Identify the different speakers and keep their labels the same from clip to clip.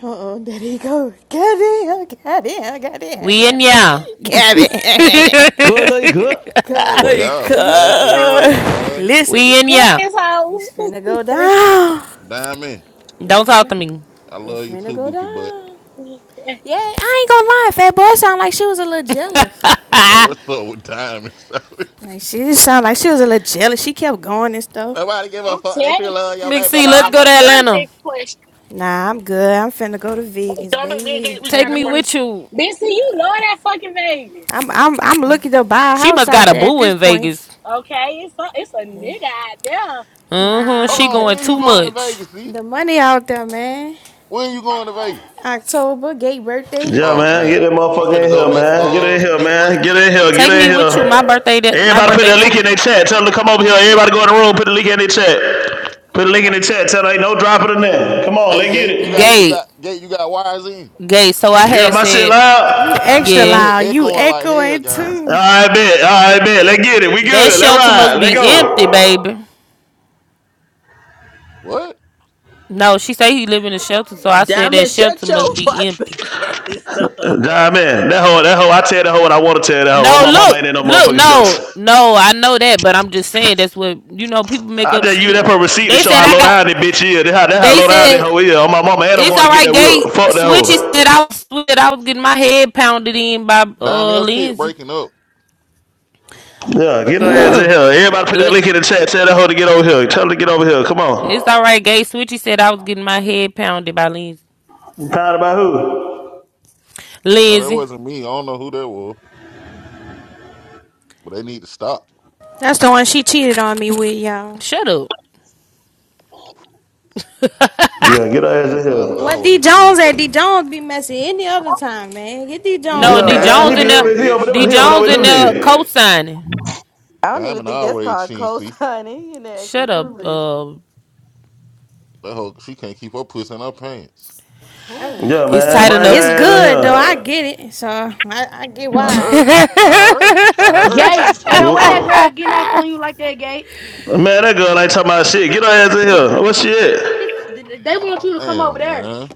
Speaker 1: Uh oh, there he go. Get in, get in, get in,
Speaker 2: We in
Speaker 1: get in,
Speaker 2: ya.
Speaker 1: get in.
Speaker 3: Good luck, good.
Speaker 1: Cause
Speaker 4: Well,
Speaker 1: like,
Speaker 4: y'all
Speaker 5: You
Speaker 4: fast
Speaker 5: this
Speaker 4: as
Speaker 5: hoe.
Speaker 4: hell, bro.
Speaker 1: Listen,
Speaker 2: We in
Speaker 5: You
Speaker 2: ya.
Speaker 5: this hoe.
Speaker 1: it's finna go down.
Speaker 4: Diamond,
Speaker 2: Don't
Speaker 1: It's
Speaker 2: talk
Speaker 1: finna,
Speaker 2: to me.
Speaker 4: I
Speaker 1: it's
Speaker 4: love you
Speaker 1: finna
Speaker 4: too,
Speaker 1: go
Speaker 4: Bookie, but
Speaker 1: down. Yeah, I ain't gonna lie. Fat boy sound like she was a little jealous.
Speaker 4: I don't know what's up with Diamond.
Speaker 1: Like she just sound like she was a little jealous. She kept going and stuff.
Speaker 4: Nobody give a
Speaker 5: I'm
Speaker 4: fuck that
Speaker 5: telling
Speaker 4: you
Speaker 5: you, we
Speaker 4: love your
Speaker 2: Big
Speaker 5: got
Speaker 4: baby
Speaker 5: put
Speaker 2: C, let's
Speaker 5: on the
Speaker 2: go to
Speaker 4: mama.
Speaker 5: on
Speaker 2: Atlanta.
Speaker 5: that question.
Speaker 1: Nah, I'm good. I'm finna go to vegans,
Speaker 6: Don't make me and Gay.
Speaker 1: baby.
Speaker 6: We
Speaker 2: Take
Speaker 6: got to.
Speaker 2: me
Speaker 6: fight.
Speaker 1: Again,
Speaker 2: with you.
Speaker 5: Bitch, see, you know that fucking Vegas.
Speaker 1: I'm I'm I'm looking to buy a
Speaker 2: She
Speaker 1: house
Speaker 2: must got
Speaker 1: out
Speaker 2: a
Speaker 1: there at
Speaker 2: boo
Speaker 1: this
Speaker 2: in
Speaker 1: point.
Speaker 2: Vegas.
Speaker 5: Okay, it's a, it's a nigga out there.
Speaker 2: Mm-hmm.
Speaker 1: Nah,
Speaker 4: Hold
Speaker 2: She
Speaker 4: on,
Speaker 1: the...
Speaker 2: going
Speaker 4: when you
Speaker 2: too
Speaker 4: going to
Speaker 2: much.
Speaker 4: Vegas, see?
Speaker 1: The money out there, man.
Speaker 4: When you going to Vegas?
Speaker 1: October, gay birthday.
Speaker 7: Yeah,
Speaker 4: Oh,
Speaker 7: man. Get
Speaker 4: damn.
Speaker 7: that
Speaker 4: I'm
Speaker 7: motherfucker
Speaker 4: finna
Speaker 7: in
Speaker 4: go
Speaker 7: here,
Speaker 4: next,
Speaker 7: man. Get
Speaker 4: uh,
Speaker 7: in here,
Speaker 4: next month.
Speaker 7: man. Get in here. Get
Speaker 2: Take
Speaker 7: in
Speaker 2: me with you. My
Speaker 7: here.
Speaker 2: birthday that my
Speaker 7: Everybody put
Speaker 5: Oh
Speaker 2: birthday
Speaker 7: that
Speaker 5: yeah,
Speaker 7: link
Speaker 5: I
Speaker 2: too.
Speaker 7: in their
Speaker 5: forgot my
Speaker 7: chat. Tell
Speaker 5: birthday.
Speaker 7: them to come
Speaker 5: I'll
Speaker 7: over here.
Speaker 5: talk too.
Speaker 7: Everybody go in the room. Put the link in their chat. Put the
Speaker 5: I'm
Speaker 7: link in
Speaker 5: going
Speaker 7: their
Speaker 5: to camp.
Speaker 7: chat. Tell them ain't no dropping in there. Come on,
Speaker 4: Hey,
Speaker 7: let's get
Speaker 4: Gate, you got,
Speaker 7: it.
Speaker 4: you
Speaker 2: Gay.
Speaker 4: got, Gate, you got wires in.
Speaker 2: Gay. So I
Speaker 7: Yeah,
Speaker 2: had
Speaker 7: my shit
Speaker 2: said,
Speaker 1: You
Speaker 7: loud.
Speaker 1: extra
Speaker 4: You
Speaker 2: Yeah.
Speaker 4: just
Speaker 1: loud. You
Speaker 4: echoing like hell,
Speaker 1: echoing
Speaker 4: gang.
Speaker 7: All
Speaker 1: too.
Speaker 7: right, bet. All right, bet. Let's get it. We
Speaker 2: That
Speaker 7: good. Let's
Speaker 2: shelter must
Speaker 7: ride. Let's
Speaker 2: be empty,
Speaker 7: go.
Speaker 2: baby.
Speaker 4: What?
Speaker 2: No, she say he live in a shelter, so I said that
Speaker 8: Diamond,
Speaker 2: shelter
Speaker 8: shut your
Speaker 2: must be empty.
Speaker 8: fucking ass up.
Speaker 7: Nah, man. That hoe, that hoe. I tell that hoe what I want to tell that hoe. Oh,
Speaker 2: No,
Speaker 7: my mama
Speaker 2: look,
Speaker 7: ain't in no
Speaker 2: look,
Speaker 7: motherfucking shelter.
Speaker 2: no, no, I know that, but I'm just saying that's what you know. People make
Speaker 7: I
Speaker 2: up
Speaker 7: just use
Speaker 2: shit.
Speaker 7: that for receipt to
Speaker 2: They
Speaker 7: show
Speaker 2: said
Speaker 7: how
Speaker 2: I
Speaker 7: low
Speaker 2: got.
Speaker 7: down that bitch is. That how, that how
Speaker 2: They
Speaker 7: low down that
Speaker 2: said
Speaker 7: hoe is. Oh, my mama ain't no
Speaker 2: it's
Speaker 7: going
Speaker 2: all
Speaker 7: to get
Speaker 2: right.
Speaker 7: that wheel.
Speaker 2: Gate
Speaker 7: Fuck that
Speaker 2: Switchy
Speaker 7: hoe.
Speaker 2: said I was I was getting my head pounded in by
Speaker 4: Diamond,
Speaker 2: uh
Speaker 4: your shit
Speaker 2: Lindsay.
Speaker 4: breaking up.
Speaker 7: Yeah, get our ass in
Speaker 2: Ugh.
Speaker 7: here. Everybody put that
Speaker 2: Li-
Speaker 7: link in the chat. Tell that hoe to get over here. Tell her to get over here. Come
Speaker 2: It's
Speaker 7: on.
Speaker 2: all right. Gate switchy said I was getting my head pounded by Lindsay.
Speaker 7: You tired about who?
Speaker 4: No, that
Speaker 2: Lindsay,
Speaker 4: wasn't me. I don't know who that was, but they need to stop.
Speaker 1: That's the one she cheated on me with, y'all.
Speaker 2: shut up.
Speaker 7: Yeah, get our ass in
Speaker 4: Diamond
Speaker 7: here.
Speaker 1: What D
Speaker 4: always seen.
Speaker 1: Jones at? D Jones be messy any other time, man. Get D Jones
Speaker 2: No,
Speaker 1: in
Speaker 2: D
Speaker 4: Diamond,
Speaker 7: Yeah,
Speaker 9: Diamond
Speaker 1: here.
Speaker 7: man, he
Speaker 2: Jones
Speaker 9: was
Speaker 7: be
Speaker 2: in there.
Speaker 9: down,
Speaker 7: he, he over
Speaker 9: bitch.
Speaker 2: D
Speaker 7: there, he over there
Speaker 2: Jones
Speaker 7: with
Speaker 2: in
Speaker 7: them
Speaker 2: there
Speaker 7: niggas.
Speaker 2: co-signing.
Speaker 10: I don't even
Speaker 4: Diamond
Speaker 10: think that's
Speaker 4: always
Speaker 10: called
Speaker 4: seen, see?
Speaker 10: co-signing. You're acting
Speaker 2: Shut up.
Speaker 10: clueless.
Speaker 2: Uh,
Speaker 4: That hoe, she can't keep her puss in her pants.
Speaker 1: Oh.
Speaker 10: Who?
Speaker 7: Yeah,
Speaker 2: it's
Speaker 7: man,
Speaker 2: tight
Speaker 7: bring
Speaker 1: It's
Speaker 2: enough.
Speaker 1: good though. I
Speaker 7: her
Speaker 1: get it. So I, I get
Speaker 4: I
Speaker 1: why.
Speaker 4: heard. I heard. I
Speaker 10: Mhm.
Speaker 4: heard.
Speaker 11: Gay.
Speaker 7: ass in
Speaker 11: Ain't
Speaker 7: here.
Speaker 11: no way that
Speaker 7: You-
Speaker 11: girl getting off on you like that, gay.
Speaker 7: Man, that girl ain't talking about shit. Get her ass in here. What she at?
Speaker 11: She's, they want you to come over
Speaker 4: Damn,
Speaker 11: there.
Speaker 4: man.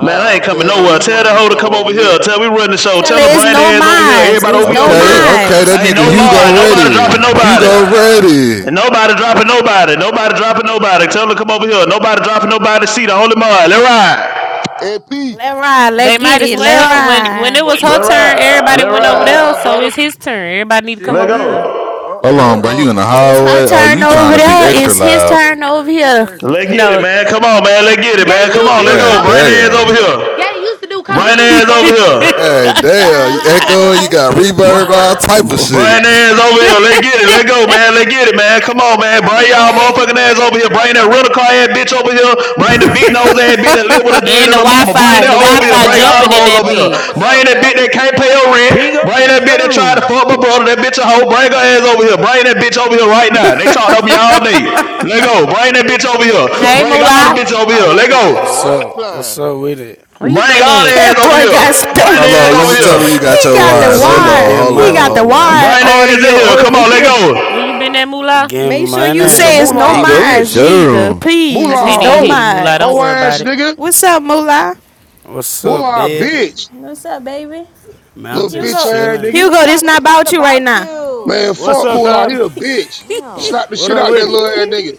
Speaker 7: Man, I ain't coming
Speaker 10: I'm
Speaker 4: tell
Speaker 10: not
Speaker 4: them
Speaker 7: nowhere.
Speaker 4: we
Speaker 10: going on
Speaker 7: Tell
Speaker 4: running
Speaker 7: that
Speaker 4: the
Speaker 10: one.
Speaker 7: hoe to
Speaker 4: show
Speaker 7: come
Speaker 4: over
Speaker 7: over
Speaker 4: here.
Speaker 7: here. Tell we run the show.
Speaker 1: Tell
Speaker 7: Tell
Speaker 1: her
Speaker 7: them to
Speaker 1: it's
Speaker 7: bring
Speaker 1: no
Speaker 7: their ass over here.
Speaker 1: minds.
Speaker 7: Everybody
Speaker 1: It's
Speaker 7: over here,
Speaker 1: no
Speaker 7: over
Speaker 12: Okay,
Speaker 7: here.
Speaker 12: okay,
Speaker 1: minds.
Speaker 12: that
Speaker 7: I ain't
Speaker 12: nigga
Speaker 7: no
Speaker 11: She
Speaker 12: Hugo
Speaker 7: mod.
Speaker 11: said,
Speaker 7: Nobody dropping
Speaker 12: ready. Hugo
Speaker 7: nobody.
Speaker 12: ready.
Speaker 7: And nobody dropping nobody. Nobody dropping nobody. Tell them to come over here. Nobody dropping nobody. See the holy on. Let ride.
Speaker 4: AP.
Speaker 1: Let ride. Let
Speaker 2: They might
Speaker 1: get
Speaker 2: as
Speaker 1: it. Let
Speaker 2: well. When when it
Speaker 1: ride.
Speaker 2: was
Speaker 9: What
Speaker 7: Let
Speaker 2: her
Speaker 9: going on, brother?
Speaker 2: turn,
Speaker 7: ride.
Speaker 2: everybody
Speaker 7: Let
Speaker 2: went over
Speaker 4: Oh,
Speaker 7: ride.
Speaker 2: there.
Speaker 4: my
Speaker 2: So
Speaker 4: brother.
Speaker 2: it's his turn. Everybody need to come
Speaker 9: Shit,
Speaker 7: Let
Speaker 2: over here.
Speaker 9: man.
Speaker 7: go.
Speaker 9: Oh,
Speaker 4: Where
Speaker 12: Hold
Speaker 4: the
Speaker 9: about
Speaker 1: It,
Speaker 9: to
Speaker 4: hell
Speaker 12: on, bro. You
Speaker 4: going?
Speaker 12: in the
Speaker 9: uh,
Speaker 1: it was her
Speaker 12: hallway?
Speaker 9: I'm
Speaker 12: Oh,
Speaker 9: about to
Speaker 1: turn
Speaker 12: you
Speaker 9: hop on
Speaker 1: over
Speaker 12: trying
Speaker 9: the
Speaker 12: to be
Speaker 9: game
Speaker 1: there.
Speaker 9: in a
Speaker 12: extra
Speaker 1: It's
Speaker 9: minute.
Speaker 1: his
Speaker 9: I'm over
Speaker 12: loud?
Speaker 9: here
Speaker 1: turn over
Speaker 9: playing
Speaker 1: here.
Speaker 9: 2K.
Speaker 7: Let get it,
Speaker 2: No.
Speaker 7: man. Come on, man. Let get it,
Speaker 9: Well,
Speaker 11: gay,
Speaker 7: man.
Speaker 9: hell
Speaker 11: she
Speaker 9: you
Speaker 7: Come
Speaker 11: used to
Speaker 9: on,
Speaker 7: on. Let
Speaker 11: do
Speaker 9: brother?
Speaker 12: Yeah,
Speaker 7: go.
Speaker 11: coke.
Speaker 7: Right hands over
Speaker 12: damn.
Speaker 11: Gay
Speaker 7: here.
Speaker 11: used to do
Speaker 10: Who
Speaker 11: coke.
Speaker 7: Right
Speaker 10: just
Speaker 7: hands over
Speaker 10: said
Speaker 7: here.
Speaker 10: that?
Speaker 12: Hey, damn. You
Speaker 10: Who just said
Speaker 12: echoing? You
Speaker 10: that? SP?
Speaker 12: got
Speaker 7: Bri-
Speaker 12: reverb, all type of
Speaker 7: Brian
Speaker 12: shit.
Speaker 7: ass over here. Let's get it. Let go, man. Let's get it, man. Come on,
Speaker 10: I
Speaker 7: man.
Speaker 10: gotta be
Speaker 7: Bring y'all
Speaker 10: knowing where
Speaker 7: motherfucking
Speaker 10: people
Speaker 7: ass over
Speaker 10: at.
Speaker 7: here.
Speaker 10: Somebody
Speaker 7: Bring
Speaker 10: knew
Speaker 7: that
Speaker 10: I was
Speaker 7: rental
Speaker 10: in the
Speaker 7: car ass
Speaker 10: bathroom
Speaker 7: bitch
Speaker 10: the
Speaker 7: over
Speaker 10: other
Speaker 7: here.
Speaker 10: day.
Speaker 7: Bring the big nose ass bitch that live with a dad
Speaker 2: And
Speaker 7: and
Speaker 2: the
Speaker 7: a
Speaker 2: Wi
Speaker 7: mama. Bring
Speaker 2: Fi,
Speaker 7: that
Speaker 2: the
Speaker 7: hoe
Speaker 2: Wi
Speaker 7: over here.
Speaker 2: Fi
Speaker 7: Bring
Speaker 4: Whoa,
Speaker 7: all
Speaker 2: jumping
Speaker 7: them
Speaker 2: in
Speaker 4: ho,
Speaker 7: hoes
Speaker 2: that
Speaker 4: who
Speaker 7: over
Speaker 4: got the
Speaker 7: here.
Speaker 4: rental
Speaker 2: bitch.
Speaker 4: car,
Speaker 7: Bring that bitch
Speaker 4: shouter?
Speaker 7: that can't pay her rent.
Speaker 3: Ping up
Speaker 7: Bring
Speaker 3: and
Speaker 7: that
Speaker 3: shut
Speaker 7: bitch
Speaker 3: the
Speaker 7: that tried to
Speaker 3: room.
Speaker 7: fuck my brother. That bitch a hoe. Bring her ass over here. Bring that bitch over here right now. They talked over me
Speaker 4: Ooh,
Speaker 7: all day. Let go. Bring that bitch over here.
Speaker 2: Hey
Speaker 7: Bring
Speaker 4: shit.
Speaker 10: Where's
Speaker 7: all the
Speaker 2: Moolah,
Speaker 10: it?
Speaker 7: bitch over
Speaker 4: I
Speaker 7: here. Let
Speaker 4: woke
Speaker 7: go.
Speaker 4: up at the
Speaker 13: What's
Speaker 4: right
Speaker 13: up? What's
Speaker 4: time.
Speaker 13: up with it?
Speaker 2: where you
Speaker 7: Bring
Speaker 2: been
Speaker 7: all the
Speaker 2: at?
Speaker 7: ass
Speaker 1: That
Speaker 7: over
Speaker 1: boy
Speaker 7: here.
Speaker 1: got
Speaker 10: Was I
Speaker 7: Bring the
Speaker 13: I'm
Speaker 12: Hold
Speaker 1: spent.
Speaker 7: ass
Speaker 12: on, let
Speaker 7: over
Speaker 12: me
Speaker 13: just
Speaker 10: Moolah?
Speaker 12: tell
Speaker 7: here.
Speaker 13: chilling.
Speaker 12: you. You
Speaker 1: He
Speaker 12: got your
Speaker 13: I'm
Speaker 1: got
Speaker 13: just
Speaker 1: the
Speaker 12: wires. Hold
Speaker 13: chilling,
Speaker 12: on,
Speaker 1: wide.
Speaker 13: getting
Speaker 12: hold
Speaker 1: He
Speaker 12: on,
Speaker 1: got
Speaker 13: money,
Speaker 1: the
Speaker 12: hold on.
Speaker 1: wide
Speaker 7: Bring the ass in
Speaker 1: audio
Speaker 7: here. Come
Speaker 1: over
Speaker 7: on, let
Speaker 1: here.
Speaker 7: go.
Speaker 2: Where you been at, Moolah?
Speaker 13: getting
Speaker 1: Make sure you
Speaker 14: Nigga,
Speaker 1: say it's
Speaker 13: money.
Speaker 1: no
Speaker 14: moolah a
Speaker 3: Ping up and
Speaker 1: minds
Speaker 14: bitch.
Speaker 3: shut the
Speaker 1: neither.
Speaker 3: room.
Speaker 2: I
Speaker 1: Please, it's
Speaker 14: Moolah
Speaker 2: can't
Speaker 14: a
Speaker 1: no
Speaker 2: even hear
Speaker 14: hoe.
Speaker 2: you, Moolah. Don't
Speaker 14: Hoe
Speaker 1: minds.
Speaker 2: worry
Speaker 14: ass
Speaker 2: about it.
Speaker 14: nigga.
Speaker 1: What's up, Moolah?
Speaker 13: What's up,
Speaker 14: Moolah a
Speaker 13: baby?
Speaker 14: bitch.
Speaker 1: What's up, baby?
Speaker 13: Man, I'm
Speaker 14: Little bitch
Speaker 13: just
Speaker 1: Hugo,
Speaker 14: ass
Speaker 13: chilling.
Speaker 14: nigga.
Speaker 1: Hugo,
Speaker 10: Hugo,
Speaker 1: this
Speaker 10: this
Speaker 1: not
Speaker 10: not
Speaker 1: about you right
Speaker 10: about
Speaker 1: now.
Speaker 10: you.
Speaker 14: Man,
Speaker 13: What's
Speaker 14: fuck
Speaker 13: up,
Speaker 14: moolah.
Speaker 13: cuz?
Speaker 14: He a bitch.
Speaker 10: Damn.
Speaker 14: Slap the
Speaker 13: What
Speaker 14: shit
Speaker 13: up
Speaker 14: out that
Speaker 13: with it?
Speaker 14: little ass nigga.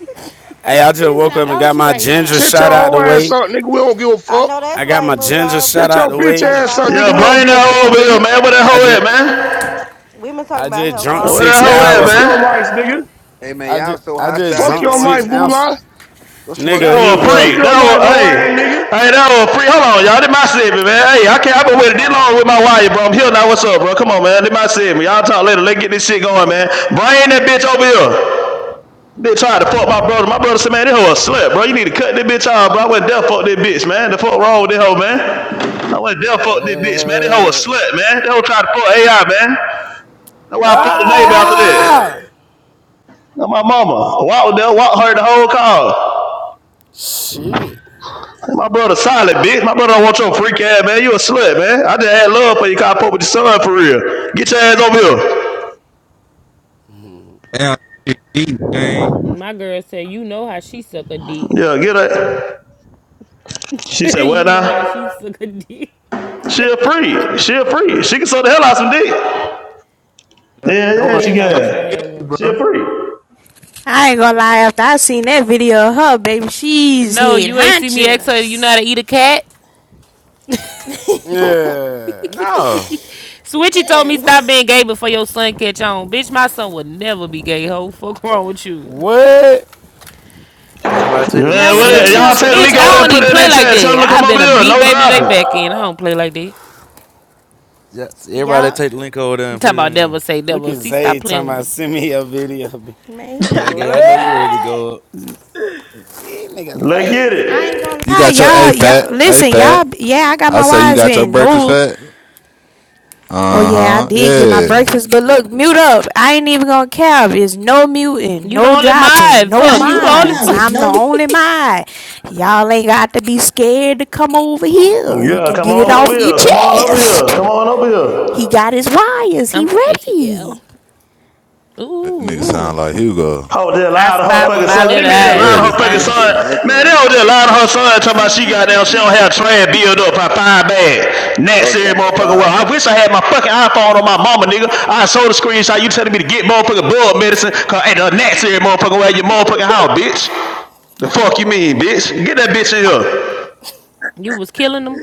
Speaker 13: Hey, I just
Speaker 1: It's
Speaker 13: woke
Speaker 1: not
Speaker 13: up and got
Speaker 1: about you
Speaker 13: my
Speaker 1: right
Speaker 13: ginger
Speaker 1: now.
Speaker 14: Shit your
Speaker 13: shot
Speaker 14: hoe
Speaker 13: out the
Speaker 14: ass
Speaker 13: way.
Speaker 14: up, nigga. We don't give a
Speaker 10: I
Speaker 14: fuck.
Speaker 10: know
Speaker 13: I
Speaker 10: that's
Speaker 13: got
Speaker 10: right,
Speaker 13: my ginger
Speaker 10: Moolah.
Speaker 13: shot
Speaker 14: Shit
Speaker 13: out
Speaker 14: your
Speaker 13: the
Speaker 10: We've been
Speaker 14: bitch
Speaker 13: way.
Speaker 10: talking
Speaker 14: ass
Speaker 10: about
Speaker 14: up,
Speaker 7: Yo,
Speaker 14: nigga.
Speaker 10: health
Speaker 14: We don't
Speaker 10: all
Speaker 7: bring
Speaker 14: give
Speaker 7: that
Speaker 14: a
Speaker 10: week.
Speaker 7: hoe
Speaker 14: fuck,
Speaker 7: over here,
Speaker 14: nigga.
Speaker 7: man. Where that
Speaker 13: I
Speaker 7: hoe at,
Speaker 13: just,
Speaker 7: man?
Speaker 10: We've been talking
Speaker 13: I
Speaker 10: about
Speaker 13: just
Speaker 10: health
Speaker 13: drunk
Speaker 10: all
Speaker 7: Where
Speaker 10: week,
Speaker 7: that
Speaker 13: six
Speaker 7: hoe
Speaker 14: Nigga,
Speaker 7: at,
Speaker 14: fuck
Speaker 13: hours.
Speaker 10: Moolah.
Speaker 7: man?
Speaker 13: of-
Speaker 14: your life, nigga.
Speaker 9: Hey man,
Speaker 13: I
Speaker 9: y'all
Speaker 13: just,
Speaker 9: so
Speaker 13: I just
Speaker 9: hostile this
Speaker 14: Fuck
Speaker 13: drunk
Speaker 14: your
Speaker 9: morning.
Speaker 13: six
Speaker 14: life,
Speaker 13: ounces.
Speaker 14: moolah.
Speaker 9: Go smoke you
Speaker 7: That
Speaker 13: Nigga,
Speaker 7: hoe
Speaker 9: some
Speaker 7: a
Speaker 9: weed,
Speaker 14: Fuck
Speaker 9: get
Speaker 7: freak.
Speaker 13: Hugo.
Speaker 9: your
Speaker 14: your
Speaker 7: That
Speaker 9: dick
Speaker 7: hoe,
Speaker 14: life, hoe
Speaker 9: sucked or
Speaker 7: hey.
Speaker 14: ass
Speaker 9: something.
Speaker 14: nigga.
Speaker 7: Hey, that hoe a freak.
Speaker 9: God
Speaker 7: Hold on, y'all.
Speaker 9: damn.
Speaker 7: This my segment, man. Hey, I can't, I've been
Speaker 10: Oh,
Speaker 7: waiting this
Speaker 10: sorry.
Speaker 7: long with my wire, bro. I'm here now. What's up, bro? Come on, man. This my segment. Y'all talk later. Let's get this shit going, man. Bring that bitch over here. Bitch tried to fuck my brother. My brother said, man, this hoe a slut, bro. You need to cut this bitch off, bro. I went there fuck this bitch, man. The fuck wrong with this hoe, man? I went there fuck this bitch, man. This hoe a
Speaker 13: Uh,
Speaker 7: slut, man. That hoe tried to fuck AI, man. That's why I fucked the neighbor after that.
Speaker 13: ah,
Speaker 7: Now my mama walked there, walked her the whole car.
Speaker 13: shit.
Speaker 7: My brother solid, bitch. My brother don't want your freak ass, man. You a slut, man. I just had love for you. Cause I fuck with your son for real. Get your ass over here.
Speaker 15: Damn, this shit deep, man.
Speaker 2: My girl said, "You know how she suck a dick.
Speaker 7: Yeah, get her. She said,
Speaker 2: you
Speaker 7: "What
Speaker 2: know how
Speaker 7: now?
Speaker 2: she suck a dick."
Speaker 7: She a freak. She a freak. She can suck the hell out some dick.
Speaker 15: That,
Speaker 7: Yeah,
Speaker 15: that
Speaker 7: yeah,
Speaker 15: one,
Speaker 7: she
Speaker 2: Damn, I
Speaker 15: that one
Speaker 2: wish I
Speaker 7: can.
Speaker 2: had
Speaker 15: killed me,
Speaker 2: one.
Speaker 7: She a
Speaker 15: bro.
Speaker 7: freak.
Speaker 1: I ain't gonna lie, after I seen that video of her, baby, she's
Speaker 2: No,
Speaker 1: head
Speaker 2: you ain't see me ask her. You know how to
Speaker 1: hunchers.
Speaker 2: eat a cat?
Speaker 13: Yeah.
Speaker 3: No.
Speaker 2: Switchy told me
Speaker 1: Man,
Speaker 2: stop
Speaker 1: what?
Speaker 2: being gay before your son catch on. Bitch, my son would never be gay. Ho, fuck wrong with you?
Speaker 13: What?
Speaker 3: Can nobody take the link
Speaker 7: Man,
Speaker 1: never
Speaker 3: over
Speaker 7: what
Speaker 1: say
Speaker 3: there
Speaker 7: is it?
Speaker 13: Switchy,
Speaker 3: now?
Speaker 7: Y'all take
Speaker 1: never.
Speaker 7: the
Speaker 13: chill
Speaker 2: Bitch,
Speaker 7: link
Speaker 2: I
Speaker 7: over there, and
Speaker 2: don't
Speaker 13: out,
Speaker 7: put
Speaker 2: even
Speaker 7: it in
Speaker 2: play
Speaker 7: that
Speaker 2: like
Speaker 7: chat.
Speaker 13: man.
Speaker 7: Tell them
Speaker 2: that.
Speaker 7: to
Speaker 2: i
Speaker 7: come
Speaker 2: been
Speaker 7: over
Speaker 2: a
Speaker 7: here.
Speaker 2: beat
Speaker 7: No
Speaker 2: baby J back
Speaker 7: dropping.
Speaker 2: in. I don't play like that.
Speaker 3: Yes, everybody that
Speaker 1: Y'all,
Speaker 3: take the link over there
Speaker 2: You
Speaker 3: and put
Speaker 2: talking
Speaker 3: it
Speaker 2: about
Speaker 3: in there.
Speaker 2: never say
Speaker 13: Look
Speaker 2: never.
Speaker 13: at
Speaker 2: See, stop
Speaker 13: Zay
Speaker 2: playing
Speaker 13: talking
Speaker 2: with
Speaker 13: about
Speaker 2: me.
Speaker 13: send me a video.
Speaker 1: man, he better
Speaker 3: Yeah,
Speaker 1: get
Speaker 3: gay, I
Speaker 1: the
Speaker 3: know you
Speaker 1: fuck.
Speaker 3: ready to
Speaker 13: What?
Speaker 3: go up.
Speaker 13: These niggas
Speaker 7: Let's
Speaker 13: lazy.
Speaker 7: get
Speaker 1: I
Speaker 7: it.
Speaker 1: ain't gonna
Speaker 12: You
Speaker 1: lie,
Speaker 12: got your
Speaker 1: y'all.
Speaker 12: A fat,
Speaker 1: Y'all,
Speaker 12: A
Speaker 1: listen, y'all.
Speaker 12: fat.
Speaker 1: Yeah, I got
Speaker 12: I
Speaker 1: my
Speaker 12: say you
Speaker 1: wise
Speaker 12: got your
Speaker 1: men.
Speaker 12: breakfast
Speaker 1: No,
Speaker 12: fat.
Speaker 3: She,
Speaker 1: oh
Speaker 3: she
Speaker 12: Uh
Speaker 3: wasn't
Speaker 1: yeah, I
Speaker 12: huh.
Speaker 3: talking
Speaker 1: did
Speaker 3: about
Speaker 1: get my
Speaker 12: Yeah.
Speaker 3: some.
Speaker 1: breakfast. But look, mute up. I ain't even gonna care. It's no muting,
Speaker 2: You the
Speaker 1: no
Speaker 2: only
Speaker 1: dropping,
Speaker 2: mind.
Speaker 1: no
Speaker 16: I
Speaker 2: Fuck.
Speaker 16: ain't even
Speaker 2: You the
Speaker 16: gonna
Speaker 2: only
Speaker 16: count.
Speaker 1: mice.
Speaker 2: fuck.
Speaker 16: There's
Speaker 1: I'm the
Speaker 16: no
Speaker 1: only mine. Y'all ain't got to be scared to come over here. You
Speaker 7: Yeah,
Speaker 1: can
Speaker 7: come
Speaker 1: get it
Speaker 7: on over
Speaker 1: off your
Speaker 7: here. Come on over
Speaker 1: chest.
Speaker 7: here. Come on over here.
Speaker 1: He got his wires.
Speaker 2: I'm
Speaker 1: He
Speaker 2: so
Speaker 1: ready.
Speaker 2: ATL.
Speaker 12: That nigga
Speaker 2: Ooh,
Speaker 12: sound
Speaker 2: ooh.
Speaker 12: like Hugo.
Speaker 7: Oh, they
Speaker 2: I
Speaker 7: lied to her
Speaker 2: spied with
Speaker 7: fucking
Speaker 2: my
Speaker 7: son. They
Speaker 2: little
Speaker 7: bitch
Speaker 12: He
Speaker 7: just
Speaker 2: eyes
Speaker 7: lied to
Speaker 2: some
Speaker 7: her
Speaker 12: ready.
Speaker 7: fucking
Speaker 2: fine
Speaker 7: son.
Speaker 2: sheep.
Speaker 7: Man, they don't just lie to her son talking about she got down. She don't have trash build up her five bag. Next every motherfucker. Well, I wish I had my fucking iPhone on my mama, nigga. I saw the screenshot. You telling me to get motherfucking blood medicine. Cause ain't the next every motherfucker at your motherfucking house, bitch. The fuck you mean, bitch? Get that bitch in here.
Speaker 2: You was killing them.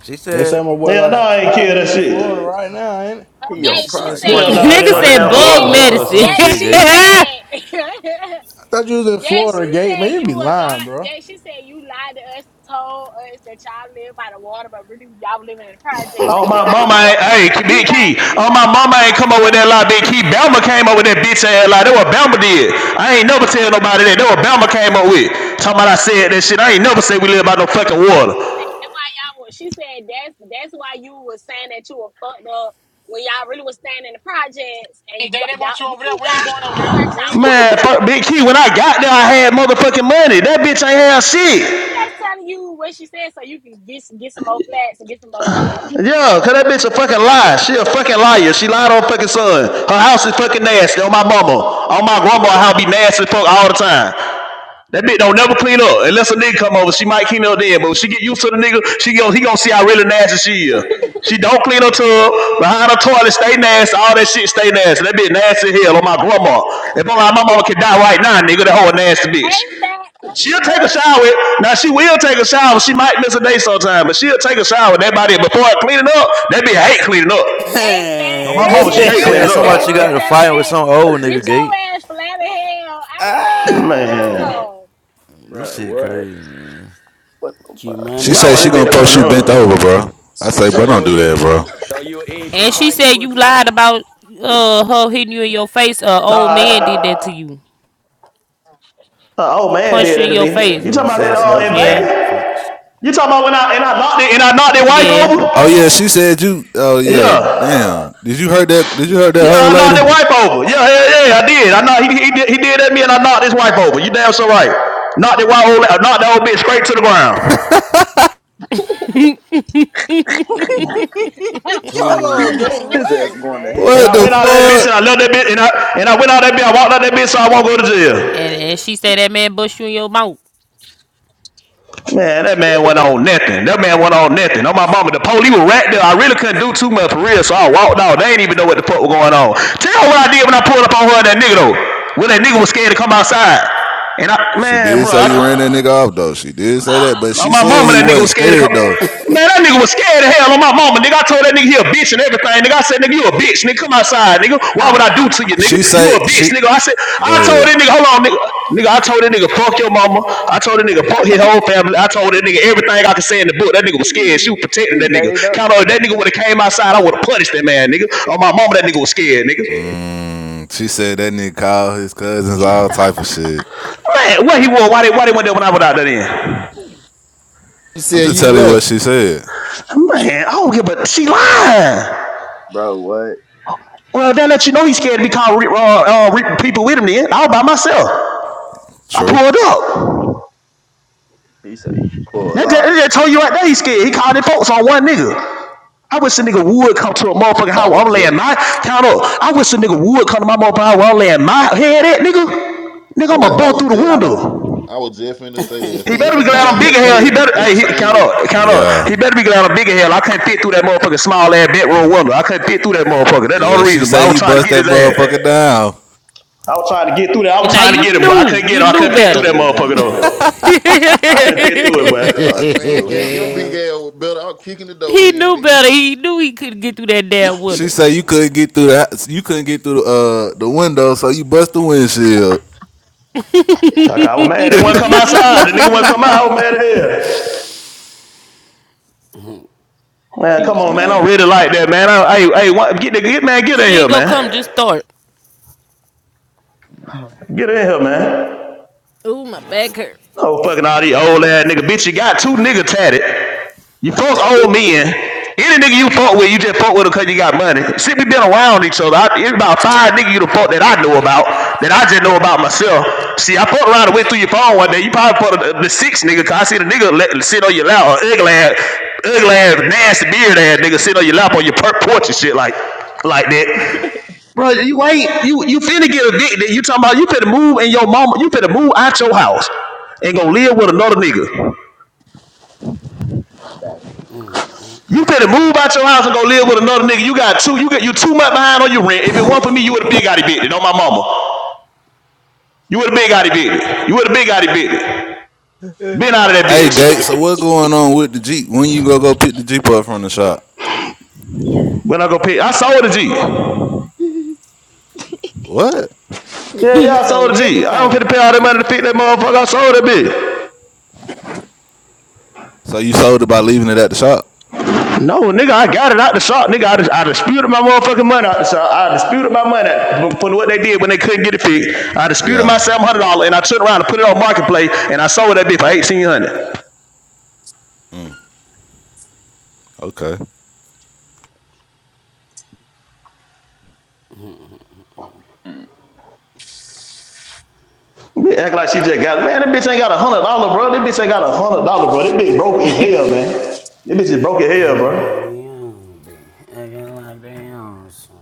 Speaker 3: She
Speaker 16: They say
Speaker 3: said,
Speaker 16: my boy
Speaker 7: Yeah,
Speaker 16: lost
Speaker 7: no,
Speaker 16: his
Speaker 7: I ain't
Speaker 16: spot.
Speaker 7: kill that
Speaker 16: He in Florida
Speaker 7: shit.
Speaker 16: right now, ain't it?
Speaker 5: Oh,
Speaker 3: yeah,
Speaker 5: gay.
Speaker 3: she
Speaker 5: She
Speaker 3: said somebody
Speaker 7: Hell
Speaker 3: you
Speaker 7: no,
Speaker 5: said,
Speaker 3: got
Speaker 7: I
Speaker 3: to
Speaker 7: ain't in
Speaker 2: Nigga
Speaker 7: no
Speaker 3: fight
Speaker 2: said
Speaker 3: with an
Speaker 7: damn
Speaker 3: old
Speaker 2: bug
Speaker 5: gay,
Speaker 7: Florida.
Speaker 3: nigga or
Speaker 2: medicine.
Speaker 3: some
Speaker 5: gay.
Speaker 3: shit,
Speaker 5: She
Speaker 3: gay.
Speaker 5: said.
Speaker 16: I thought you was in
Speaker 5: Yeah, she
Speaker 16: Florida, Gate. Man,
Speaker 5: said
Speaker 16: you
Speaker 5: you
Speaker 16: be
Speaker 5: a
Speaker 16: lying,
Speaker 5: lie.
Speaker 16: bro.
Speaker 5: Yeah, she said you lied to us, told us that y'all live by the water, but really y'all living in the projects,
Speaker 7: Oh
Speaker 5: and you
Speaker 7: my
Speaker 5: got her
Speaker 7: mama
Speaker 5: put out.
Speaker 7: ain't hey Big
Speaker 5: You got
Speaker 7: Key.
Speaker 5: you
Speaker 7: Oh my
Speaker 5: got y'all
Speaker 7: mama
Speaker 5: put
Speaker 7: ain't
Speaker 5: out the
Speaker 7: come up with that lie,
Speaker 5: project.
Speaker 7: Big Key. Bama came up with that bitch ass lie. That what Bama did. I ain't never tell nobody
Speaker 5: Uh,
Speaker 7: that. That what Bama came up with. Talking about I said that shit. I ain't never said we live by no fucking water.
Speaker 5: y'all was- she said that's that's why you was saying that you were fucked up when y'all really was staying in the projects, and
Speaker 6: And
Speaker 5: y-
Speaker 6: Gay, they
Speaker 5: y'all
Speaker 6: want you
Speaker 5: you
Speaker 6: over there. We ain't
Speaker 5: got
Speaker 6: going
Speaker 5: you
Speaker 6: over there.
Speaker 5: got
Speaker 6: We
Speaker 5: y'all
Speaker 6: ain't
Speaker 5: put
Speaker 6: going
Speaker 5: out the
Speaker 6: over
Speaker 7: Man,
Speaker 6: there.
Speaker 7: fuck Big Key.
Speaker 5: projects.
Speaker 7: When I got there, I had motherfucking money. That bitch ain't have
Speaker 5: I'm
Speaker 7: shit.
Speaker 5: just telling you what she said so you can get get some more facts and get some more, you know.
Speaker 7: Yeah, cause that bitch a fucking lie. She a fucking liar. She lied on fucking son. Her house is fucking nasty. On my mama. On my grandma, her house be nasty fuck all the time. That bitch don't never clean up unless a nigga come over. She might clean up then, but when she get used to the nigga, she gon' he gonna see how really nasty she is. She don't clean her tub behind her toilet, stay nasty, all that shit stay nasty. That bitch nasty as hell on my grandma. If only my mama could die right now, nigga, that whole nasty bitch.
Speaker 5: Ain't
Speaker 7: She'll take a
Speaker 5: fat,
Speaker 7: shower. Now she will take a shower. She might miss a day sometime, but she'll take a shower. That body before I clean it cleaning up, that bitch hate cleaning up.
Speaker 5: Hey, fat,
Speaker 7: No, my
Speaker 13: Man.
Speaker 3: She
Speaker 7: mama,
Speaker 5: earlier,
Speaker 7: she
Speaker 3: said, she
Speaker 7: hate cleaning
Speaker 3: said
Speaker 5: earlier,
Speaker 7: up.
Speaker 3: somebody
Speaker 5: Gate
Speaker 3: you got
Speaker 5: gonna
Speaker 3: to
Speaker 5: tell the
Speaker 3: fight with
Speaker 5: bitch,
Speaker 3: some old nigga,
Speaker 5: bitch,
Speaker 3: gay.
Speaker 5: your ass flat as hell. I said,
Speaker 13: Ah.
Speaker 7: Man,
Speaker 5: no.
Speaker 3: This shit crazy, man.
Speaker 13: Q
Speaker 12: She
Speaker 7: why
Speaker 12: say
Speaker 13: money.
Speaker 7: would
Speaker 12: she
Speaker 7: that
Speaker 12: gonna
Speaker 7: bitch come
Speaker 12: post
Speaker 7: in the
Speaker 12: you
Speaker 7: room?
Speaker 12: bent
Speaker 7: All
Speaker 12: over, bro. I
Speaker 17: So,
Speaker 12: say,
Speaker 17: so
Speaker 12: bro, don't
Speaker 17: you
Speaker 12: do that,
Speaker 17: eat.
Speaker 12: bro.
Speaker 17: So you eat some
Speaker 2: and she
Speaker 17: twangy
Speaker 2: said you
Speaker 17: pussy,
Speaker 2: lied
Speaker 17: bro?
Speaker 2: about uh her hitting you in your face. Uh old man
Speaker 7: right.
Speaker 2: did that to you.
Speaker 7: Uh, old man
Speaker 2: Punched
Speaker 7: did
Speaker 2: you
Speaker 7: that
Speaker 2: in
Speaker 7: to me.
Speaker 2: your face.
Speaker 7: You
Speaker 3: Yeah,
Speaker 7: talking about that
Speaker 3: said
Speaker 7: uh,
Speaker 3: somebody
Speaker 7: in
Speaker 3: you got
Speaker 2: Yeah.
Speaker 3: to
Speaker 7: Vegas?
Speaker 3: fight.
Speaker 7: You talking about when I and I knocked it and I knocked their wife
Speaker 2: Yeah.
Speaker 7: over?
Speaker 12: Oh yeah, she said you. Oh yeah,
Speaker 7: Yeah,
Speaker 12: damn. Did you heard that? Did you heard that
Speaker 7: yeah,
Speaker 12: old
Speaker 7: I
Speaker 12: lady?
Speaker 7: knocked their wife over. Yeah, yeah, yeah, I did. I knocked he he did, he did that to me and I knocked his wife over. You damn so right. Knocked that wife over. knocked that old bitch straight to the ground.
Speaker 16: Hold on, Gate. What?
Speaker 8: Stupid, man.
Speaker 7: And
Speaker 12: What
Speaker 7: I
Speaker 12: the
Speaker 7: went out of that bitch
Speaker 12: fuck?
Speaker 7: and I left that bitch and I and I went out of that bitch. I walked out of that bitch so I won't go to jail.
Speaker 2: And and she said that man bust you in your mouth.
Speaker 7: Man, that man went on nothing. That man went on nothing. On my mama, the police were right there. I really couldn't do too much for real, so I walked out. They ain't even know what the fuck was going on. Tell her what I did when I pulled up on her and that nigga though. When that nigga was scared to come outside. And I,
Speaker 12: She
Speaker 7: man,
Speaker 12: did
Speaker 7: bro,
Speaker 12: say you
Speaker 7: I,
Speaker 12: ran that nigga off though. She did say that, but
Speaker 7: Oh
Speaker 12: she
Speaker 7: my
Speaker 12: said
Speaker 7: mama,
Speaker 12: he
Speaker 7: that nigga
Speaker 12: wasn't
Speaker 7: was scared to come.
Speaker 12: scared though.
Speaker 7: Man, that nigga was scared to hell on my mama, nigga. I told that nigga he a bitch and everything, nigga. I said, nigga, you a bitch, nigga. Come outside, nigga. Why would I do to you, nigga?
Speaker 12: She
Speaker 7: You a
Speaker 12: say she.
Speaker 7: bitch, nigga. I said,
Speaker 12: Go
Speaker 7: I told
Speaker 12: ahead.
Speaker 7: that nigga, hold on, nigga. Nigga, I told that nigga, fuck your mama. I told that nigga, fuck his whole family. I told that nigga everything I could say in the book. That nigga was scared. She was protecting that nigga. Count on if that nigga would have came outside, I would have punished that man, nigga. On my mama, that nigga was scared, nigga.
Speaker 12: Mm, she said that nigga called his cousins all type of shit.
Speaker 7: Man, what he was? Why they, why they went there when I went out there then?
Speaker 18: You
Speaker 12: I'm
Speaker 18: said
Speaker 12: just
Speaker 18: you
Speaker 12: telling you what
Speaker 18: left.
Speaker 12: she said.
Speaker 7: Man, I don't give a. She lying. Well, that let you know he's scared to be called uh, uh, people with him. Then all by myself, I
Speaker 12: True.
Speaker 7: pulled up. That, that, that told you right there he's scared. He called it folks on one nigga. I wish a nigga would come to a motherfucking house
Speaker 4: I
Speaker 7: where I'm
Speaker 4: was jet.
Speaker 7: laying my count up. I wish a nigga would come to my motherfucking house where I'm laying my head at, nigga. Nigga,
Speaker 4: I,
Speaker 7: I'ma
Speaker 4: I
Speaker 7: bust
Speaker 4: was
Speaker 7: through the
Speaker 4: jet.
Speaker 7: window.
Speaker 4: I was just finna say that if a
Speaker 7: He better be
Speaker 4: nigga
Speaker 7: glad
Speaker 4: call
Speaker 7: I'm
Speaker 4: here
Speaker 7: big as hell. He
Speaker 4: people,
Speaker 7: better
Speaker 4: he
Speaker 7: hey, he, count
Speaker 4: scared.
Speaker 7: up, count up.
Speaker 12: Yeah.
Speaker 7: He better be glad I'm big as hell. I can't fit through that motherfucking small ass bedroom window. I can't fit through that motherfucker. That's the
Speaker 12: Yeah.
Speaker 7: only
Speaker 12: She
Speaker 7: reason. But
Speaker 12: say
Speaker 7: I was
Speaker 12: you
Speaker 7: trying to
Speaker 12: bust
Speaker 7: get
Speaker 12: that
Speaker 7: his ass.
Speaker 12: motherfucker down.
Speaker 7: I was trying to get through that. I
Speaker 2: And
Speaker 7: was
Speaker 2: now
Speaker 7: trying to
Speaker 2: you
Speaker 7: get him, boy. I
Speaker 2: knew.
Speaker 7: couldn't
Speaker 2: You
Speaker 7: get him. I
Speaker 2: knew
Speaker 7: couldn't fit through
Speaker 2: better.
Speaker 7: that motherfucker though.
Speaker 2: he
Speaker 7: I couldn't fit through it, boy.
Speaker 4: Man, get your big ass better out kicking the door in,
Speaker 2: knew
Speaker 4: nigga.
Speaker 2: better. He knew he couldn't get through that damn
Speaker 12: She
Speaker 2: window.
Speaker 12: say you couldn't get through the you couldn't get through the, uh, the window, so you bust the windshield.
Speaker 7: Like, I was mad. They
Speaker 12: hey,
Speaker 7: wouldn't come outside. The nigga wouldn't come out. I was mad at hell. Man, come on, man. I'm really like that, man. hey, hey, get, get, man, get in
Speaker 2: She
Speaker 7: here,
Speaker 2: ain't gonna come
Speaker 7: man.
Speaker 2: just start.
Speaker 7: Get in here, man.
Speaker 2: Ooh, my back hurt.
Speaker 7: Oh, fucking all these old ass nigga. Bitch, you got two niggas tatted. You fuck old men. Any nigga you fuck with, you just fuck with him because you got money. Shit, we been around each other. I, it's about five niggas you the fuck that I know about, that I just know about myself. See, I fucked around and went through your phone one day. You probably fucked the, the six nigga, cause I see the nigga let, sit on your lap, or ugly ass, ugly ass, nasty beard ass nigga sit on your lap on your porch and shit like, like that. Bro, you ain't you you finna get evicted. You talking about you finna move in your mama, you finna move out your house and go live with another nigga. You better move out your house and go live with another nigga. You got two, you got you two months behind on your rent. If it weren't for me, you would have been got it bitted on my mama. You would have been got it bitted. You would have been got it bitted. Been out of that bitch.
Speaker 12: Gates. So what going on with the Jeep? When you go go pick the Jeep up from the shop?
Speaker 7: When I go pay, I sold a G.
Speaker 12: What?
Speaker 7: Yeah, yeah,
Speaker 2: He
Speaker 7: I sold
Speaker 2: sold
Speaker 7: a G. I don't get to
Speaker 2: everything.
Speaker 7: pay all that money to pick that motherfucker. I sold that bitch.
Speaker 12: So you sold it by leaving it at the shop?
Speaker 7: No, nigga, I got it out the shop. Nigga, I, dis- I disputed my motherfucking money out the shop. I disputed my money out- from what they did when they couldn't get it fixed. I disputed
Speaker 12: Yeah.
Speaker 7: my $700 and I turned around and put it on Marketplace and I sold that bitch for 1800
Speaker 12: Mm, okay.
Speaker 7: Bitch act like she just got man. That bitch ain't got a hundred dollar, bro. That bitch ain't got a hundred dollar, bro. That bitch broke as hell, man. That bitch is broke as hell, bro.
Speaker 13: Acting like they on some.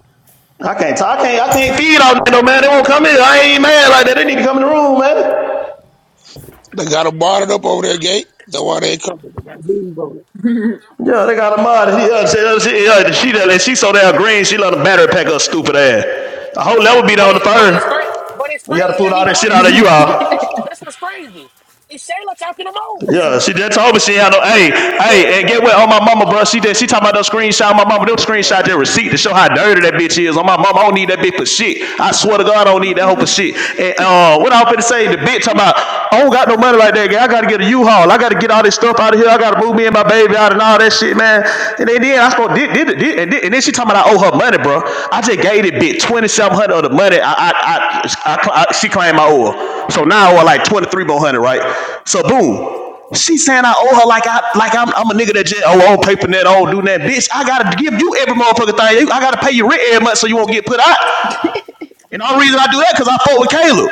Speaker 7: I can not I t- I can't, I can't feed all that, no man. They won't come in. I ain't mad like that. They need to come in the room, man.
Speaker 14: They got him barred up over there, gate. That's why they ain't coming. They got dudes over there.
Speaker 7: Yeah, they got a mod. He, uh, she, uh, she, uh, she, that- and she so damn green. She let a battery pack up, stupid ass. I hope that would be
Speaker 6: But
Speaker 7: down the
Speaker 6: it, but it's
Speaker 7: fur.
Speaker 6: crazy. But it's
Speaker 7: When you got to
Speaker 6: crazy.
Speaker 7: pull
Speaker 6: That
Speaker 7: all
Speaker 6: even
Speaker 7: that
Speaker 6: her.
Speaker 7: shit out
Speaker 6: It's
Speaker 7: of you,
Speaker 6: Shayla talking
Speaker 7: all.
Speaker 6: to Mose. That's what's crazy. It's Shayla talking to Mose.
Speaker 7: Yeah, she that told me she ain't had no. Hey, hey, and get what? On my mama, bro. She did. She talking about those screenshots. My mama, them screenshots. That receipt to show how dirty that bitch is. On my mama, I don't need that bitch for shit. I swear to God, I don't need that hoe for shit. And uh, what I was finna say, the bitch talking about, I don't got no money like that, girl. I gotta get a U-Haul. I gotta get all this stuff out of here. I gotta move me and my baby out and all that shit, man. And then and then I spoke, then, then, then- and, then, she talking about I owe her money, bro. I just gave it, bitch twenty seven hundred of the money. I, I, I, I, I- she claimed I owe her. So now I owe her like twenty three more hundred, right? So boom, she saying I owe her like I, like I'm, I'm a nigga that just oh I don't pay for that, I don't do that, bitch. I gotta give you every motherfucking thing. I gotta pay you rent every month so you won't get put out. And the only reason I do that because I fought with Caleb.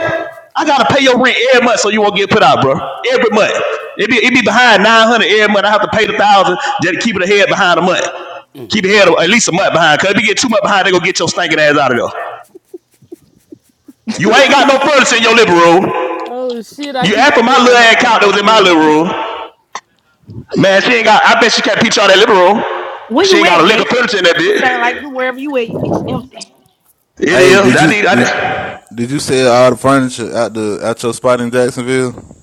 Speaker 7: I gotta pay your rent every month so you won't get put out, bro. Every month. It be, it be behind 900 every month. I have to pay the thousand just to keep it ahead behind a month. Keep it ahead at least a month behind. Cause if you get too much behind, they gonna get your stinking ass out of there. You ain't got no furniture in your living room.
Speaker 2: Oh shit, I
Speaker 7: You
Speaker 2: keep
Speaker 7: asked for my
Speaker 2: forgetting
Speaker 7: little
Speaker 2: I'm,
Speaker 7: ass
Speaker 2: I'm
Speaker 7: couch that
Speaker 2: off
Speaker 7: was in my
Speaker 2: mute, my
Speaker 7: living room.
Speaker 2: bad.
Speaker 7: Man, she ain't got I bet she can't peach out that living room.
Speaker 11: Where
Speaker 7: She
Speaker 11: you
Speaker 7: ain't
Speaker 11: at,
Speaker 7: got a lick of
Speaker 11: gay?
Speaker 7: furniture in that
Speaker 11: It sound like
Speaker 7: bitch.
Speaker 11: you wherever you at. It's empty.
Speaker 7: It is.
Speaker 12: Hey, did
Speaker 7: I
Speaker 12: you
Speaker 7: need
Speaker 12: did
Speaker 7: I,
Speaker 12: did you sell all the furniture at the at your spot in Jacksonville?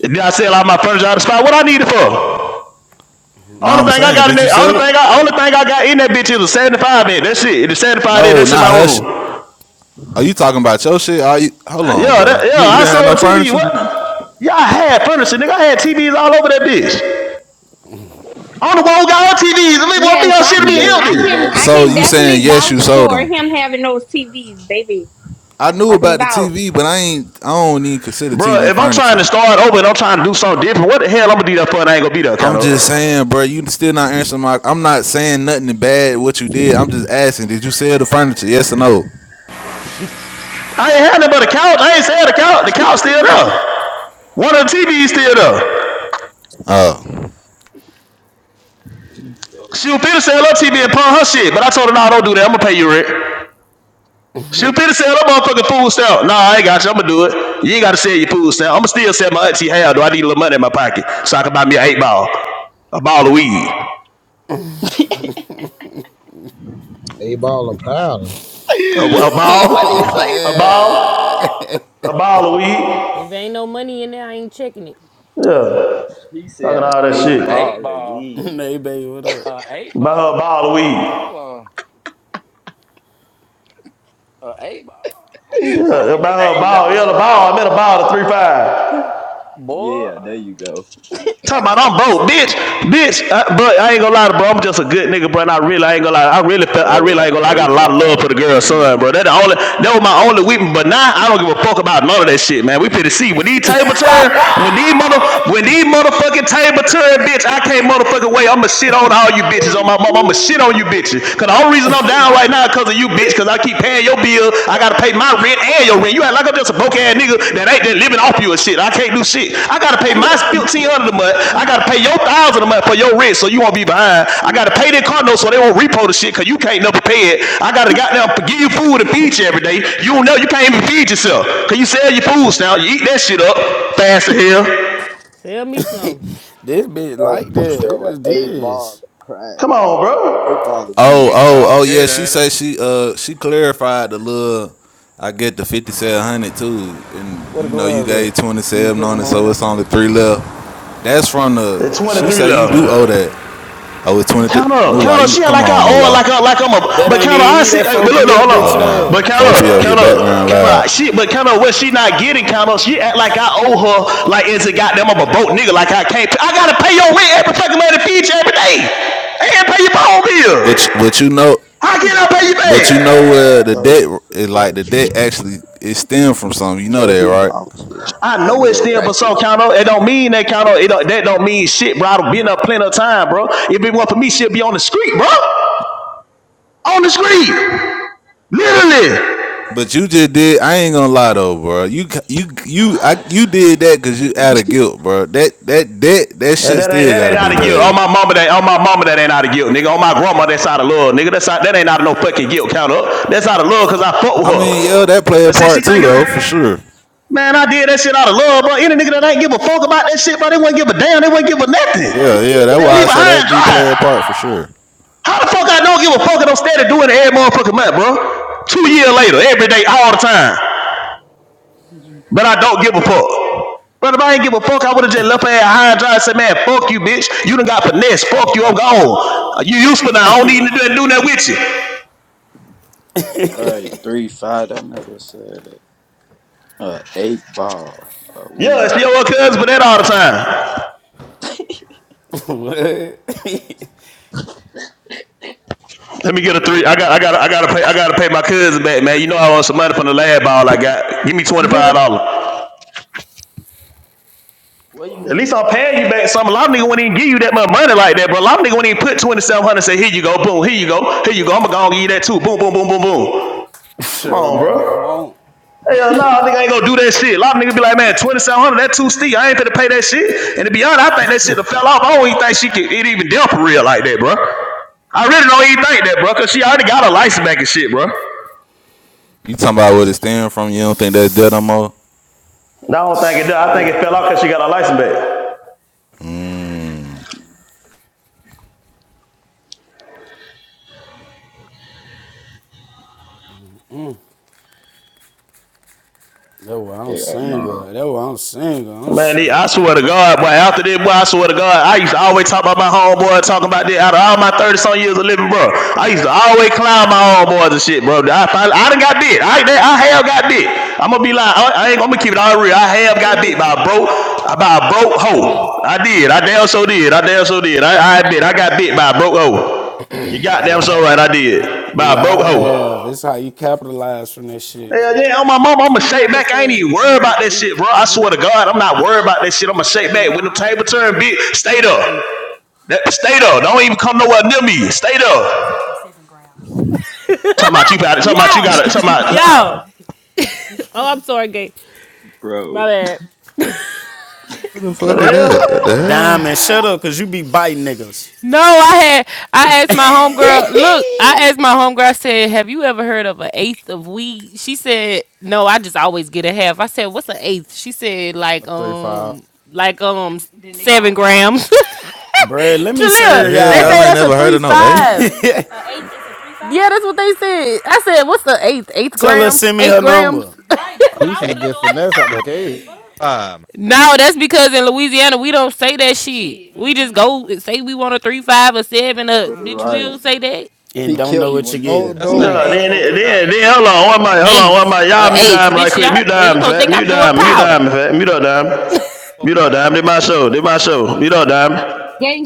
Speaker 7: did I sell out my furniture out of the spot? What I need it for?
Speaker 12: No,
Speaker 7: Only
Speaker 12: I'm
Speaker 7: thing I
Speaker 12: saying,
Speaker 7: got in
Speaker 12: did
Speaker 7: it,
Speaker 12: you sell
Speaker 7: only
Speaker 12: it?
Speaker 7: thing I only thing I got in that bitch is a 75 inch. That shit, the 75 inch,
Speaker 12: No,
Speaker 7: that's in
Speaker 12: not
Speaker 7: my
Speaker 12: hush.
Speaker 7: room.
Speaker 12: Are you talking about your shit? Are you? Hold on,
Speaker 7: Yeah,
Speaker 12: bro.
Speaker 7: that,
Speaker 12: You
Speaker 7: yeah, I
Speaker 12: didn't have
Speaker 7: sold
Speaker 12: no
Speaker 7: a TV.
Speaker 12: furniture.
Speaker 7: What? Yeah, I had furniture, nigga. I had TVs all over that bitch. On the wall, got all TVs. The nigga want me
Speaker 1: Yes,
Speaker 7: your
Speaker 1: I
Speaker 7: shit to be
Speaker 1: can, I
Speaker 7: empty.
Speaker 1: can, I
Speaker 12: So
Speaker 1: can
Speaker 12: you saying
Speaker 1: definitely
Speaker 12: yes, you
Speaker 1: vouch
Speaker 12: sold
Speaker 1: for
Speaker 12: them?
Speaker 1: him having those TVs, baby.
Speaker 12: I knew
Speaker 1: I can
Speaker 12: about the
Speaker 1: vouch.
Speaker 12: TV, but I ain't. I don't even consider
Speaker 7: Bro,
Speaker 12: TV
Speaker 7: if I'm trying
Speaker 12: furniture.
Speaker 7: to start over and I'm trying to do something different, what the hell I'm gonna do that for and I ain't gonna be there,
Speaker 12: I'm
Speaker 7: count up.
Speaker 12: just saying, bro. You still not answering my. I'm not saying nothing bad what you did. I'm just asking. Did you sell the furniture? Yes or no?
Speaker 7: I ain't had nothing but a couch. I ain't sell the couch. The couch still there. One of the TVs still there.
Speaker 12: Oh, oh,
Speaker 7: She was finna sell her TV and pawn her shit, but I told her, no, nah, don't do that. I'm gonna pay you rent. Shoot Peter said, I'm a motherfucking food stamp. Nah, I ain't got you. I'm gonna do it. You ain't gotta sell your food stamp. I'm gonna still sell my auntie half. Do I need a little money in my pocket so I can buy me an eight ball, a ball of weed,
Speaker 19: They ball a proud.
Speaker 7: a, a ball, a ball, a ball of weed.
Speaker 2: If ain't no money in there, I ain't checking it.
Speaker 7: Yeah, talking all that
Speaker 17: A
Speaker 7: shit.
Speaker 17: eight ball.
Speaker 13: Hey, baby, what up?
Speaker 17: A eight
Speaker 7: Buy her a
Speaker 17: ball.
Speaker 7: ball of
Speaker 17: Hold
Speaker 7: weed.
Speaker 17: on. A eight ball. Some
Speaker 7: Yeah,
Speaker 17: coke,
Speaker 7: buy
Speaker 17: nigga.
Speaker 7: her a ball. Yeah, a ball. I meant a ball of three five.
Speaker 17: Boy,
Speaker 7: Talking
Speaker 17: I
Speaker 7: about I'm
Speaker 17: about to
Speaker 7: broke,
Speaker 17: say,
Speaker 7: bitch,
Speaker 17: boy.
Speaker 7: bitch. Uh, but I ain't gonna lie, to bro. I'm just a good nigga, bro. And I really, I ain't gonna lie. I really, felt, I really ain't gonna lie. I got a lot of love for the girl's son, bro. That the only, that was my only weeping. But now I don't give a fuck about none of that shit, man. We finna see when these table turn, when these mother, when these motherfucking table turn, bitch. I can't motherfucking wait. I'ma shit on all you bitches on my mom. I'ma shit on you bitches. Cause the only reason I'm down right now, is cause of you bitch, because I keep paying your bill. I gotta pay my rent and your rent. You act like I'm just a broke ass nigga that ain't that living off you and shit. I can't do shit. I gotta pay my fifteen hundred dollars a month. I gotta pay your one thousand dollars a month for your rent, so you won't be behind. I gotta pay their car notes, so they won't repo the shit because you can't never pay it. I gotta goddamn give you food and feed you every day. You don't know you can't even feed yourself because you sell your food now. You eat that shit up fast as hell.
Speaker 2: Sell me some.
Speaker 13: this bitch like that. Who is this?
Speaker 7: Come on, bro.
Speaker 20: Big
Speaker 12: oh, oh.
Speaker 20: dog
Speaker 12: Yeah,
Speaker 20: Gator,
Speaker 12: she
Speaker 20: ain't
Speaker 12: say she uh she clarified the little. I get the fifty seven hundred too, and
Speaker 21: Where the
Speaker 12: you know you
Speaker 21: gloves at?
Speaker 12: gave twenty
Speaker 21: You ain't
Speaker 12: seven
Speaker 21: putting
Speaker 12: on
Speaker 21: them
Speaker 12: it,
Speaker 21: on right
Speaker 12: so
Speaker 21: now?
Speaker 12: it's only three left. That's from the.
Speaker 7: There's
Speaker 12: She
Speaker 7: 23
Speaker 12: say you do
Speaker 7: left.
Speaker 12: owe that. Oh, it's twenty three.
Speaker 7: Count up,
Speaker 12: Mullah,
Speaker 7: count up.
Speaker 12: you
Speaker 7: She act
Speaker 12: come
Speaker 7: like I
Speaker 12: on,
Speaker 7: owe her,
Speaker 12: Mullah.
Speaker 7: like I, like I'm a.
Speaker 13: That
Speaker 7: But
Speaker 13: ain't
Speaker 7: counter,
Speaker 13: even
Speaker 7: I
Speaker 13: me,
Speaker 7: see.
Speaker 13: that
Speaker 7: Hey, but look, no,
Speaker 13: 4P up
Speaker 7: hold on.
Speaker 12: Oh
Speaker 13: bitch
Speaker 12: damn.
Speaker 7: But
Speaker 13: ass.
Speaker 7: count
Speaker 12: Four P.F. your
Speaker 7: count up, count up,
Speaker 12: background
Speaker 7: count
Speaker 12: loud.
Speaker 7: up. She, but count up. what she not getting? Count up. she act like I owe her, like it's a goddamn I'm a boat nigga, like I can't. Pay. I gotta pay your rent every fucking month to feed you every day, and pay your phone bill.
Speaker 12: But but you know
Speaker 7: How can I pay you
Speaker 12: But you
Speaker 7: back?
Speaker 12: know, uh, the debt is like the debt actually it stemmed from something. You know that, right?
Speaker 7: I know it's still but so count up. It don't mean that count up. It don't, that don't mean shit, bro. I've been up plenty of time, bro. If it weren't for me, she'd be on the street, bro. On the street, literally.
Speaker 12: But you just did. I ain't gonna lie though, bro. You you you I, you did that because you out of guilt, bro. That that debt that
Speaker 7: Uh,
Speaker 12: shit
Speaker 7: That ain't,
Speaker 12: still
Speaker 7: that
Speaker 12: gotta
Speaker 7: ain't
Speaker 12: be
Speaker 7: out of guilt. On
Speaker 12: paid.
Speaker 7: my mama, that on my mama, that ain't out of guilt, nigga. On my grandma, that's out of love, nigga. That's out, that ain't out of no fucking guilt. Count up. That's out of love, cause I fuck with
Speaker 12: I
Speaker 7: her.
Speaker 12: mean, yeah, that play a
Speaker 7: But see,
Speaker 12: part
Speaker 7: she
Speaker 12: too,
Speaker 7: thinking,
Speaker 12: though, for sure.
Speaker 7: man, I did that shit out of love, bro. Any nigga that ain't give a fuck about that shit, bro, they wouldn't give a damn. They wouldn't give a nothing.
Speaker 12: Yeah, yeah, that's
Speaker 7: They'll
Speaker 12: why
Speaker 7: leave
Speaker 12: I say
Speaker 7: behind
Speaker 12: that do
Speaker 7: dry.
Speaker 12: play a part for sure.
Speaker 7: How the fuck I don't give a fuck and I'm steady doing it every motherfucking month, bro? Two years later, every day, all the time. But I don't give a fuck. But if I ain't give a fuck, I would have just left her at high and dry and said, man, fuck you, bitch. You done got finesse. Fuck you, I'm gone. Uh, You useful now. I don't need to do, that with you. Yeah, it's your cousin for that all the time.
Speaker 13: what?
Speaker 7: Let me get a
Speaker 13: What
Speaker 7: three. I
Speaker 13: is it?
Speaker 7: got I got I gotta pay I gotta pay my cousin back, man. You know I want some money from the lab ball I got. Give me twenty five dollars. At least I'll pay you back some. A lot of niggas wouldn't even give you that much money like that, bro. A lot of niggas wouldn't even put twenty seven hundred and say, here you go, boom, here you go, here you go. I'm gonna go and give you that too. Boom, boom, boom, boom, boom. Come
Speaker 13: So
Speaker 7: on, bro.
Speaker 13: goddamn won't.
Speaker 7: Hell no, nah, nigga ain't gonna do that shit. A lot of niggas be like, man, 2700, that two steep. I ain't finna pay that shit. And to be honest, I think that shit done fell off. I don't even think she could it even deal for real like that, bro. I really don't even think that, bro, cause she already got her license back and shit, bro.
Speaker 12: You talking about where it stem from? You don't think that's debt no more?
Speaker 7: No, I don't think it did. I think
Speaker 13: Shit.
Speaker 7: it fell off because she got her license back.
Speaker 12: Mmm.
Speaker 13: That's why I'm single. That's why I'm single. I'm
Speaker 7: Man, they,
Speaker 13: sure.
Speaker 7: I swear to God, boy, after this, boy, I swear to God, I used to always talk about my homeboy, talking about this. Out of all my 30 some years of living, bro, I used to always clown my homeboys and shit, bro. I finally, I done got bit. I, I have got bit. I'm gonna be like, I, I ain't gonna keep it all real. I have got bit
Speaker 2: Trillia,
Speaker 7: by a broke, by a broke
Speaker 2: come here.
Speaker 7: hoe. I did. I damn so did. I damn so did. I, I admit, I got bit by a broke hoe. You
Speaker 13: We
Speaker 7: goddamn so
Speaker 13: all,
Speaker 7: right, I
Speaker 13: we
Speaker 7: did. By a broke
Speaker 13: all
Speaker 7: hoe.
Speaker 13: have. That's how you capitalize from that shit.
Speaker 7: Yeah, yeah, on my mama, I'ma
Speaker 2: You
Speaker 7: shake
Speaker 2: ever
Speaker 7: back. I ain't
Speaker 2: said
Speaker 7: even
Speaker 2: you
Speaker 7: worried
Speaker 2: want
Speaker 7: about
Speaker 2: an
Speaker 7: that
Speaker 2: ace
Speaker 7: shit, bro. I
Speaker 2: of
Speaker 7: swear to
Speaker 2: weed?
Speaker 7: God, I'm not worried about that shit. I'ma shake back.
Speaker 2: No, Yeah.
Speaker 7: When the
Speaker 2: I always
Speaker 7: table
Speaker 2: get a
Speaker 7: turn, bitch,
Speaker 2: half.
Speaker 7: stay
Speaker 2: What's an
Speaker 7: there.
Speaker 2: ace?
Speaker 7: That, stay there. Don't even come nowhere near me. Stay there. Talking about you got it. Talking about you
Speaker 2: Y'all,
Speaker 7: got it. Talking
Speaker 2: y'all.
Speaker 7: about
Speaker 2: Oh, I'm sorry, gay. My bad.
Speaker 12: Who the
Speaker 7: what
Speaker 12: fuck
Speaker 7: the
Speaker 12: is that? What the
Speaker 7: hell?
Speaker 12: hell?
Speaker 13: Diamond, shut up, cause you be biting niggas.
Speaker 2: No, I had I asked my homegirl. Look, I asked my homegirl. I said, "Have you ever heard of an eighth of weed?" She said, "No, I just always get a half." I said, "What's an eighth?" She said,
Speaker 22: A
Speaker 2: "Like
Speaker 22: three five.
Speaker 2: um, like um, seven grams."
Speaker 13: Bruh, let me
Speaker 12: What
Speaker 2: Jalea,
Speaker 12: the
Speaker 13: serve
Speaker 12: hell?
Speaker 2: they
Speaker 12: Y'all
Speaker 2: say
Speaker 13: y'all.
Speaker 12: ain't
Speaker 2: that's a
Speaker 12: never heard
Speaker 2: three
Speaker 12: of no A
Speaker 2: five. Yeah, that's what they said. I said, "What's the eighth? Eighth
Speaker 13: Tell her
Speaker 2: grams?
Speaker 13: send me
Speaker 2: Eight
Speaker 13: her
Speaker 2: grams?"
Speaker 13: number.
Speaker 22: He finna
Speaker 15: Eighth
Speaker 22: get finesse out the
Speaker 15: of
Speaker 22: game.
Speaker 15: five.
Speaker 2: No, that's because in Louisiana we don't say that shit. We just go and say we want a three five or seven. Uh, bitch, we don't say that.
Speaker 13: And
Speaker 15: man.
Speaker 13: don't know what you're
Speaker 22: Oh,
Speaker 13: getting.
Speaker 15: That's an
Speaker 7: Yeah,
Speaker 22: dude.
Speaker 15: eighth
Speaker 7: then,
Speaker 15: of a god.
Speaker 7: then, then, hold on, one minute, hold on, one
Speaker 2: Eighth,
Speaker 7: minute.
Speaker 2: uh,
Speaker 7: Y'all
Speaker 15: That's
Speaker 7: mute
Speaker 15: an
Speaker 2: eighth,
Speaker 7: dime
Speaker 15: eighth
Speaker 7: right
Speaker 2: bitch.
Speaker 15: of
Speaker 7: quick.
Speaker 15: a
Speaker 2: Y'all,
Speaker 7: Mute
Speaker 2: you
Speaker 7: dime,
Speaker 2: gonna
Speaker 7: fat.
Speaker 2: think
Speaker 7: Mute
Speaker 2: I'm doing
Speaker 15: goddamn.
Speaker 7: dime, mute
Speaker 2: powder?
Speaker 7: dime, fat. Mute up, dime.
Speaker 15: Of
Speaker 7: Mute
Speaker 15: a
Speaker 7: up, dime.
Speaker 15: god.
Speaker 7: Did my show. Did my show. Mute up, dime.
Speaker 1: Game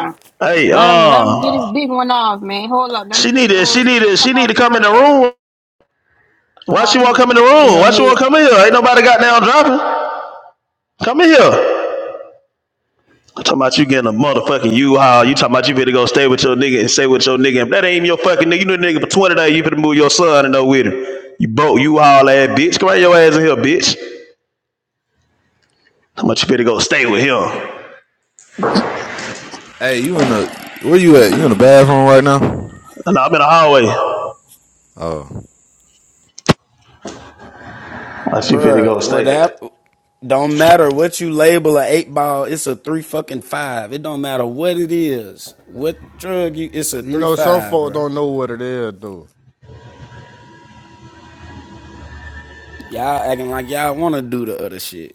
Speaker 1: Uh,
Speaker 7: Hey,
Speaker 1: Let him let him get his
Speaker 7: uh,
Speaker 1: big one off, man. Hold
Speaker 7: she needed,
Speaker 1: on,
Speaker 7: she
Speaker 1: says,
Speaker 7: needed,
Speaker 1: come
Speaker 7: she needed
Speaker 1: off
Speaker 7: to
Speaker 1: you,
Speaker 7: come in the
Speaker 1: gate.
Speaker 7: room
Speaker 1: Come on.
Speaker 7: Why she won't come in the
Speaker 8: You
Speaker 7: room? Why
Speaker 8: on
Speaker 7: she won't
Speaker 8: mute.
Speaker 7: come in here? Ain't nobody got down dropping. Come in here. I'm talking about you getting a motherfucking U-Haul. You talking about you finna go stay with your nigga and stay with your nigga. If that ain't even your fucking nigga, you know the nigga for 20 days, you finna move your son and know with him. You broke U-Haul ass bitch. Come on your ass in here, bitch. How much you finna go stay with him?
Speaker 12: Hey, you in the where you at? You in the bathroom right now?
Speaker 7: Nah, I'm in the hallway.
Speaker 12: Oh,
Speaker 7: How she finna go
Speaker 13: Bruh, what
Speaker 7: stay?
Speaker 13: happened? don't matter what you label a eight ball, it's a three fucking five. It don't matter what it is. What drug you it's a
Speaker 22: You
Speaker 13: three
Speaker 22: know, some
Speaker 13: five,
Speaker 22: folks
Speaker 13: bruh.
Speaker 22: don't know what it is, dude.
Speaker 13: Y'all acting like y'all want to do the other shit.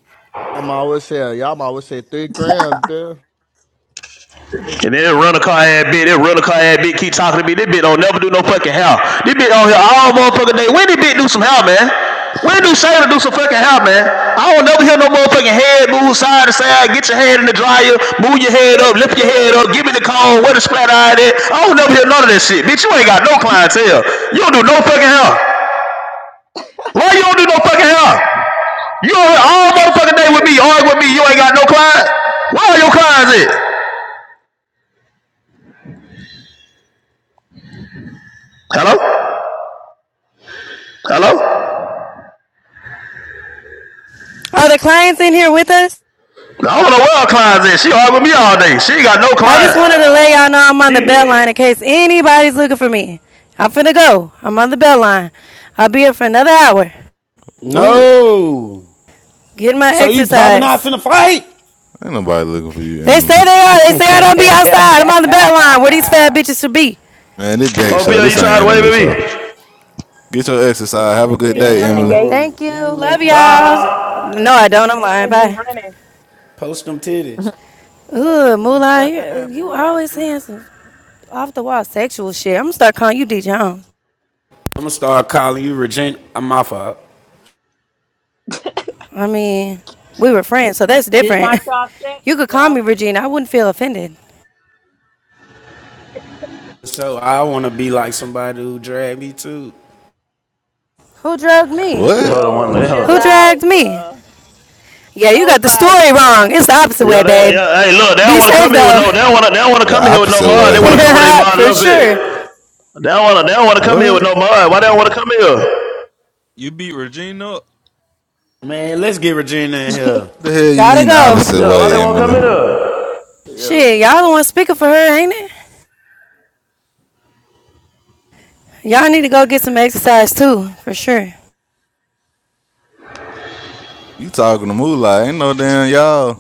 Speaker 22: I'm always say, y'all always say three grams, bitch.
Speaker 7: And then they'll run a car ass bitch, then run a car ass bitch, keep talking to me. This bitch don't never do no fucking hair. This bitch on here all motherfucking day. When this bitch do some hair, man? When do Shayna do some fucking hair, man? I don't never hear no motherfucking head move side to side. Get your head in the dryer, move your head up, lift your head up, give me the cone, where the splat eye at. I don't never hear none of that shit. Bitch, you ain't got no clientele. You don't do no fucking hair. Why you don't do no fucking hair? You on here all motherfucking day with me, arguing with me, you ain't got no client? Where are your clients at? Hello? Hello?
Speaker 23: Are the clients in here with us?
Speaker 7: I don't know where her clients at. She hard with me all day. She ain't got no
Speaker 23: I just
Speaker 7: client.
Speaker 23: wanted to let y'all know I'm on the bell line
Speaker 7: She.
Speaker 23: in case anybody's looking for me. I'm finna go. I'm on the bell line. I'll be here for another hour.
Speaker 12: what?
Speaker 13: No.
Speaker 23: Getting my
Speaker 13: So you popping off
Speaker 23: exercise.
Speaker 13: in a fight?
Speaker 12: Ain't nobody looking for you,
Speaker 23: They say
Speaker 12: Emily.
Speaker 23: they are. They say I don't be outside. I'm on the bell line where these fat bitches should be.
Speaker 12: Man, this gay
Speaker 7: Oh,
Speaker 12: show.
Speaker 7: Bill, you
Speaker 12: This ain't
Speaker 7: trying to wave
Speaker 12: Emily
Speaker 7: at
Speaker 12: show.
Speaker 7: me?
Speaker 12: Get your exercise. Have a
Speaker 24: They said
Speaker 12: good
Speaker 24: you
Speaker 12: day,
Speaker 24: running,
Speaker 12: Emily.
Speaker 24: Gate.
Speaker 13: Damn,
Speaker 23: Thank you.
Speaker 13: Emily
Speaker 23: Love
Speaker 13: came
Speaker 23: y'all.
Speaker 7: Huh?
Speaker 23: No, I
Speaker 13: outside.
Speaker 23: don't. I'm
Speaker 24: They
Speaker 23: lying.
Speaker 24: said you
Speaker 23: Bye.
Speaker 24: running.
Speaker 13: Post them titties.
Speaker 23: Ooh, Moolah,
Speaker 20: it?
Speaker 23: you
Speaker 20: Moolah
Speaker 23: always
Speaker 20: stupid.
Speaker 23: saying some off the wall sexual shit. I'm gonna start calling you D Jones.
Speaker 13: I'm gonna start calling you Regina. I'm my fault.
Speaker 23: I mean, we were friends, so that's
Speaker 8: Did
Speaker 23: different.
Speaker 8: not y'all check me,
Speaker 23: You could call me
Speaker 8: bruh.
Speaker 23: Regina. I wouldn't feel offended.
Speaker 13: So I want to be like somebody who drag me too.
Speaker 23: Who drugged me?
Speaker 12: What?
Speaker 7: Hold on one
Speaker 8: Yo,
Speaker 7: minute. Hold
Speaker 8: chill
Speaker 23: Who
Speaker 7: on.
Speaker 23: dragged
Speaker 8: out,
Speaker 23: me?
Speaker 8: bruh.
Speaker 23: Yeah, you got the
Speaker 8: Nobody,
Speaker 23: story wrong.
Speaker 8: bruh.
Speaker 23: It's the opposite
Speaker 7: Yeah,
Speaker 23: way,
Speaker 7: they,
Speaker 23: babe.
Speaker 7: yeah. Hey, look, they don't
Speaker 23: Be
Speaker 7: want to
Speaker 23: safe
Speaker 7: come here with
Speaker 23: though.
Speaker 7: no. They don't want to. They don't want to
Speaker 12: The
Speaker 7: come here with no
Speaker 12: opposite
Speaker 7: mod.
Speaker 12: way.
Speaker 7: They want to come with a mod
Speaker 23: for
Speaker 7: up
Speaker 23: sure.
Speaker 7: here. They don't want to. They don't want to come here with
Speaker 12: What?
Speaker 7: no mod. Why they don't want to come here?
Speaker 15: You beat Regina up?
Speaker 13: Man, let's get Regina in here.
Speaker 12: The hell you
Speaker 23: Gotta
Speaker 12: mean the
Speaker 23: go.
Speaker 12: opposite
Speaker 7: Yeah, why they
Speaker 12: way,
Speaker 7: want to come in
Speaker 12: Emily?
Speaker 7: here?
Speaker 23: Shit, y'all the one speaking for her, ain't it? Y'all need to go get some exercise too, for sure.
Speaker 12: You talking to Moolah? Ain't no damn y'all.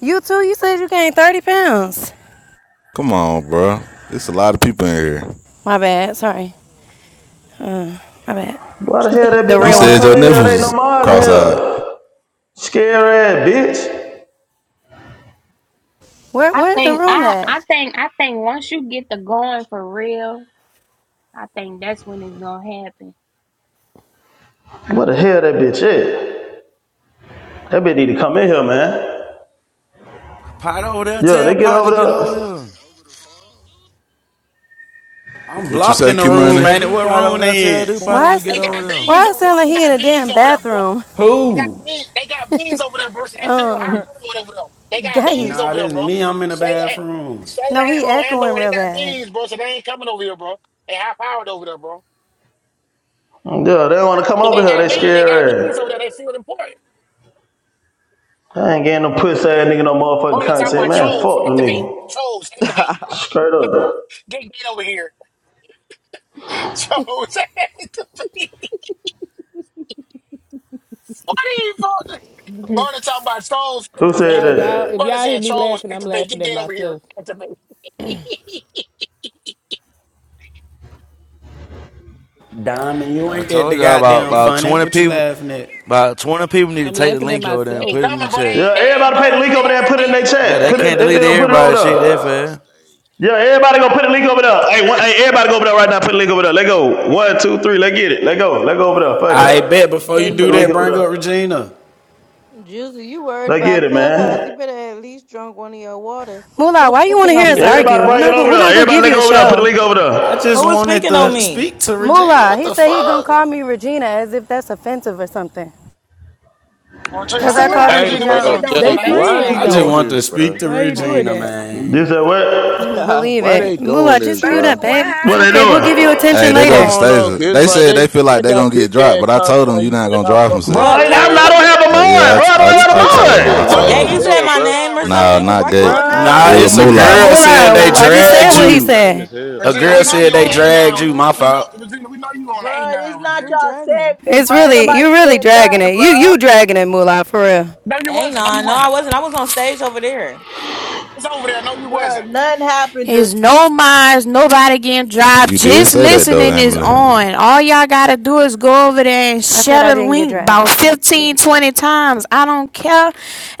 Speaker 23: You too, you said you gained 30 pounds.
Speaker 12: Come on, bro. It's a lot of people in here.
Speaker 23: My bad, sorry. Uh, my bad.
Speaker 7: Why the hell that bitch
Speaker 23: The
Speaker 12: You
Speaker 7: don't
Speaker 23: real
Speaker 7: want to
Speaker 23: one.
Speaker 12: said your
Speaker 7: come in here?
Speaker 12: nipples
Speaker 7: There ain't no
Speaker 12: was
Speaker 7: mods in
Speaker 12: cross-eyed.
Speaker 7: here. Scary ass bitch.
Speaker 23: Where
Speaker 1: I
Speaker 23: where's the
Speaker 1: think
Speaker 23: room
Speaker 1: I
Speaker 23: at?
Speaker 1: I think I think once you get the going for real, I think that's when it's gonna happen.
Speaker 7: What the hell that bitch is. That bitch need to come in here, man.
Speaker 3: Pot over there,
Speaker 7: Yeah, they
Speaker 3: tell
Speaker 7: get
Speaker 3: Pot
Speaker 7: over
Speaker 3: to get
Speaker 7: there.
Speaker 3: over here.
Speaker 13: I'm
Speaker 12: What you
Speaker 13: blocked
Speaker 12: say,
Speaker 13: in the
Speaker 12: Q
Speaker 3: I
Speaker 13: room,
Speaker 12: Money?
Speaker 3: said,
Speaker 13: man.
Speaker 3: do
Speaker 13: What
Speaker 3: part over
Speaker 13: room
Speaker 3: there. I
Speaker 13: they
Speaker 3: tell
Speaker 13: in?
Speaker 3: do
Speaker 6: They
Speaker 3: part them
Speaker 23: Why
Speaker 6: got,
Speaker 3: to
Speaker 23: is
Speaker 3: get
Speaker 6: they
Speaker 23: it?
Speaker 3: over
Speaker 6: got beans
Speaker 3: there.
Speaker 23: why it
Speaker 6: over there.
Speaker 23: sound like
Speaker 6: They
Speaker 23: he in
Speaker 6: got
Speaker 23: a
Speaker 6: beans
Speaker 23: damn
Speaker 6: over there, bro.
Speaker 23: bathroom?
Speaker 6: They got
Speaker 13: Who?
Speaker 6: beans. They got beans over there, bro. So they feel high
Speaker 23: Um,
Speaker 6: cold over there. They got beans
Speaker 23: gate.
Speaker 13: Nah,
Speaker 6: over there,
Speaker 13: this is
Speaker 6: bro.
Speaker 13: me. I'm in the
Speaker 6: Shayla,
Speaker 13: bathroom.
Speaker 6: Shayla,
Speaker 23: No,
Speaker 6: and
Speaker 23: he
Speaker 6: oh, and
Speaker 23: echoing
Speaker 6: Lord, they
Speaker 23: real
Speaker 6: got
Speaker 23: bad.
Speaker 6: beans, bro. So they ain't coming over here, bro. They high powered over there, bro.
Speaker 7: Yeah, they don't want to come
Speaker 6: 'Cause
Speaker 7: over
Speaker 6: they
Speaker 7: here.
Speaker 6: got
Speaker 7: They
Speaker 6: beans. They got beans over
Speaker 7: scared.
Speaker 6: there. They feel important.
Speaker 7: I ain't getting no pussy ass nigga no motherfucking
Speaker 6: Mona my
Speaker 7: content, man. Fuck
Speaker 6: trolls
Speaker 7: the
Speaker 6: activate.
Speaker 7: nigga.
Speaker 6: Trolls activate.
Speaker 7: Straight up.
Speaker 6: Get get over here. Trolls activate. What are you for? Mona my trolls.
Speaker 7: Who said
Speaker 2: Y'all, y'all,
Speaker 7: that?
Speaker 2: if
Speaker 6: Mona
Speaker 2: y'all hear
Speaker 6: said
Speaker 2: me
Speaker 6: trolls
Speaker 2: laughing, I'm
Speaker 6: activate.
Speaker 2: laughing
Speaker 6: Get
Speaker 2: at
Speaker 6: get over here.
Speaker 2: myself.
Speaker 6: Activate.
Speaker 13: Diamond, you
Speaker 3: I
Speaker 13: ain't get
Speaker 3: told
Speaker 13: the
Speaker 3: y'all about,
Speaker 13: goddamn
Speaker 3: about
Speaker 13: funny.
Speaker 3: 20
Speaker 13: What you
Speaker 3: people,
Speaker 13: laughing at?
Speaker 3: about 20 people need to
Speaker 2: I'm
Speaker 3: take the
Speaker 2: laughing at
Speaker 3: link over there
Speaker 6: They
Speaker 3: and
Speaker 6: ain't
Speaker 3: put
Speaker 2: myself.
Speaker 3: it in the
Speaker 6: coming, bro. They
Speaker 3: chat.
Speaker 6: ain't,
Speaker 7: Yeah,
Speaker 6: they ain't
Speaker 7: everybody pay the
Speaker 6: bugs,
Speaker 7: link
Speaker 6: but they
Speaker 7: over there. and
Speaker 6: already
Speaker 7: Put it in
Speaker 6: did
Speaker 7: their
Speaker 6: it.
Speaker 3: Yeah,
Speaker 7: chat.
Speaker 3: they
Speaker 6: They-
Speaker 7: Put it.
Speaker 3: can't
Speaker 7: If they
Speaker 3: delete
Speaker 7: don't put it over
Speaker 3: everybody's shit that
Speaker 7: there.
Speaker 3: fast.
Speaker 7: Yeah, everybody gonna put the link over there. Hey, one, hey, everybody go over there right now. Put the link over there. Let go. One, two, three. Let get it. Let go. Let go over there. Fuck
Speaker 13: I
Speaker 7: it.
Speaker 13: bet before
Speaker 2: Gay,
Speaker 13: you
Speaker 7: They
Speaker 2: you
Speaker 7: put
Speaker 13: do
Speaker 7: the
Speaker 2: know
Speaker 7: link
Speaker 13: that,
Speaker 2: them
Speaker 7: over
Speaker 13: bring
Speaker 7: there.
Speaker 2: people.
Speaker 13: up Regina.
Speaker 10: Juicy, you worried
Speaker 7: Let get
Speaker 10: about
Speaker 7: it,
Speaker 10: Clubhouse. You
Speaker 7: man.
Speaker 10: better at least drunk one of your waters.
Speaker 25: Who
Speaker 23: Moolah,
Speaker 25: was
Speaker 23: why you want to
Speaker 25: speaking on
Speaker 23: hear us
Speaker 25: me?
Speaker 7: Everybody
Speaker 23: argue? We're
Speaker 7: bring it
Speaker 23: not going.
Speaker 7: over
Speaker 23: We're
Speaker 7: there.
Speaker 23: not going to
Speaker 7: Everybody
Speaker 23: give
Speaker 7: let
Speaker 23: you a
Speaker 7: go over there. Put the
Speaker 23: show.
Speaker 7: link over there.
Speaker 13: I
Speaker 25: Who
Speaker 13: just
Speaker 25: was
Speaker 13: wanted
Speaker 25: speaking on
Speaker 13: to
Speaker 25: me?
Speaker 13: speak to Regina.
Speaker 23: Moolah,
Speaker 13: What
Speaker 23: he
Speaker 13: the
Speaker 23: said he gonna
Speaker 13: fuck?
Speaker 23: call me Regina as if that's offensive or something.
Speaker 6: Regina,
Speaker 23: Cause
Speaker 6: we
Speaker 26: So
Speaker 23: I
Speaker 26: what
Speaker 6: knew
Speaker 23: called him
Speaker 27: Hey,
Speaker 26: happened?
Speaker 23: D
Speaker 6: Regina,
Speaker 26: Cause
Speaker 6: we
Speaker 26: this
Speaker 27: bro,
Speaker 6: know
Speaker 26: shit
Speaker 6: you
Speaker 26: don't
Speaker 23: Jones.
Speaker 6: was on
Speaker 27: Jay,
Speaker 2: They
Speaker 26: make
Speaker 6: the
Speaker 26: no
Speaker 6: A
Speaker 27: why
Speaker 6: nine,
Speaker 27: they
Speaker 2: friends
Speaker 13: I
Speaker 26: sense,
Speaker 13: just
Speaker 2: though.
Speaker 27: doing
Speaker 6: Regina.
Speaker 13: want to
Speaker 27: this, bro?
Speaker 13: speak to
Speaker 2: Why you doing
Speaker 25: Oh.
Speaker 13: Regina,
Speaker 2: that?
Speaker 7: You
Speaker 13: man.
Speaker 7: said what?
Speaker 23: Believe
Speaker 27: Why they
Speaker 23: it,
Speaker 27: doing
Speaker 23: Moolah.
Speaker 27: this,
Speaker 23: Just mute
Speaker 26: bro.
Speaker 23: up,
Speaker 27: bro?
Speaker 26: What
Speaker 23: babe. It's
Speaker 7: What are they
Speaker 23: okay. We'll
Speaker 26: happened?
Speaker 23: give
Speaker 7: doing?
Speaker 26: Cause
Speaker 23: you
Speaker 26: this
Speaker 12: Hey,
Speaker 23: attention
Speaker 26: shit
Speaker 12: they
Speaker 26: don't
Speaker 12: go to
Speaker 27: I
Speaker 23: later.
Speaker 26: make
Speaker 27: don't know,
Speaker 12: Stasia.
Speaker 27: cause
Speaker 26: sense.
Speaker 27: it's
Speaker 12: They
Speaker 27: like
Speaker 12: said they
Speaker 27: they
Speaker 12: feel like
Speaker 27: they
Speaker 12: they gonna
Speaker 27: got
Speaker 12: get
Speaker 27: big
Speaker 12: dropped,
Speaker 27: ass
Speaker 12: but I told
Speaker 27: content
Speaker 12: them
Speaker 27: on
Speaker 12: you
Speaker 27: you,
Speaker 12: not
Speaker 27: bro,
Speaker 12: gonna
Speaker 27: and I
Speaker 12: drop them.
Speaker 27: fuck with
Speaker 12: Sis.
Speaker 7: Bro,
Speaker 27: you,
Speaker 25: What?
Speaker 7: I,
Speaker 27: gang.
Speaker 7: I'm,
Speaker 25: Counter
Speaker 7: I
Speaker 27: That-
Speaker 25: come
Speaker 7: don't
Speaker 27: that-
Speaker 7: have a
Speaker 12: Uh, Yeah, I,
Speaker 7: mind,
Speaker 12: I I,
Speaker 7: bro.
Speaker 12: t-
Speaker 7: I don't
Speaker 12: I, t-
Speaker 27: this
Speaker 7: have a
Speaker 12: I
Speaker 27: shit, this
Speaker 12: told him.
Speaker 27: shit
Speaker 12: I
Speaker 7: mind.
Speaker 6: We know
Speaker 27: lame
Speaker 12: told
Speaker 25: Gay,
Speaker 27: as
Speaker 6: you
Speaker 25: you
Speaker 12: him.
Speaker 6: was on the
Speaker 25: said
Speaker 27: hell,
Speaker 25: my
Speaker 6: A
Speaker 27: bro.
Speaker 25: name
Speaker 6: nine,
Speaker 25: or
Speaker 12: Nah,
Speaker 25: something?
Speaker 6: Regina.
Speaker 25: Cause
Speaker 12: not
Speaker 25: why
Speaker 12: gay.
Speaker 10: No,
Speaker 25: counter come over
Speaker 10: not
Speaker 25: here
Speaker 13: Nah,
Speaker 12: It
Speaker 8: Bruh,
Speaker 12: was
Speaker 25: talking
Speaker 8: just
Speaker 13: it's a
Speaker 25: about
Speaker 10: Gabe,
Speaker 8: br-
Speaker 23: No,
Speaker 12: moolah.
Speaker 13: girl
Speaker 8: that
Speaker 13: said they
Speaker 23: Moolah.
Speaker 8: moolah,
Speaker 23: I
Speaker 10: Moolah.
Speaker 23: just said
Speaker 13: dragged
Speaker 27: This
Speaker 23: what
Speaker 8: bruh.
Speaker 23: he
Speaker 27: shit
Speaker 13: you.
Speaker 27: lame as
Speaker 23: said.
Speaker 27: hell,
Speaker 13: A
Speaker 6: Regina,
Speaker 10: No,
Speaker 13: girl
Speaker 6: we know
Speaker 10: not
Speaker 13: said
Speaker 6: you on
Speaker 13: they
Speaker 6: the
Speaker 10: gay,
Speaker 6: A
Speaker 13: dragged
Speaker 6: nine.
Speaker 13: you.
Speaker 10: Regina.
Speaker 13: My
Speaker 6: We know
Speaker 13: fault.
Speaker 6: Regina, we know you on the A
Speaker 8: Bruh, it's
Speaker 6: nine,
Speaker 8: not
Speaker 25: who
Speaker 6: Regina.
Speaker 8: y'all
Speaker 25: dragged me?
Speaker 8: segment,
Speaker 23: It's
Speaker 8: bruh. Ain't
Speaker 23: really you.
Speaker 8: nobody
Speaker 23: are Really
Speaker 8: said
Speaker 23: dragging
Speaker 8: nothing,
Speaker 23: it. You
Speaker 8: bruh.
Speaker 23: you dragging it, Moolah. For real.
Speaker 6: No, you wasn't. No, you
Speaker 25: Anon. No, I
Speaker 6: wasn't.
Speaker 25: wasn't. I was on stage over there.
Speaker 6: It was over there. No, you
Speaker 8: Bruh,
Speaker 6: wasn't.
Speaker 8: nothing happened. Just,
Speaker 1: It's no minds, nobody getting dropped.
Speaker 12: You did
Speaker 1: Just
Speaker 12: say that though,
Speaker 1: listening is
Speaker 12: Emily. All
Speaker 1: on. All y'all gotta do is go over there and
Speaker 23: I said
Speaker 1: share
Speaker 23: I
Speaker 1: the
Speaker 23: didn't get
Speaker 1: link
Speaker 23: dragged.
Speaker 1: about 15, 20 times. I don't care.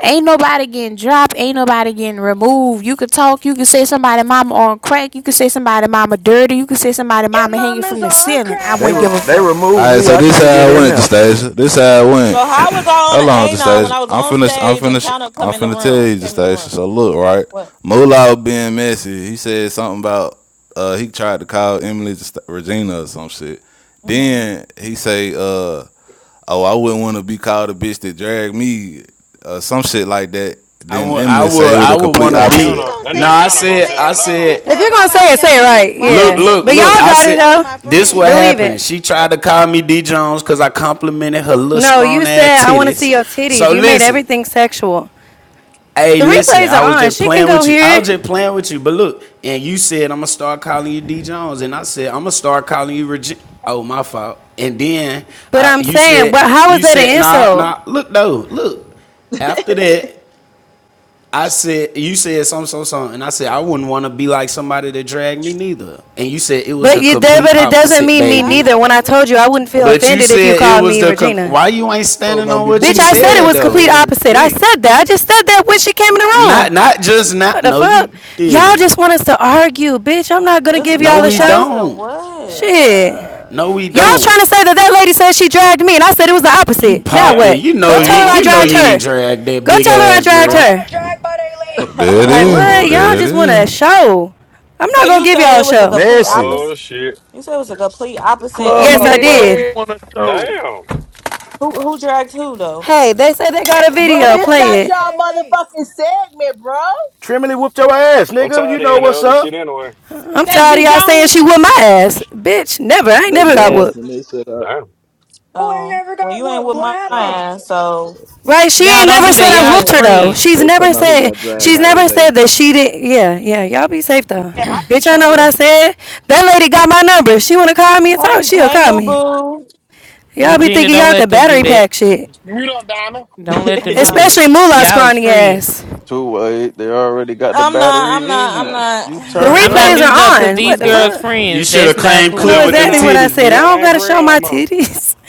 Speaker 1: Ain't nobody getting dropped. Ain't nobody getting removed. You could talk. You could say somebody mama on crack. You could say somebody mama dirty. You could say somebody
Speaker 26: Your
Speaker 1: mama hanging from
Speaker 26: mama's
Speaker 1: the
Speaker 26: on
Speaker 1: ceiling. I
Speaker 26: crack
Speaker 21: They
Speaker 1: wouldn't
Speaker 21: re-
Speaker 1: give a
Speaker 26: rock.
Speaker 21: they
Speaker 1: fuck.
Speaker 21: removed
Speaker 12: right,
Speaker 21: me.
Speaker 12: so
Speaker 21: I
Speaker 12: this how
Speaker 21: can't get
Speaker 12: I
Speaker 21: in
Speaker 12: went,
Speaker 21: there.
Speaker 12: Justasia. This how I
Speaker 25: So
Speaker 12: went.
Speaker 25: how was I on
Speaker 12: How
Speaker 25: an
Speaker 12: long,
Speaker 25: Anon when
Speaker 12: Justasia?
Speaker 25: I was
Speaker 12: I'm
Speaker 25: on
Speaker 12: finished. I'm
Speaker 25: stage and
Speaker 12: finished.
Speaker 25: counter come
Speaker 12: I'm
Speaker 25: in the
Speaker 12: finna tell
Speaker 25: room?
Speaker 12: you,
Speaker 25: Came in the
Speaker 12: Justasia.
Speaker 25: room.
Speaker 12: So look, right?
Speaker 25: What?
Speaker 12: Moolah was being messy. He said something about uh he tried to call Emily Justa- Regina or some shit.
Speaker 25: hmm
Speaker 12: Then he say, uh, oh, I wouldn't want to be called a bitch that dragged me, or uh, some shit like that.
Speaker 13: I
Speaker 12: Then
Speaker 13: would, I
Speaker 12: Emily say
Speaker 13: would,
Speaker 12: it was
Speaker 13: I
Speaker 12: the
Speaker 13: would
Speaker 12: complete
Speaker 28: That
Speaker 13: want to
Speaker 28: nigga
Speaker 10: No, if you
Speaker 13: be.
Speaker 12: opposite.
Speaker 28: counter,
Speaker 10: gonna
Speaker 28: that
Speaker 10: say
Speaker 28: nigga
Speaker 13: Nah, I
Speaker 28: counter
Speaker 10: everything,
Speaker 28: gonna
Speaker 13: said,
Speaker 10: say
Speaker 28: tell
Speaker 13: I
Speaker 28: it
Speaker 10: everything. She
Speaker 28: all,
Speaker 13: said,
Speaker 23: If
Speaker 10: said,
Speaker 28: boy.
Speaker 23: you're
Speaker 10: "Why
Speaker 23: gonna
Speaker 10: would I
Speaker 23: say
Speaker 10: be
Speaker 23: it,
Speaker 10: a
Speaker 23: say it right.
Speaker 10: friend? Why would I
Speaker 13: Look,
Speaker 10: be
Speaker 23: Yeah.
Speaker 13: look,
Speaker 23: But
Speaker 13: look.
Speaker 10: offended?"
Speaker 23: y'all
Speaker 13: I
Speaker 10: That's
Speaker 23: got
Speaker 10: what
Speaker 23: it
Speaker 10: that
Speaker 13: said
Speaker 10: was
Speaker 23: though.
Speaker 10: my
Speaker 13: this
Speaker 10: friend.
Speaker 13: what
Speaker 23: Believe it.
Speaker 13: happened. She tried to call me D Jones because I complimented her little
Speaker 23: No, you
Speaker 13: scrawny ass
Speaker 23: said I want to
Speaker 13: titties.
Speaker 23: see your titties.
Speaker 13: So
Speaker 23: You made
Speaker 13: listen,
Speaker 23: everything sexual.
Speaker 13: hey,
Speaker 23: The
Speaker 13: listen,
Speaker 23: replays
Speaker 13: I
Speaker 23: are
Speaker 13: was
Speaker 23: on.
Speaker 13: just
Speaker 23: She can
Speaker 13: playing
Speaker 23: go
Speaker 13: with you. I
Speaker 23: hear
Speaker 13: was
Speaker 23: it.
Speaker 13: just playing with you. But look, and you said I'm gonna start calling you D Jones, and I said I'm gonna start calling you Regina. Oh, my fault. And then
Speaker 23: But
Speaker 13: I,
Speaker 23: I'm
Speaker 13: you
Speaker 23: saying,
Speaker 13: said
Speaker 23: well, how is
Speaker 13: you
Speaker 23: that
Speaker 13: said
Speaker 23: an
Speaker 13: nah
Speaker 23: insult?
Speaker 13: nah. Look though, look. After that, I said, you said some, some, some, and I said I wouldn't want to be like somebody that dragged me neither. And you said it was
Speaker 23: But
Speaker 13: the
Speaker 23: you did,
Speaker 13: complete
Speaker 23: but it doesn't
Speaker 13: opposite,
Speaker 23: mean me
Speaker 10: Y'all
Speaker 13: baby.
Speaker 10: know
Speaker 23: neither. When I
Speaker 10: every
Speaker 23: told you, I wouldn't feel
Speaker 13: But you
Speaker 23: offended if you
Speaker 13: said it
Speaker 23: called
Speaker 13: was
Speaker 23: me
Speaker 13: the com-
Speaker 23: Regina.
Speaker 13: why you ain't
Speaker 16: Oh,
Speaker 13: standing
Speaker 16: don't
Speaker 13: on
Speaker 16: be
Speaker 13: what
Speaker 23: Bitch,
Speaker 13: you
Speaker 23: I
Speaker 16: bullshitting. They
Speaker 23: said it
Speaker 16: got
Speaker 13: said
Speaker 16: to
Speaker 23: was
Speaker 16: stay in
Speaker 23: complete
Speaker 13: though.
Speaker 16: here
Speaker 23: opposite. I
Speaker 16: quick.
Speaker 23: said that. I just said that when she came in the room.
Speaker 13: Not not just not.
Speaker 23: What the
Speaker 13: No,
Speaker 23: fuck?
Speaker 13: you
Speaker 23: Y'all just
Speaker 13: didn't.
Speaker 23: want us to argue, bitch. I'm not gonna
Speaker 25: It's a
Speaker 23: give
Speaker 13: No,
Speaker 23: y'all a
Speaker 25: complete
Speaker 13: we
Speaker 23: show.
Speaker 25: opposite of
Speaker 13: don't.
Speaker 25: what?
Speaker 23: Shit.
Speaker 13: No, we
Speaker 23: Y'all
Speaker 13: don't.
Speaker 23: trying to say that that lady said she dragged me, and I said it was the
Speaker 13: You
Speaker 23: opposite. Now
Speaker 13: popped
Speaker 28: That,
Speaker 13: it.
Speaker 23: what?
Speaker 13: You
Speaker 23: Go
Speaker 13: know you
Speaker 23: tell her I
Speaker 13: you
Speaker 28: oh
Speaker 13: know
Speaker 23: dragged
Speaker 13: you
Speaker 28: shit,
Speaker 13: ain't
Speaker 23: her.
Speaker 13: dragged that
Speaker 23: Go
Speaker 13: big
Speaker 23: tell her I
Speaker 13: ass
Speaker 26: Who
Speaker 23: dragged
Speaker 13: girl.
Speaker 23: her.
Speaker 26: got dragged by they lace?
Speaker 12: There it
Speaker 23: Like,
Speaker 12: is.
Speaker 23: what?
Speaker 28: oh
Speaker 23: Y'all
Speaker 12: There it
Speaker 28: shit,
Speaker 23: just want
Speaker 12: is.
Speaker 23: a show. I'm
Speaker 25: So
Speaker 23: not gonna
Speaker 25: you
Speaker 23: give
Speaker 25: say
Speaker 23: y'all
Speaker 25: it
Speaker 23: a
Speaker 25: was a
Speaker 23: show.
Speaker 25: complete
Speaker 21: Messy.
Speaker 28: oh
Speaker 25: opposite
Speaker 28: shit.
Speaker 25: you say it was a complete opposite as
Speaker 23: Yes,
Speaker 16: Nah,
Speaker 29: Clubhouse,
Speaker 23: I
Speaker 25: in
Speaker 29: you know
Speaker 25: what?
Speaker 29: we
Speaker 23: did.
Speaker 29: want to show.
Speaker 28: Damn,
Speaker 25: Who who dragged who though?
Speaker 23: Hey, they say they got a
Speaker 26: Who
Speaker 8: bruh,
Speaker 23: video.
Speaker 26: got
Speaker 8: this
Speaker 23: Play
Speaker 8: not
Speaker 26: dragged
Speaker 23: it.
Speaker 26: by
Speaker 8: y'all
Speaker 26: they lace?
Speaker 8: motherfucking segment, bruh.
Speaker 21: Trimley whooped your ass,
Speaker 28: I'm
Speaker 21: nigga. You
Speaker 28: tired of
Speaker 21: know
Speaker 28: hearing the
Speaker 21: what's
Speaker 28: other
Speaker 21: up.
Speaker 28: shit anyway.
Speaker 23: I'm
Speaker 2: That's
Speaker 23: tired
Speaker 2: D
Speaker 23: of y'all saying
Speaker 2: Jones.
Speaker 23: she whooped my ass. Bitch, never. I ain't never got whooped.
Speaker 28: Damn.
Speaker 26: Who ain't
Speaker 25: Oh
Speaker 26: never
Speaker 25: well
Speaker 26: got
Speaker 25: you ain't
Speaker 8: Oh
Speaker 26: whooped?
Speaker 25: with
Speaker 26: What
Speaker 8: my
Speaker 25: my
Speaker 8: god.
Speaker 26: happened?
Speaker 25: ass, so
Speaker 23: Right? She
Speaker 2: Y'all
Speaker 23: ain't
Speaker 2: don't
Speaker 23: never
Speaker 2: do
Speaker 23: said
Speaker 2: that.
Speaker 25: like I
Speaker 23: I
Speaker 2: Y'all is
Speaker 23: whooped
Speaker 25: said.
Speaker 23: her though.
Speaker 2: friends.
Speaker 23: She's never said she's never said that she did yeah, yeah. Y'all be safe
Speaker 26: Yeah,
Speaker 23: though.
Speaker 26: I be
Speaker 23: Bitch, I know what I
Speaker 26: trolling.
Speaker 23: said. That lady got my number. If She wanna call me and
Speaker 25: Hey,
Speaker 23: talk, she'll
Speaker 25: hey,
Speaker 23: call
Speaker 25: Moo
Speaker 23: me.
Speaker 25: Boo.
Speaker 23: Y'all be
Speaker 2: Regina,
Speaker 23: thinking
Speaker 2: don't
Speaker 23: y'all
Speaker 2: let
Speaker 23: could
Speaker 2: them do
Speaker 23: battery
Speaker 2: that.
Speaker 23: pack shit.
Speaker 6: You don't, Donna.
Speaker 2: Don't let
Speaker 25: I'm
Speaker 2: them do
Speaker 25: not.
Speaker 2: that.
Speaker 23: Especially Moolah
Speaker 2: Y'all is
Speaker 23: scrawny
Speaker 2: friends.
Speaker 23: ass.
Speaker 29: Too late, they already got the
Speaker 25: I'm not. I'm
Speaker 29: battery in
Speaker 25: not. I'm
Speaker 29: you. You
Speaker 23: The
Speaker 25: not.
Speaker 29: turned
Speaker 2: I'm not
Speaker 29: up.
Speaker 23: replays
Speaker 2: muting up
Speaker 23: are
Speaker 2: because
Speaker 23: on.
Speaker 2: these
Speaker 23: What the
Speaker 2: girls
Speaker 28: Mhm.
Speaker 23: fuck?
Speaker 13: You
Speaker 2: friends.
Speaker 13: should
Speaker 2: That's
Speaker 13: have
Speaker 2: not
Speaker 13: claimed
Speaker 23: I know
Speaker 13: clip
Speaker 2: cool.
Speaker 28: No,
Speaker 13: with
Speaker 28: that
Speaker 13: them
Speaker 23: exactly
Speaker 28: not.
Speaker 23: what I
Speaker 13: titties,
Speaker 23: said. I
Speaker 28: No,
Speaker 13: bitch.
Speaker 28: that
Speaker 23: don't
Speaker 28: ain't
Speaker 23: gotta
Speaker 28: for
Speaker 23: show
Speaker 28: real no
Speaker 23: my
Speaker 28: more.
Speaker 23: titties.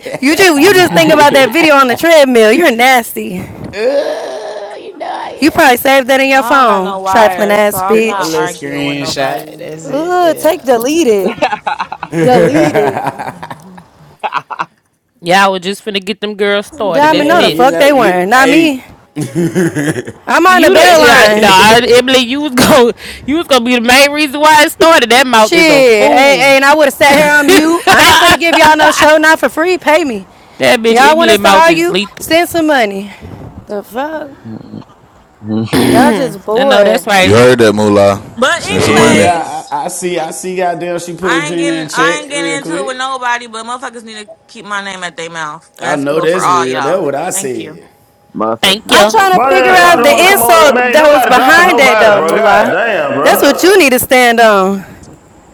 Speaker 23: you just you just think about that video on the treadmill. You're nasty.
Speaker 13: Uh, you know I
Speaker 23: You
Speaker 13: am.
Speaker 23: probably saved that in your
Speaker 25: Well, I don't got no
Speaker 23: phone, trifling
Speaker 25: wire, so
Speaker 23: ass
Speaker 25: I'm
Speaker 13: a
Speaker 25: not
Speaker 23: bitch.
Speaker 13: little
Speaker 25: arguing with
Speaker 13: screenshot.
Speaker 25: nobody.
Speaker 13: That's
Speaker 23: Ugh, take
Speaker 13: it.
Speaker 23: delete it. Delete it.
Speaker 13: Yeah.
Speaker 2: Y'all were just finna get them girls started.
Speaker 23: Diamond,
Speaker 2: That's
Speaker 23: no the
Speaker 13: Man, you
Speaker 23: fuck
Speaker 2: messy.
Speaker 13: know,
Speaker 23: they
Speaker 13: you,
Speaker 23: weren't. Not
Speaker 13: hey.
Speaker 23: me. I'm on the
Speaker 2: You the
Speaker 23: bell
Speaker 2: yeah,
Speaker 23: line.
Speaker 2: nah, Emily, you was gonna you was gonna be the main reason why it started. That mouth
Speaker 23: Shit,
Speaker 2: is a
Speaker 23: hey, hey,
Speaker 2: fool.
Speaker 23: and I would have sat here on mute. I ain't
Speaker 2: that
Speaker 23: finna give y'all no show, not for free. Pay me.
Speaker 2: bitch
Speaker 23: Y'all want
Speaker 2: Emily
Speaker 23: us to
Speaker 2: mouth is
Speaker 23: argue?
Speaker 2: lethal.
Speaker 23: Send some money. The fuck? Y'all just
Speaker 2: I know
Speaker 23: bored.
Speaker 2: that's
Speaker 12: You
Speaker 2: right.
Speaker 12: heard that, Moolah.
Speaker 25: But
Speaker 12: Send some
Speaker 13: hey,
Speaker 12: money.
Speaker 13: yeah,
Speaker 25: anyways,
Speaker 13: I, I see, I see. Goddamn, she put
Speaker 25: I ain't
Speaker 13: Regina
Speaker 25: getting.
Speaker 13: in
Speaker 25: I ain't
Speaker 13: check
Speaker 25: getting
Speaker 13: real
Speaker 25: into it with
Speaker 13: quick.
Speaker 25: nobody. But motherfuckers need to keep my name at their mouth.
Speaker 13: I
Speaker 25: That's
Speaker 13: know
Speaker 25: good for
Speaker 13: that's
Speaker 25: all
Speaker 13: real. That's
Speaker 25: y'all.
Speaker 13: what I
Speaker 25: Thank you.
Speaker 13: said.
Speaker 2: Thank
Speaker 23: I'm
Speaker 2: you.
Speaker 23: trying to
Speaker 7: Why the
Speaker 23: figure
Speaker 7: hell Shawty
Speaker 23: out
Speaker 13: Thank
Speaker 7: don't
Speaker 23: the
Speaker 7: want
Speaker 13: you.
Speaker 7: to come over?
Speaker 23: insult
Speaker 7: Man, ain't
Speaker 23: that was
Speaker 7: nobody dropping
Speaker 23: behind that
Speaker 7: nobody,
Speaker 23: though,
Speaker 7: bro. God
Speaker 23: Moolah.
Speaker 7: damn,
Speaker 23: That's what
Speaker 7: bro.
Speaker 23: you need to stand on.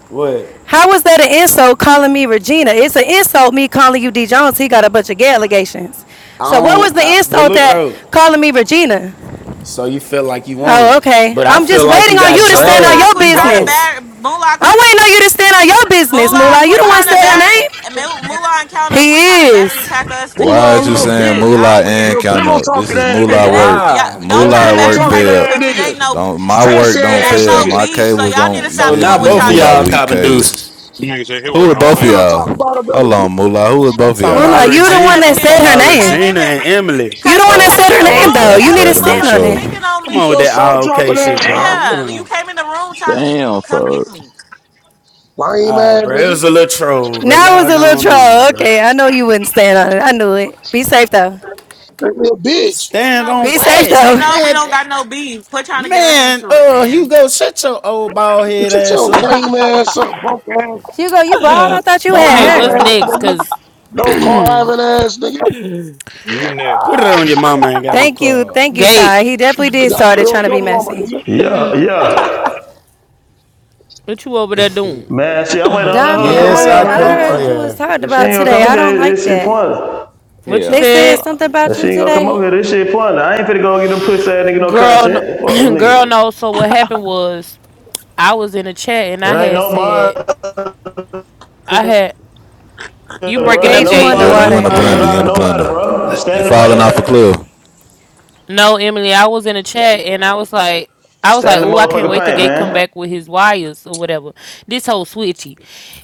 Speaker 13: What?
Speaker 23: How was that an insult calling me Regina? It's an insult me calling you D Jones. He got a bunch of gay allegations. So
Speaker 13: I
Speaker 23: what was
Speaker 13: don't.
Speaker 23: the
Speaker 13: I, but
Speaker 23: insult
Speaker 13: look
Speaker 23: that
Speaker 13: though.
Speaker 23: calling me Regina?
Speaker 13: So you feel like you
Speaker 23: Oh,
Speaker 13: won,
Speaker 23: okay.
Speaker 13: but I
Speaker 23: I'm
Speaker 13: feel
Speaker 23: just
Speaker 13: like
Speaker 23: waiting
Speaker 13: you
Speaker 23: on
Speaker 13: got
Speaker 23: you to
Speaker 25: But
Speaker 23: stand on
Speaker 25: Moolah,
Speaker 23: your
Speaker 13: dragged.
Speaker 25: quit
Speaker 13: You
Speaker 25: trying to
Speaker 23: business.
Speaker 13: lost.
Speaker 25: batter. Moolah,
Speaker 23: I'm
Speaker 25: quit.
Speaker 23: waiting on you to stand on your business,
Speaker 25: Moolah,
Speaker 23: Moolah. You
Speaker 25: quit
Speaker 23: the
Speaker 26: I
Speaker 23: one
Speaker 26: don't
Speaker 25: trying to
Speaker 26: even
Speaker 23: said her
Speaker 13: I'm.
Speaker 26: know
Speaker 25: battery.
Speaker 26: that.
Speaker 23: name?
Speaker 26: Just
Speaker 25: Mo-
Speaker 26: make a
Speaker 25: Moolah and Count Up, quit trying to
Speaker 23: He
Speaker 25: battery
Speaker 23: is.
Speaker 25: pack us to get
Speaker 12: Why are
Speaker 14: Moolah a
Speaker 12: you
Speaker 14: little
Speaker 25: into it
Speaker 12: saying
Speaker 25: though.
Speaker 14: bitch.
Speaker 12: Moolah
Speaker 25: Y'all
Speaker 12: and
Speaker 14: Little
Speaker 25: weird.
Speaker 12: count
Speaker 14: pillow
Speaker 12: up? This
Speaker 14: talking
Speaker 12: is
Speaker 14: ass
Speaker 25: Cause
Speaker 12: Moolah
Speaker 14: nigga.
Speaker 25: it ain't.
Speaker 12: work.
Speaker 25: Y'all
Speaker 13: Why?
Speaker 25: don't
Speaker 14: No
Speaker 26: Shout
Speaker 25: try to
Speaker 12: Moolah
Speaker 14: pillow
Speaker 12: work
Speaker 25: battery
Speaker 14: talking
Speaker 25: pack
Speaker 26: leave it
Speaker 25: us.
Speaker 12: failed.
Speaker 14: ass
Speaker 25: Cause it
Speaker 26: alone.
Speaker 14: nigga.
Speaker 25: ain't no
Speaker 12: Don't my
Speaker 14: Sassy
Speaker 12: work
Speaker 25: It
Speaker 12: don't
Speaker 14: ass
Speaker 25: ain't
Speaker 12: fail.
Speaker 25: no
Speaker 14: nigga.
Speaker 12: My
Speaker 25: beef, so
Speaker 12: cables
Speaker 25: y'all need to
Speaker 12: don't. You
Speaker 13: So
Speaker 25: stop
Speaker 12: feel me?
Speaker 13: now
Speaker 25: doing what
Speaker 12: These
Speaker 13: both
Speaker 25: y'all
Speaker 13: of
Speaker 12: Moolah
Speaker 13: y'all
Speaker 25: doing.
Speaker 12: weak
Speaker 13: copping
Speaker 12: cables.
Speaker 13: deuces.
Speaker 28: You said say his
Speaker 12: Who
Speaker 28: work
Speaker 12: are
Speaker 14: No
Speaker 28: don't
Speaker 12: both of
Speaker 14: pillow
Speaker 28: fail.
Speaker 14: talk
Speaker 12: y'all?
Speaker 14: about another
Speaker 12: Hold on,
Speaker 14: bitch.
Speaker 12: Moolah. Who is
Speaker 13: I'm
Speaker 12: both of
Speaker 13: talking
Speaker 12: y'all?
Speaker 13: about
Speaker 23: Moolah,
Speaker 25: Nigga,
Speaker 23: you
Speaker 25: cause
Speaker 23: the
Speaker 25: you
Speaker 23: one
Speaker 13: Regina.
Speaker 25: came in
Speaker 23: that
Speaker 13: I'm
Speaker 25: there,
Speaker 13: talking
Speaker 23: said her
Speaker 25: cause
Speaker 13: about
Speaker 25: you came
Speaker 23: name.
Speaker 25: in
Speaker 13: Regina
Speaker 25: there,
Speaker 13: and Emily.
Speaker 23: You the
Speaker 25: cause you
Speaker 23: one that
Speaker 25: came
Speaker 12: Oh,
Speaker 23: said
Speaker 25: in
Speaker 23: her
Speaker 25: the
Speaker 12: oh,
Speaker 23: name
Speaker 12: okay.
Speaker 25: room
Speaker 12: I
Speaker 23: though. You
Speaker 12: just
Speaker 23: need
Speaker 25: telling
Speaker 23: to
Speaker 12: had
Speaker 25: me
Speaker 12: to make
Speaker 23: stand
Speaker 25: motherfuckers
Speaker 23: on it.
Speaker 12: sure.
Speaker 25: speaking on
Speaker 13: Come
Speaker 14: Keep
Speaker 13: on with
Speaker 14: your
Speaker 25: me.
Speaker 13: that
Speaker 14: soul
Speaker 13: all okay
Speaker 14: dropping
Speaker 13: shit,
Speaker 14: ass
Speaker 13: bro. Come
Speaker 14: out.
Speaker 25: Yeah, you
Speaker 13: on.
Speaker 25: came in the room trying to come get me.
Speaker 14: Lame
Speaker 13: All right,
Speaker 14: ass
Speaker 13: bro. It
Speaker 14: nigga.
Speaker 13: was a little troll, bro.
Speaker 23: Now it
Speaker 13: Y'all
Speaker 23: was a little
Speaker 13: going on,
Speaker 23: troll.
Speaker 13: bro.
Speaker 23: Okay, I know you wouldn't stand on it. I knew it. Be safe though.
Speaker 14: That little bitch.
Speaker 25: They
Speaker 13: Stand
Speaker 25: know we,
Speaker 13: on
Speaker 23: Be safe
Speaker 13: what?
Speaker 25: they
Speaker 23: though.
Speaker 25: know we
Speaker 13: Man,
Speaker 25: don't
Speaker 13: th-
Speaker 25: got no beef. Quit trying to get us
Speaker 13: man,
Speaker 25: into it,
Speaker 13: uh,
Speaker 25: man.
Speaker 13: Hugo, shut your old bald head
Speaker 14: Get your
Speaker 13: ass up.
Speaker 14: lame ass up, punk ass.
Speaker 23: Hugo, you bald? I thought you
Speaker 14: No
Speaker 23: had
Speaker 2: Okay,
Speaker 14: living
Speaker 2: what's
Speaker 23: hair.
Speaker 30: Ah.
Speaker 14: ass
Speaker 2: next?
Speaker 14: nigga.
Speaker 2: Cause
Speaker 14: No car
Speaker 2: Gabe,
Speaker 14: having ass nigga.
Speaker 28: You
Speaker 13: Put
Speaker 28: next.
Speaker 13: it on your mama ain't got no
Speaker 23: Thank you,
Speaker 13: car.
Speaker 23: thank you, Ty. He definitely
Speaker 14: You
Speaker 23: did
Speaker 14: got
Speaker 23: start it
Speaker 14: to
Speaker 23: trying to
Speaker 14: your
Speaker 23: be
Speaker 14: mama
Speaker 23: messy.
Speaker 14: nigga.
Speaker 7: Yeah, yeah.
Speaker 2: what you over there doing?
Speaker 7: Man, see, I'm waiting on
Speaker 23: Diamond,
Speaker 7: her to
Speaker 23: I
Speaker 7: come over
Speaker 13: Yes,
Speaker 7: here,
Speaker 23: heard,
Speaker 13: I
Speaker 23: I
Speaker 13: come
Speaker 23: heard
Speaker 7: man.
Speaker 23: you was
Speaker 13: clear.
Speaker 23: talked
Speaker 7: If she
Speaker 23: about
Speaker 7: ain't gonna
Speaker 23: today.
Speaker 7: come in
Speaker 23: I don't
Speaker 7: here,
Speaker 23: like
Speaker 7: this shit
Speaker 23: that.
Speaker 7: pointless.
Speaker 2: What you
Speaker 23: They said
Speaker 2: said,
Speaker 23: something about
Speaker 7: If she
Speaker 23: you
Speaker 7: ain't gonna come
Speaker 23: today.
Speaker 7: over here, this shit pointless. I ain't finna go get them pussy ass nigga no
Speaker 2: girl? No,
Speaker 7: content. Fuck them
Speaker 2: girl,
Speaker 7: nigga.
Speaker 2: no. So what happened was I was in a chat and
Speaker 7: It
Speaker 2: I
Speaker 7: ain't
Speaker 2: had
Speaker 7: no
Speaker 2: said
Speaker 7: mind,
Speaker 2: I had you
Speaker 7: bro.
Speaker 2: breaking
Speaker 7: Ain't
Speaker 2: up,
Speaker 23: Gage, you
Speaker 2: Gabe.
Speaker 12: You
Speaker 7: nobody,
Speaker 12: you in the
Speaker 23: underwater.
Speaker 7: nobody
Speaker 12: blender? You in
Speaker 7: dropping
Speaker 12: the
Speaker 7: nobody,
Speaker 12: blender?
Speaker 7: bro. Stand
Speaker 12: You
Speaker 7: in the
Speaker 12: falling off a
Speaker 7: paint.
Speaker 12: cliff?
Speaker 2: No, Emily, I was in a chat and I was like, I was like,
Speaker 7: Stand in
Speaker 2: oh,
Speaker 7: the
Speaker 2: I can't
Speaker 7: motherfucking
Speaker 2: wait to
Speaker 7: paint,
Speaker 2: Gate come
Speaker 7: man.
Speaker 2: back with his wires or whatever. This whole switchy.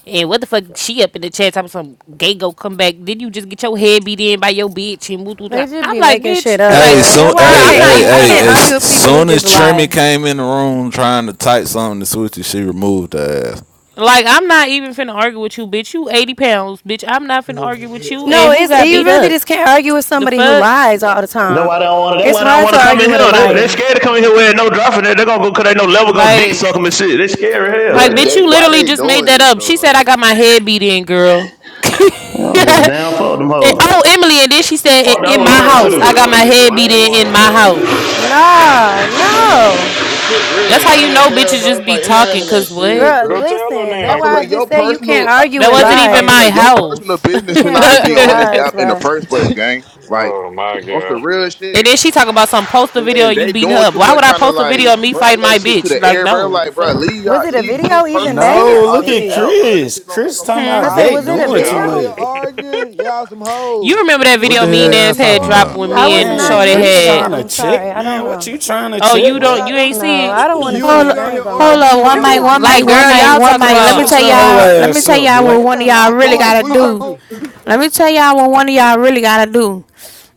Speaker 2: And what the fuck, she up in the chat talking some Gate go come back. Did you just get your head beat in by your bitch and woo woo, woo.
Speaker 23: They just
Speaker 2: I'm
Speaker 23: be
Speaker 2: like,
Speaker 23: making
Speaker 2: bitch,
Speaker 23: shit up,
Speaker 12: Hey,
Speaker 2: like,
Speaker 23: bro.
Speaker 12: soon,
Speaker 23: That's
Speaker 2: girl,
Speaker 23: why I
Speaker 12: hey,
Speaker 2: I'm
Speaker 23: can't.
Speaker 2: not
Speaker 12: hey,
Speaker 2: even
Speaker 23: I, I can't
Speaker 12: hey!
Speaker 2: finna,
Speaker 13: Yeah.
Speaker 23: argue
Speaker 12: As
Speaker 23: with people who
Speaker 12: soon as
Speaker 23: just
Speaker 12: Chermy
Speaker 23: lie.
Speaker 12: came in the room trying to type something to Switchy, she removed her ass.
Speaker 2: like, I'm not even finna argue with you, bitch. You 80 pounds, bitch. I'm not finna argue with you.
Speaker 23: No,
Speaker 2: And who
Speaker 23: it's
Speaker 2: got
Speaker 23: you
Speaker 2: beat
Speaker 23: really
Speaker 2: up?
Speaker 23: just can't argue with
Speaker 2: The
Speaker 23: somebody who
Speaker 2: fuck?
Speaker 23: lies all the
Speaker 7: That's
Speaker 23: time.
Speaker 7: why they don't want. to. That's
Speaker 23: It's
Speaker 7: why they don't
Speaker 23: hard
Speaker 7: want
Speaker 23: to
Speaker 7: to come
Speaker 23: argue
Speaker 7: in
Speaker 23: with a
Speaker 7: here. They they
Speaker 23: liar.
Speaker 7: scared to come in here wearing no drop in there. they gonna go cause they no level go dick
Speaker 2: Like,
Speaker 7: suck 'em and shit. They scared
Speaker 2: Like,
Speaker 27: bro.
Speaker 2: bitch, you
Speaker 27: Gate,
Speaker 7: as
Speaker 27: why
Speaker 2: literally
Speaker 27: they
Speaker 2: just made
Speaker 27: doing
Speaker 2: that
Speaker 27: this
Speaker 2: up.
Speaker 27: though?
Speaker 2: She said
Speaker 27: Like,
Speaker 2: I got my head beat in, girl.
Speaker 7: hell. I don't give a damn. Fuck them
Speaker 2: And- oh,
Speaker 7: hoes.
Speaker 2: Emily, and then
Speaker 27: like,
Speaker 2: she said in,
Speaker 7: Fuck
Speaker 28: I
Speaker 7: that
Speaker 2: in
Speaker 28: keep
Speaker 7: whole
Speaker 2: my
Speaker 28: asking
Speaker 7: Lord
Speaker 28: why
Speaker 27: this
Speaker 2: house.
Speaker 28: they
Speaker 2: I
Speaker 27: shit
Speaker 7: too.
Speaker 2: got my
Speaker 28: doing
Speaker 27: really
Speaker 28: that, bro.
Speaker 2: head
Speaker 28: They
Speaker 2: beat
Speaker 28: been
Speaker 27: lame as
Speaker 28: going
Speaker 2: in in
Speaker 28: on the
Speaker 2: my
Speaker 27: hell.
Speaker 28: last three
Speaker 2: house.
Speaker 28: days.
Speaker 27: I'm close to
Speaker 23: No,
Speaker 27: done.
Speaker 23: no.
Speaker 27: This shit really
Speaker 2: That's how you
Speaker 27: lame as
Speaker 2: know
Speaker 27: hell,
Speaker 2: bitches
Speaker 27: bro.
Speaker 2: just
Speaker 27: It's
Speaker 2: be
Speaker 27: like it's not
Speaker 2: talking.
Speaker 27: even that
Speaker 2: Cause what?
Speaker 27: serious,
Speaker 23: Girl,
Speaker 27: bro.
Speaker 28: Go tell them
Speaker 23: listen,
Speaker 27: I
Speaker 23: that's
Speaker 28: then,
Speaker 27: feel
Speaker 23: why I
Speaker 27: like
Speaker 28: Chris.
Speaker 27: your
Speaker 23: just said you can't
Speaker 27: personal uh,
Speaker 23: argue
Speaker 2: That
Speaker 23: with
Speaker 2: wasn't
Speaker 27: gate. I
Speaker 2: even
Speaker 27: feel
Speaker 2: my
Speaker 27: like
Speaker 23: lies.
Speaker 27: your personal
Speaker 2: house. and
Speaker 23: You
Speaker 27: business should
Speaker 23: can't
Speaker 27: not even
Speaker 23: argue
Speaker 27: be
Speaker 23: with
Speaker 27: on this
Speaker 23: lies,
Speaker 27: app in the
Speaker 23: bro.
Speaker 27: first place, gang. Like
Speaker 28: Oh my
Speaker 27: on some
Speaker 28: god.
Speaker 27: real shit.
Speaker 2: then she talk about some post a
Speaker 27: And
Speaker 2: video
Speaker 27: then
Speaker 2: of you
Speaker 27: they
Speaker 2: beating
Speaker 27: doing
Speaker 2: her up.
Speaker 27: too
Speaker 2: Why
Speaker 27: much,
Speaker 2: would I
Speaker 27: trying to
Speaker 2: post a video
Speaker 27: like
Speaker 2: of me
Speaker 27: bring
Speaker 2: fighting
Speaker 27: that
Speaker 2: my
Speaker 27: shit to
Speaker 2: bitch?
Speaker 27: the
Speaker 2: Like,
Speaker 27: air, bro.
Speaker 2: no, the
Speaker 27: Like, bro,
Speaker 2: fuck.
Speaker 27: leave
Speaker 23: Was
Speaker 27: y'all,
Speaker 23: it a
Speaker 27: leave his
Speaker 23: video even
Speaker 26: She
Speaker 27: personal
Speaker 26: said
Speaker 23: made?
Speaker 27: business
Speaker 13: No,
Speaker 26: her
Speaker 27: all
Speaker 13: look
Speaker 27: this
Speaker 13: at
Speaker 27: out,
Speaker 26: big.
Speaker 27: bro. This
Speaker 13: Chris.
Speaker 27: shit don't make
Speaker 13: Chris
Speaker 27: no
Speaker 13: talking
Speaker 27: fucking
Speaker 23: I
Speaker 13: about
Speaker 27: sense.
Speaker 23: said,
Speaker 9: Ah,
Speaker 23: was
Speaker 13: Gate
Speaker 9: you
Speaker 23: it a
Speaker 9: niggas
Speaker 13: doing
Speaker 28: Yeah,
Speaker 9: that's
Speaker 13: too
Speaker 28: I'm-
Speaker 9: on
Speaker 23: video?
Speaker 9: here
Speaker 13: much.
Speaker 9: arguing, y'all some
Speaker 2: You
Speaker 9: hoes.
Speaker 2: remember
Speaker 9: If
Speaker 2: that
Speaker 9: you
Speaker 12: What the
Speaker 2: video
Speaker 9: ain't
Speaker 12: hell
Speaker 2: mean
Speaker 9: gay
Speaker 12: y'all
Speaker 9: and
Speaker 2: ass
Speaker 9: you
Speaker 2: had
Speaker 12: talking
Speaker 2: dropped
Speaker 9: arguing,
Speaker 12: about?
Speaker 2: when
Speaker 9: you a
Speaker 23: I
Speaker 2: me
Speaker 23: was
Speaker 2: and
Speaker 9: hoe.
Speaker 23: not
Speaker 13: Man,
Speaker 2: Shorty
Speaker 23: here for
Speaker 13: Chris
Speaker 2: had?
Speaker 23: that.
Speaker 13: trying to
Speaker 23: I'm sorry.
Speaker 13: check,
Speaker 23: I don't
Speaker 13: man. What
Speaker 23: know.
Speaker 13: you trying to
Speaker 2: Oh, you
Speaker 13: check,
Speaker 2: don't,
Speaker 10: Moolah.
Speaker 2: you
Speaker 13: bro?
Speaker 10: Don't
Speaker 2: ain't
Speaker 10: do
Speaker 23: No,
Speaker 2: see
Speaker 10: that
Speaker 2: it.
Speaker 23: I don't
Speaker 10: one.
Speaker 9: If
Speaker 23: want to
Speaker 9: you
Speaker 26: Meanie,
Speaker 9: a
Speaker 23: see
Speaker 1: Hold,
Speaker 23: it.
Speaker 9: nigga on
Speaker 23: I
Speaker 9: here
Speaker 23: ain't gonna
Speaker 1: hold
Speaker 23: lie.
Speaker 9: arguing,
Speaker 1: up,
Speaker 9: you a
Speaker 1: one
Speaker 26: you be
Speaker 1: mic,
Speaker 9: hoe.
Speaker 1: one
Speaker 26: on
Speaker 2: Like,
Speaker 1: mic, one
Speaker 26: different
Speaker 2: girl,
Speaker 1: mic,
Speaker 2: y'all
Speaker 26: sides of
Speaker 1: one
Speaker 2: talk
Speaker 1: mic.
Speaker 13: Chris,
Speaker 1: Let me
Speaker 2: about
Speaker 13: shut
Speaker 1: tell
Speaker 26: clubhouse,
Speaker 13: your whole
Speaker 26: bro.
Speaker 1: y'all. Let me
Speaker 13: ass
Speaker 1: tell
Speaker 13: up,
Speaker 1: y'all what
Speaker 13: boy.
Speaker 10: It's
Speaker 1: one of
Speaker 10: a
Speaker 1: y'all
Speaker 10: lot
Speaker 1: really
Speaker 9: Who?
Speaker 10: going
Speaker 1: gotta
Speaker 9: Who you talking
Speaker 1: do.
Speaker 10: on.
Speaker 9: to?
Speaker 1: Let me tell y'all what one of y'all really gotta do.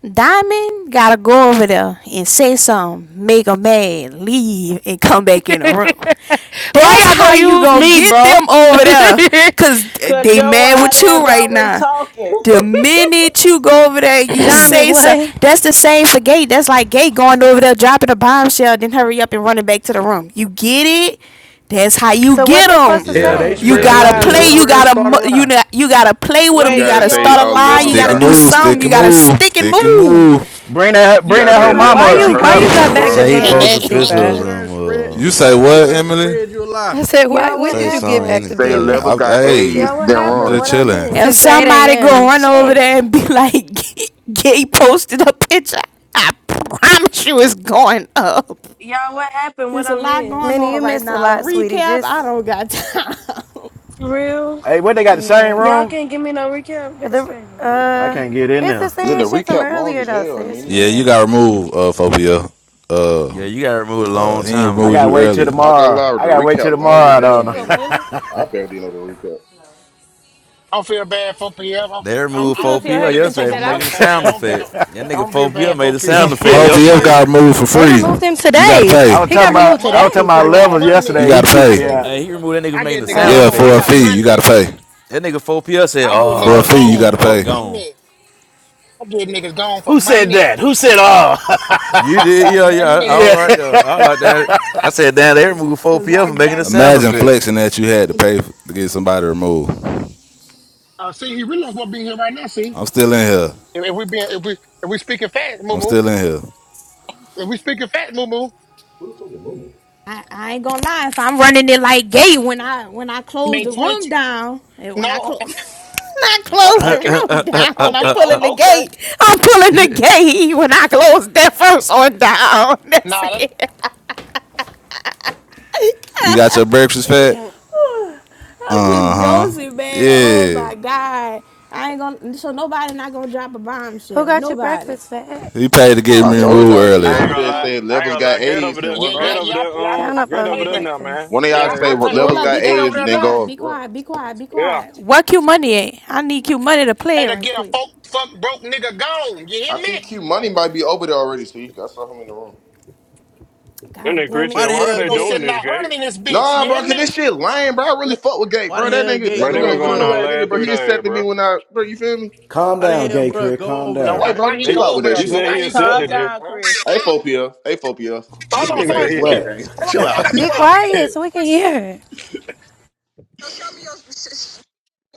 Speaker 1: Diamond gotta go over there and say something, make 'em mad, leave, and come back in the room.
Speaker 2: Why
Speaker 1: That's
Speaker 2: y'all go
Speaker 1: how you
Speaker 2: use
Speaker 1: gonna
Speaker 2: me,
Speaker 1: get
Speaker 2: bro?
Speaker 1: them over there. Cause
Speaker 8: Cause
Speaker 1: they
Speaker 8: your
Speaker 1: mad
Speaker 8: wide
Speaker 1: with you
Speaker 8: ass
Speaker 1: right
Speaker 8: always
Speaker 1: now.
Speaker 8: talking.
Speaker 1: The minute you go over there, you
Speaker 23: Diamond,
Speaker 1: say so.
Speaker 23: what?
Speaker 1: That's the same for Gay. That's like Gay going over there, dropping a bombshell, then hurry up and running back to the room. You get it? That's how you
Speaker 23: So what
Speaker 1: get
Speaker 23: they supposed
Speaker 1: them.
Speaker 23: to
Speaker 16: Hell,
Speaker 3: Yeah,
Speaker 16: they
Speaker 23: say?
Speaker 1: You
Speaker 16: spread
Speaker 1: gotta
Speaker 3: yeah,
Speaker 16: lies.
Speaker 1: play.
Speaker 16: Go
Speaker 3: yeah.
Speaker 16: over
Speaker 1: You
Speaker 16: there and
Speaker 1: gotta
Speaker 16: start a
Speaker 1: you
Speaker 16: lie.
Speaker 1: know you gotta play with
Speaker 27: You
Speaker 1: them. You
Speaker 8: Wait,
Speaker 27: guys
Speaker 1: gotta
Speaker 8: she on
Speaker 27: say
Speaker 8: the
Speaker 1: start a
Speaker 27: uh,
Speaker 1: lie. You
Speaker 27: levels
Speaker 8: phone.
Speaker 12: Stick
Speaker 1: gotta
Speaker 12: and
Speaker 27: got
Speaker 1: do
Speaker 12: move,
Speaker 27: herpes
Speaker 12: stick
Speaker 1: something. You
Speaker 27: and
Speaker 12: and
Speaker 27: run.
Speaker 1: gotta
Speaker 12: move,
Speaker 1: stick and
Speaker 12: stick and
Speaker 1: move.
Speaker 12: move.
Speaker 21: Bring that
Speaker 27: You
Speaker 21: bring
Speaker 27: guys
Speaker 21: that whole
Speaker 27: say
Speaker 23: Kiana,
Speaker 21: mama
Speaker 27: levels
Speaker 23: why
Speaker 16: They
Speaker 21: up.
Speaker 27: got
Speaker 16: be
Speaker 21: She
Speaker 23: you why
Speaker 16: they
Speaker 23: you
Speaker 27: herpes
Speaker 21: coming.
Speaker 16: be
Speaker 27: then
Speaker 23: got back to
Speaker 16: spreading
Speaker 27: run.
Speaker 3: Say he
Speaker 23: being
Speaker 16: lies.
Speaker 3: posted
Speaker 23: messy,
Speaker 3: pictures
Speaker 16: Going over
Speaker 23: bruh?
Speaker 16: there
Speaker 3: of
Speaker 16: and spread.
Speaker 3: him. uh,
Speaker 12: You say
Speaker 16: Going over
Speaker 12: what,
Speaker 16: there and
Speaker 12: Emily?
Speaker 16: spread you a lie.
Speaker 23: I said, why
Speaker 31: Y'all,
Speaker 23: when
Speaker 31: what
Speaker 3: say
Speaker 23: did you get
Speaker 3: something,
Speaker 23: back
Speaker 31: happened?
Speaker 23: to
Speaker 27: Say
Speaker 23: being
Speaker 3: anything.
Speaker 23: messy?
Speaker 27: levels
Speaker 12: I,
Speaker 27: got
Speaker 23: I
Speaker 12: hey,
Speaker 27: AIDS
Speaker 23: can't.
Speaker 31: Y'all, what
Speaker 27: then
Speaker 12: I'm
Speaker 31: happened?
Speaker 12: just
Speaker 31: What
Speaker 27: run.
Speaker 31: I
Speaker 12: chilling.
Speaker 1: If
Speaker 23: Since
Speaker 31: miss?
Speaker 23: 8
Speaker 1: somebody go
Speaker 23: a.m.
Speaker 1: run over
Speaker 23: Shit.
Speaker 1: there and be like, "Gay posted a picture," I promise you, it's going up.
Speaker 31: Y'all, what happened? What
Speaker 1: There's a
Speaker 31: I
Speaker 1: lot going
Speaker 31: miss?
Speaker 23: Minnie,
Speaker 1: on
Speaker 23: you
Speaker 1: right
Speaker 23: missed a
Speaker 1: now.
Speaker 23: lot, sweetie.
Speaker 1: Recap,
Speaker 23: Just
Speaker 1: I don't got time.
Speaker 31: For real?
Speaker 21: Hey, what they got the same
Speaker 23: Yeah.
Speaker 31: Y'all
Speaker 21: room?
Speaker 31: can't give me no recap. That's
Speaker 23: The
Speaker 31: crazy.
Speaker 21: I
Speaker 23: uh,
Speaker 21: can't get in
Speaker 23: it's the
Speaker 21: there.
Speaker 27: Look,
Speaker 23: same
Speaker 27: the
Speaker 23: shit from
Speaker 27: recap long
Speaker 23: earlier
Speaker 27: as
Speaker 23: though,
Speaker 27: hell,
Speaker 23: sis.
Speaker 27: man.
Speaker 23: For
Speaker 12: Yeah, you
Speaker 23: real.
Speaker 12: got removed, uh, 4PF. Uh,
Speaker 3: Yeah, you got removed a long
Speaker 12: uh, he ain't
Speaker 3: time
Speaker 21: I
Speaker 12: removed
Speaker 21: gotta
Speaker 3: ago.
Speaker 12: you
Speaker 21: wait till
Speaker 12: earlier.
Speaker 27: Not gonna
Speaker 21: tomorrow.
Speaker 27: lie, the
Speaker 21: I gotta wait till
Speaker 27: recap
Speaker 21: tomorrow.
Speaker 27: long as
Speaker 2: Damn, bitch,
Speaker 27: hell,
Speaker 21: don't
Speaker 2: you in
Speaker 21: know.
Speaker 2: your
Speaker 27: Minnie.
Speaker 2: feelings?
Speaker 27: I barely know the recap.
Speaker 6: I don't feel bad for PL.
Speaker 3: They
Speaker 6: I'm, I'm,
Speaker 2: What
Speaker 3: removed
Speaker 2: you
Speaker 6: I'm
Speaker 2: doing to your hair?
Speaker 6: removing
Speaker 3: 4PL
Speaker 2: You
Speaker 6: niggas
Speaker 2: finna
Speaker 6: too
Speaker 2: take
Speaker 3: yesterday
Speaker 6: for
Speaker 3: for
Speaker 2: that
Speaker 3: making
Speaker 6: money
Speaker 2: out?
Speaker 3: the
Speaker 6: for PL.
Speaker 3: sound
Speaker 6: Don't be,
Speaker 3: effect. That nigga
Speaker 6: don't be
Speaker 3: 4PL
Speaker 6: bad
Speaker 3: made
Speaker 6: for
Speaker 3: the sound
Speaker 6: PL.
Speaker 2: Oh.
Speaker 6: I
Speaker 3: effect
Speaker 21: yeah.
Speaker 6: got
Speaker 12: 4PF
Speaker 3: yesterday.
Speaker 12: got
Speaker 6: money.
Speaker 12: removed for
Speaker 23: They
Speaker 12: free.
Speaker 23: removed him
Speaker 12: You gotta
Speaker 23: today.
Speaker 21: I
Speaker 12: pay.
Speaker 21: was
Speaker 23: He
Speaker 21: talking
Speaker 6: I
Speaker 23: got
Speaker 6: got
Speaker 23: removed
Speaker 21: about I
Speaker 6: money.
Speaker 21: was talking
Speaker 23: today for
Speaker 21: about
Speaker 6: I
Speaker 23: doing
Speaker 6: got
Speaker 21: levels
Speaker 23: that.
Speaker 12: You
Speaker 21: yesterday.
Speaker 6: money.
Speaker 21: He
Speaker 12: gotta
Speaker 21: kicked
Speaker 6: I
Speaker 12: pay.
Speaker 21: me
Speaker 6: get a
Speaker 21: out.
Speaker 3: Hey,
Speaker 6: nigga.
Speaker 3: he
Speaker 6: go-
Speaker 3: removed that nigga for
Speaker 6: I
Speaker 3: making
Speaker 6: get
Speaker 3: the
Speaker 6: niggas
Speaker 3: sound
Speaker 12: Yeah,
Speaker 23: Oh,
Speaker 6: gone.
Speaker 3: effect
Speaker 6: I
Speaker 12: for a
Speaker 6: got
Speaker 12: fee,
Speaker 3: yesterday.
Speaker 12: you gotta
Speaker 6: money.
Speaker 12: pay.
Speaker 3: That nigga 4PL said,
Speaker 6: I get
Speaker 12: For a
Speaker 6: niggas
Speaker 3: oh,
Speaker 12: fee, you
Speaker 6: gone
Speaker 3: boom,
Speaker 12: gotta
Speaker 6: for
Speaker 3: up,
Speaker 12: pay.
Speaker 3: gone.
Speaker 6: money. I get niggas gone for
Speaker 21: Who said
Speaker 6: money.
Speaker 21: that? Who said all?
Speaker 3: You
Speaker 6: I
Speaker 3: did? Yeah,
Speaker 6: got
Speaker 3: yeah.
Speaker 6: money.
Speaker 3: All
Speaker 21: yeah.
Speaker 3: right, though. I like that. I said, damn, they removed
Speaker 6: Cause
Speaker 3: 4PL
Speaker 6: I
Speaker 3: for making a
Speaker 6: got
Speaker 3: sound
Speaker 12: Imagine
Speaker 6: money.
Speaker 3: effect.
Speaker 12: flexing that you had to pay f to get somebody removed.
Speaker 6: Uh, see, he realized what being here right now. See,
Speaker 12: I'm still in here.
Speaker 6: if, if we being, if we, if we speaking fat, Moo
Speaker 12: I'm
Speaker 6: Moo.
Speaker 12: still in here.
Speaker 6: If we speaking fat, Moo Moo.
Speaker 1: I, I ain't gonna lie. If I'm running it like gay when I when I close
Speaker 6: Made
Speaker 1: the room
Speaker 6: twenty.
Speaker 1: down, and when I
Speaker 6: No,
Speaker 1: close, I
Speaker 6: o-
Speaker 1: close
Speaker 6: okay.
Speaker 1: the room down. I'm
Speaker 6: Okay,
Speaker 1: pulling the
Speaker 6: oh, okay.
Speaker 1: gate. I'm pulling the gate when I close that first one down. That's
Speaker 6: Nah, that,
Speaker 1: it.
Speaker 12: You got your breakfast fat?
Speaker 1: I'm
Speaker 12: Uh
Speaker 1: just
Speaker 12: huh.
Speaker 1: Joseph, man. Oh
Speaker 12: Yeah.
Speaker 1: my God. I ain't gonna so nobody not gonna drop a
Speaker 23: who
Speaker 1: bombshell.
Speaker 23: got you
Speaker 1: Nobody.
Speaker 23: breakfast, fat?
Speaker 12: He paid to get
Speaker 1: Oh
Speaker 27: I
Speaker 12: me
Speaker 27: told
Speaker 1: Jizzle.
Speaker 12: removed
Speaker 27: y'all I should
Speaker 28: I
Speaker 12: early.
Speaker 27: go
Speaker 28: ain't
Speaker 27: over
Speaker 1: Jizzle, you
Speaker 27: there
Speaker 28: gonna
Speaker 27: and
Speaker 28: lie.
Speaker 1: know.
Speaker 27: say
Speaker 28: I ain't
Speaker 27: levels
Speaker 28: gonna
Speaker 27: got
Speaker 28: lie. Get
Speaker 27: A's
Speaker 28: over
Speaker 27: and
Speaker 28: there.
Speaker 6: yeah,
Speaker 27: run off.
Speaker 6: yeah,
Speaker 28: Get
Speaker 1: I
Speaker 28: over
Speaker 6: yeah,
Speaker 28: there.
Speaker 6: yeah. I,
Speaker 28: Um,
Speaker 23: Count
Speaker 6: I,
Speaker 23: up
Speaker 28: get
Speaker 6: I
Speaker 23: on
Speaker 28: over
Speaker 23: you
Speaker 6: paid,
Speaker 28: there
Speaker 6: ni-
Speaker 28: now,
Speaker 23: breakfast.
Speaker 28: man.
Speaker 27: One of
Speaker 28: Yeah,
Speaker 6: yeah,
Speaker 27: y'all say
Speaker 28: yeah,
Speaker 6: I
Speaker 28: that
Speaker 27: well,
Speaker 6: paid.
Speaker 28: shit
Speaker 1: hold
Speaker 27: levels
Speaker 28: over.
Speaker 1: up,
Speaker 27: got
Speaker 1: be
Speaker 6: Gate
Speaker 1: quiet,
Speaker 6: over
Speaker 27: A's
Speaker 1: be
Speaker 27: and
Speaker 6: there
Speaker 27: then
Speaker 6: now.
Speaker 27: go
Speaker 1: quiet,
Speaker 27: up.
Speaker 1: be
Speaker 27: Run.
Speaker 1: quiet, be quiet, be
Speaker 28: Yeah,
Speaker 1: quiet. What Q money at? I need Q money to
Speaker 6: I
Speaker 1: play
Speaker 6: paid
Speaker 1: it
Speaker 6: to
Speaker 1: right
Speaker 6: get a
Speaker 1: quick.
Speaker 6: folk, fuck broke nigga gone. You hear
Speaker 27: I
Speaker 6: me?
Speaker 27: think Q Money might be over there already, see? I saw him in the room.
Speaker 28: and
Speaker 1: God
Speaker 28: then
Speaker 1: damn it.
Speaker 28: Christian,
Speaker 16: Why the
Speaker 28: "Why are
Speaker 16: hell,
Speaker 6: They
Speaker 28: they
Speaker 6: gonna
Speaker 28: doing
Speaker 16: Gate?
Speaker 6: send
Speaker 28: this,
Speaker 6: that hundred
Speaker 28: Gate?
Speaker 6: in this bitch. You
Speaker 27: Nah, bro,
Speaker 6: hear
Speaker 27: cause
Speaker 6: me?
Speaker 27: this shit lame, bro. I really
Speaker 6: Look,
Speaker 27: fuck with Gate,
Speaker 16: Why the
Speaker 27: bro. That
Speaker 16: hell,
Speaker 27: nigga,
Speaker 16: Gate?
Speaker 27: that
Speaker 28: Bro, they
Speaker 16: Go
Speaker 27: nigga
Speaker 28: been
Speaker 27: a
Speaker 16: over
Speaker 28: going
Speaker 27: cool
Speaker 28: on
Speaker 16: there.
Speaker 27: ass nigga,
Speaker 28: last
Speaker 27: bro.
Speaker 28: three
Speaker 27: He
Speaker 28: days,
Speaker 27: accepted me
Speaker 28: bro.
Speaker 27: when I, bro, you feel me?
Speaker 21: Calm
Speaker 16: Why the
Speaker 21: down,
Speaker 16: hell,
Speaker 21: gay
Speaker 16: bro?
Speaker 21: career.
Speaker 16: Go
Speaker 21: Calm
Speaker 16: over
Speaker 6: now
Speaker 16: there,
Speaker 21: down.
Speaker 6: why,
Speaker 27: Hey,
Speaker 16: man.
Speaker 6: why
Speaker 27: bro,
Speaker 6: he
Speaker 27: chill
Speaker 28: He,
Speaker 27: out
Speaker 6: go
Speaker 27: with
Speaker 6: over
Speaker 27: that
Speaker 6: there,
Speaker 28: you
Speaker 6: bro?
Speaker 27: shit,
Speaker 28: said
Speaker 27: bro.
Speaker 28: he
Speaker 6: Why he go
Speaker 8: Calm
Speaker 28: accepted
Speaker 6: over there,
Speaker 28: you.
Speaker 8: down,
Speaker 6: bro?
Speaker 8: Chris.
Speaker 32: Maria, bro.
Speaker 27: Hey, 4 Hey, 4 We
Speaker 6: Hold
Speaker 27: in the
Speaker 6: on,
Speaker 28: Nigga
Speaker 6: somebody
Speaker 27: same
Speaker 6: play
Speaker 27: city,
Speaker 28: said,
Speaker 6: it.
Speaker 21: What?
Speaker 27: gang.
Speaker 6: Hold
Speaker 27: Chill
Speaker 6: on, y'all
Speaker 27: out.
Speaker 6: gotta be
Speaker 23: Be
Speaker 6: quiet. Play
Speaker 28: he,
Speaker 23: quiet
Speaker 6: it.
Speaker 23: so we can hear it.
Speaker 32: So show me your, show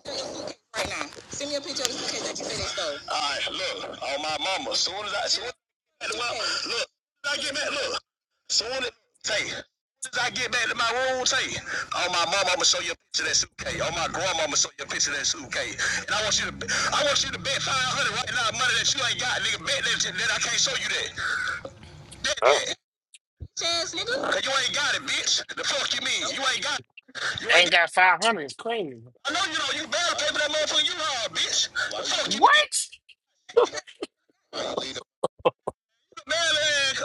Speaker 32: your suitcase right now. Send me a picture of the suitcase that you said they stole. All right, look, on my mama. Soon as I, soon as I get back, to my- look, soon as I get back, look. Soon as, say, soon as I get back to my room, say, on my mama, I'ma show you a picture of that suitcase. On my grandma, I'ma show you a picture of that suitcase. And I want you to, I want you to bet 500 right now, money that you ain't got, nigga. Bet that, that I can't show you that. Bet
Speaker 28: oh,
Speaker 32: that. Chance, nigga. Cause you ain't got it, bitch. The fuck you mean? You ain't got it. You ain't got it.
Speaker 6: Ain't got five hundred. It's crazy.
Speaker 32: I know you don't. You better pay for that motherfucking U-Haul, bitch. What the fuck you
Speaker 6: What?
Speaker 32: mean? Man,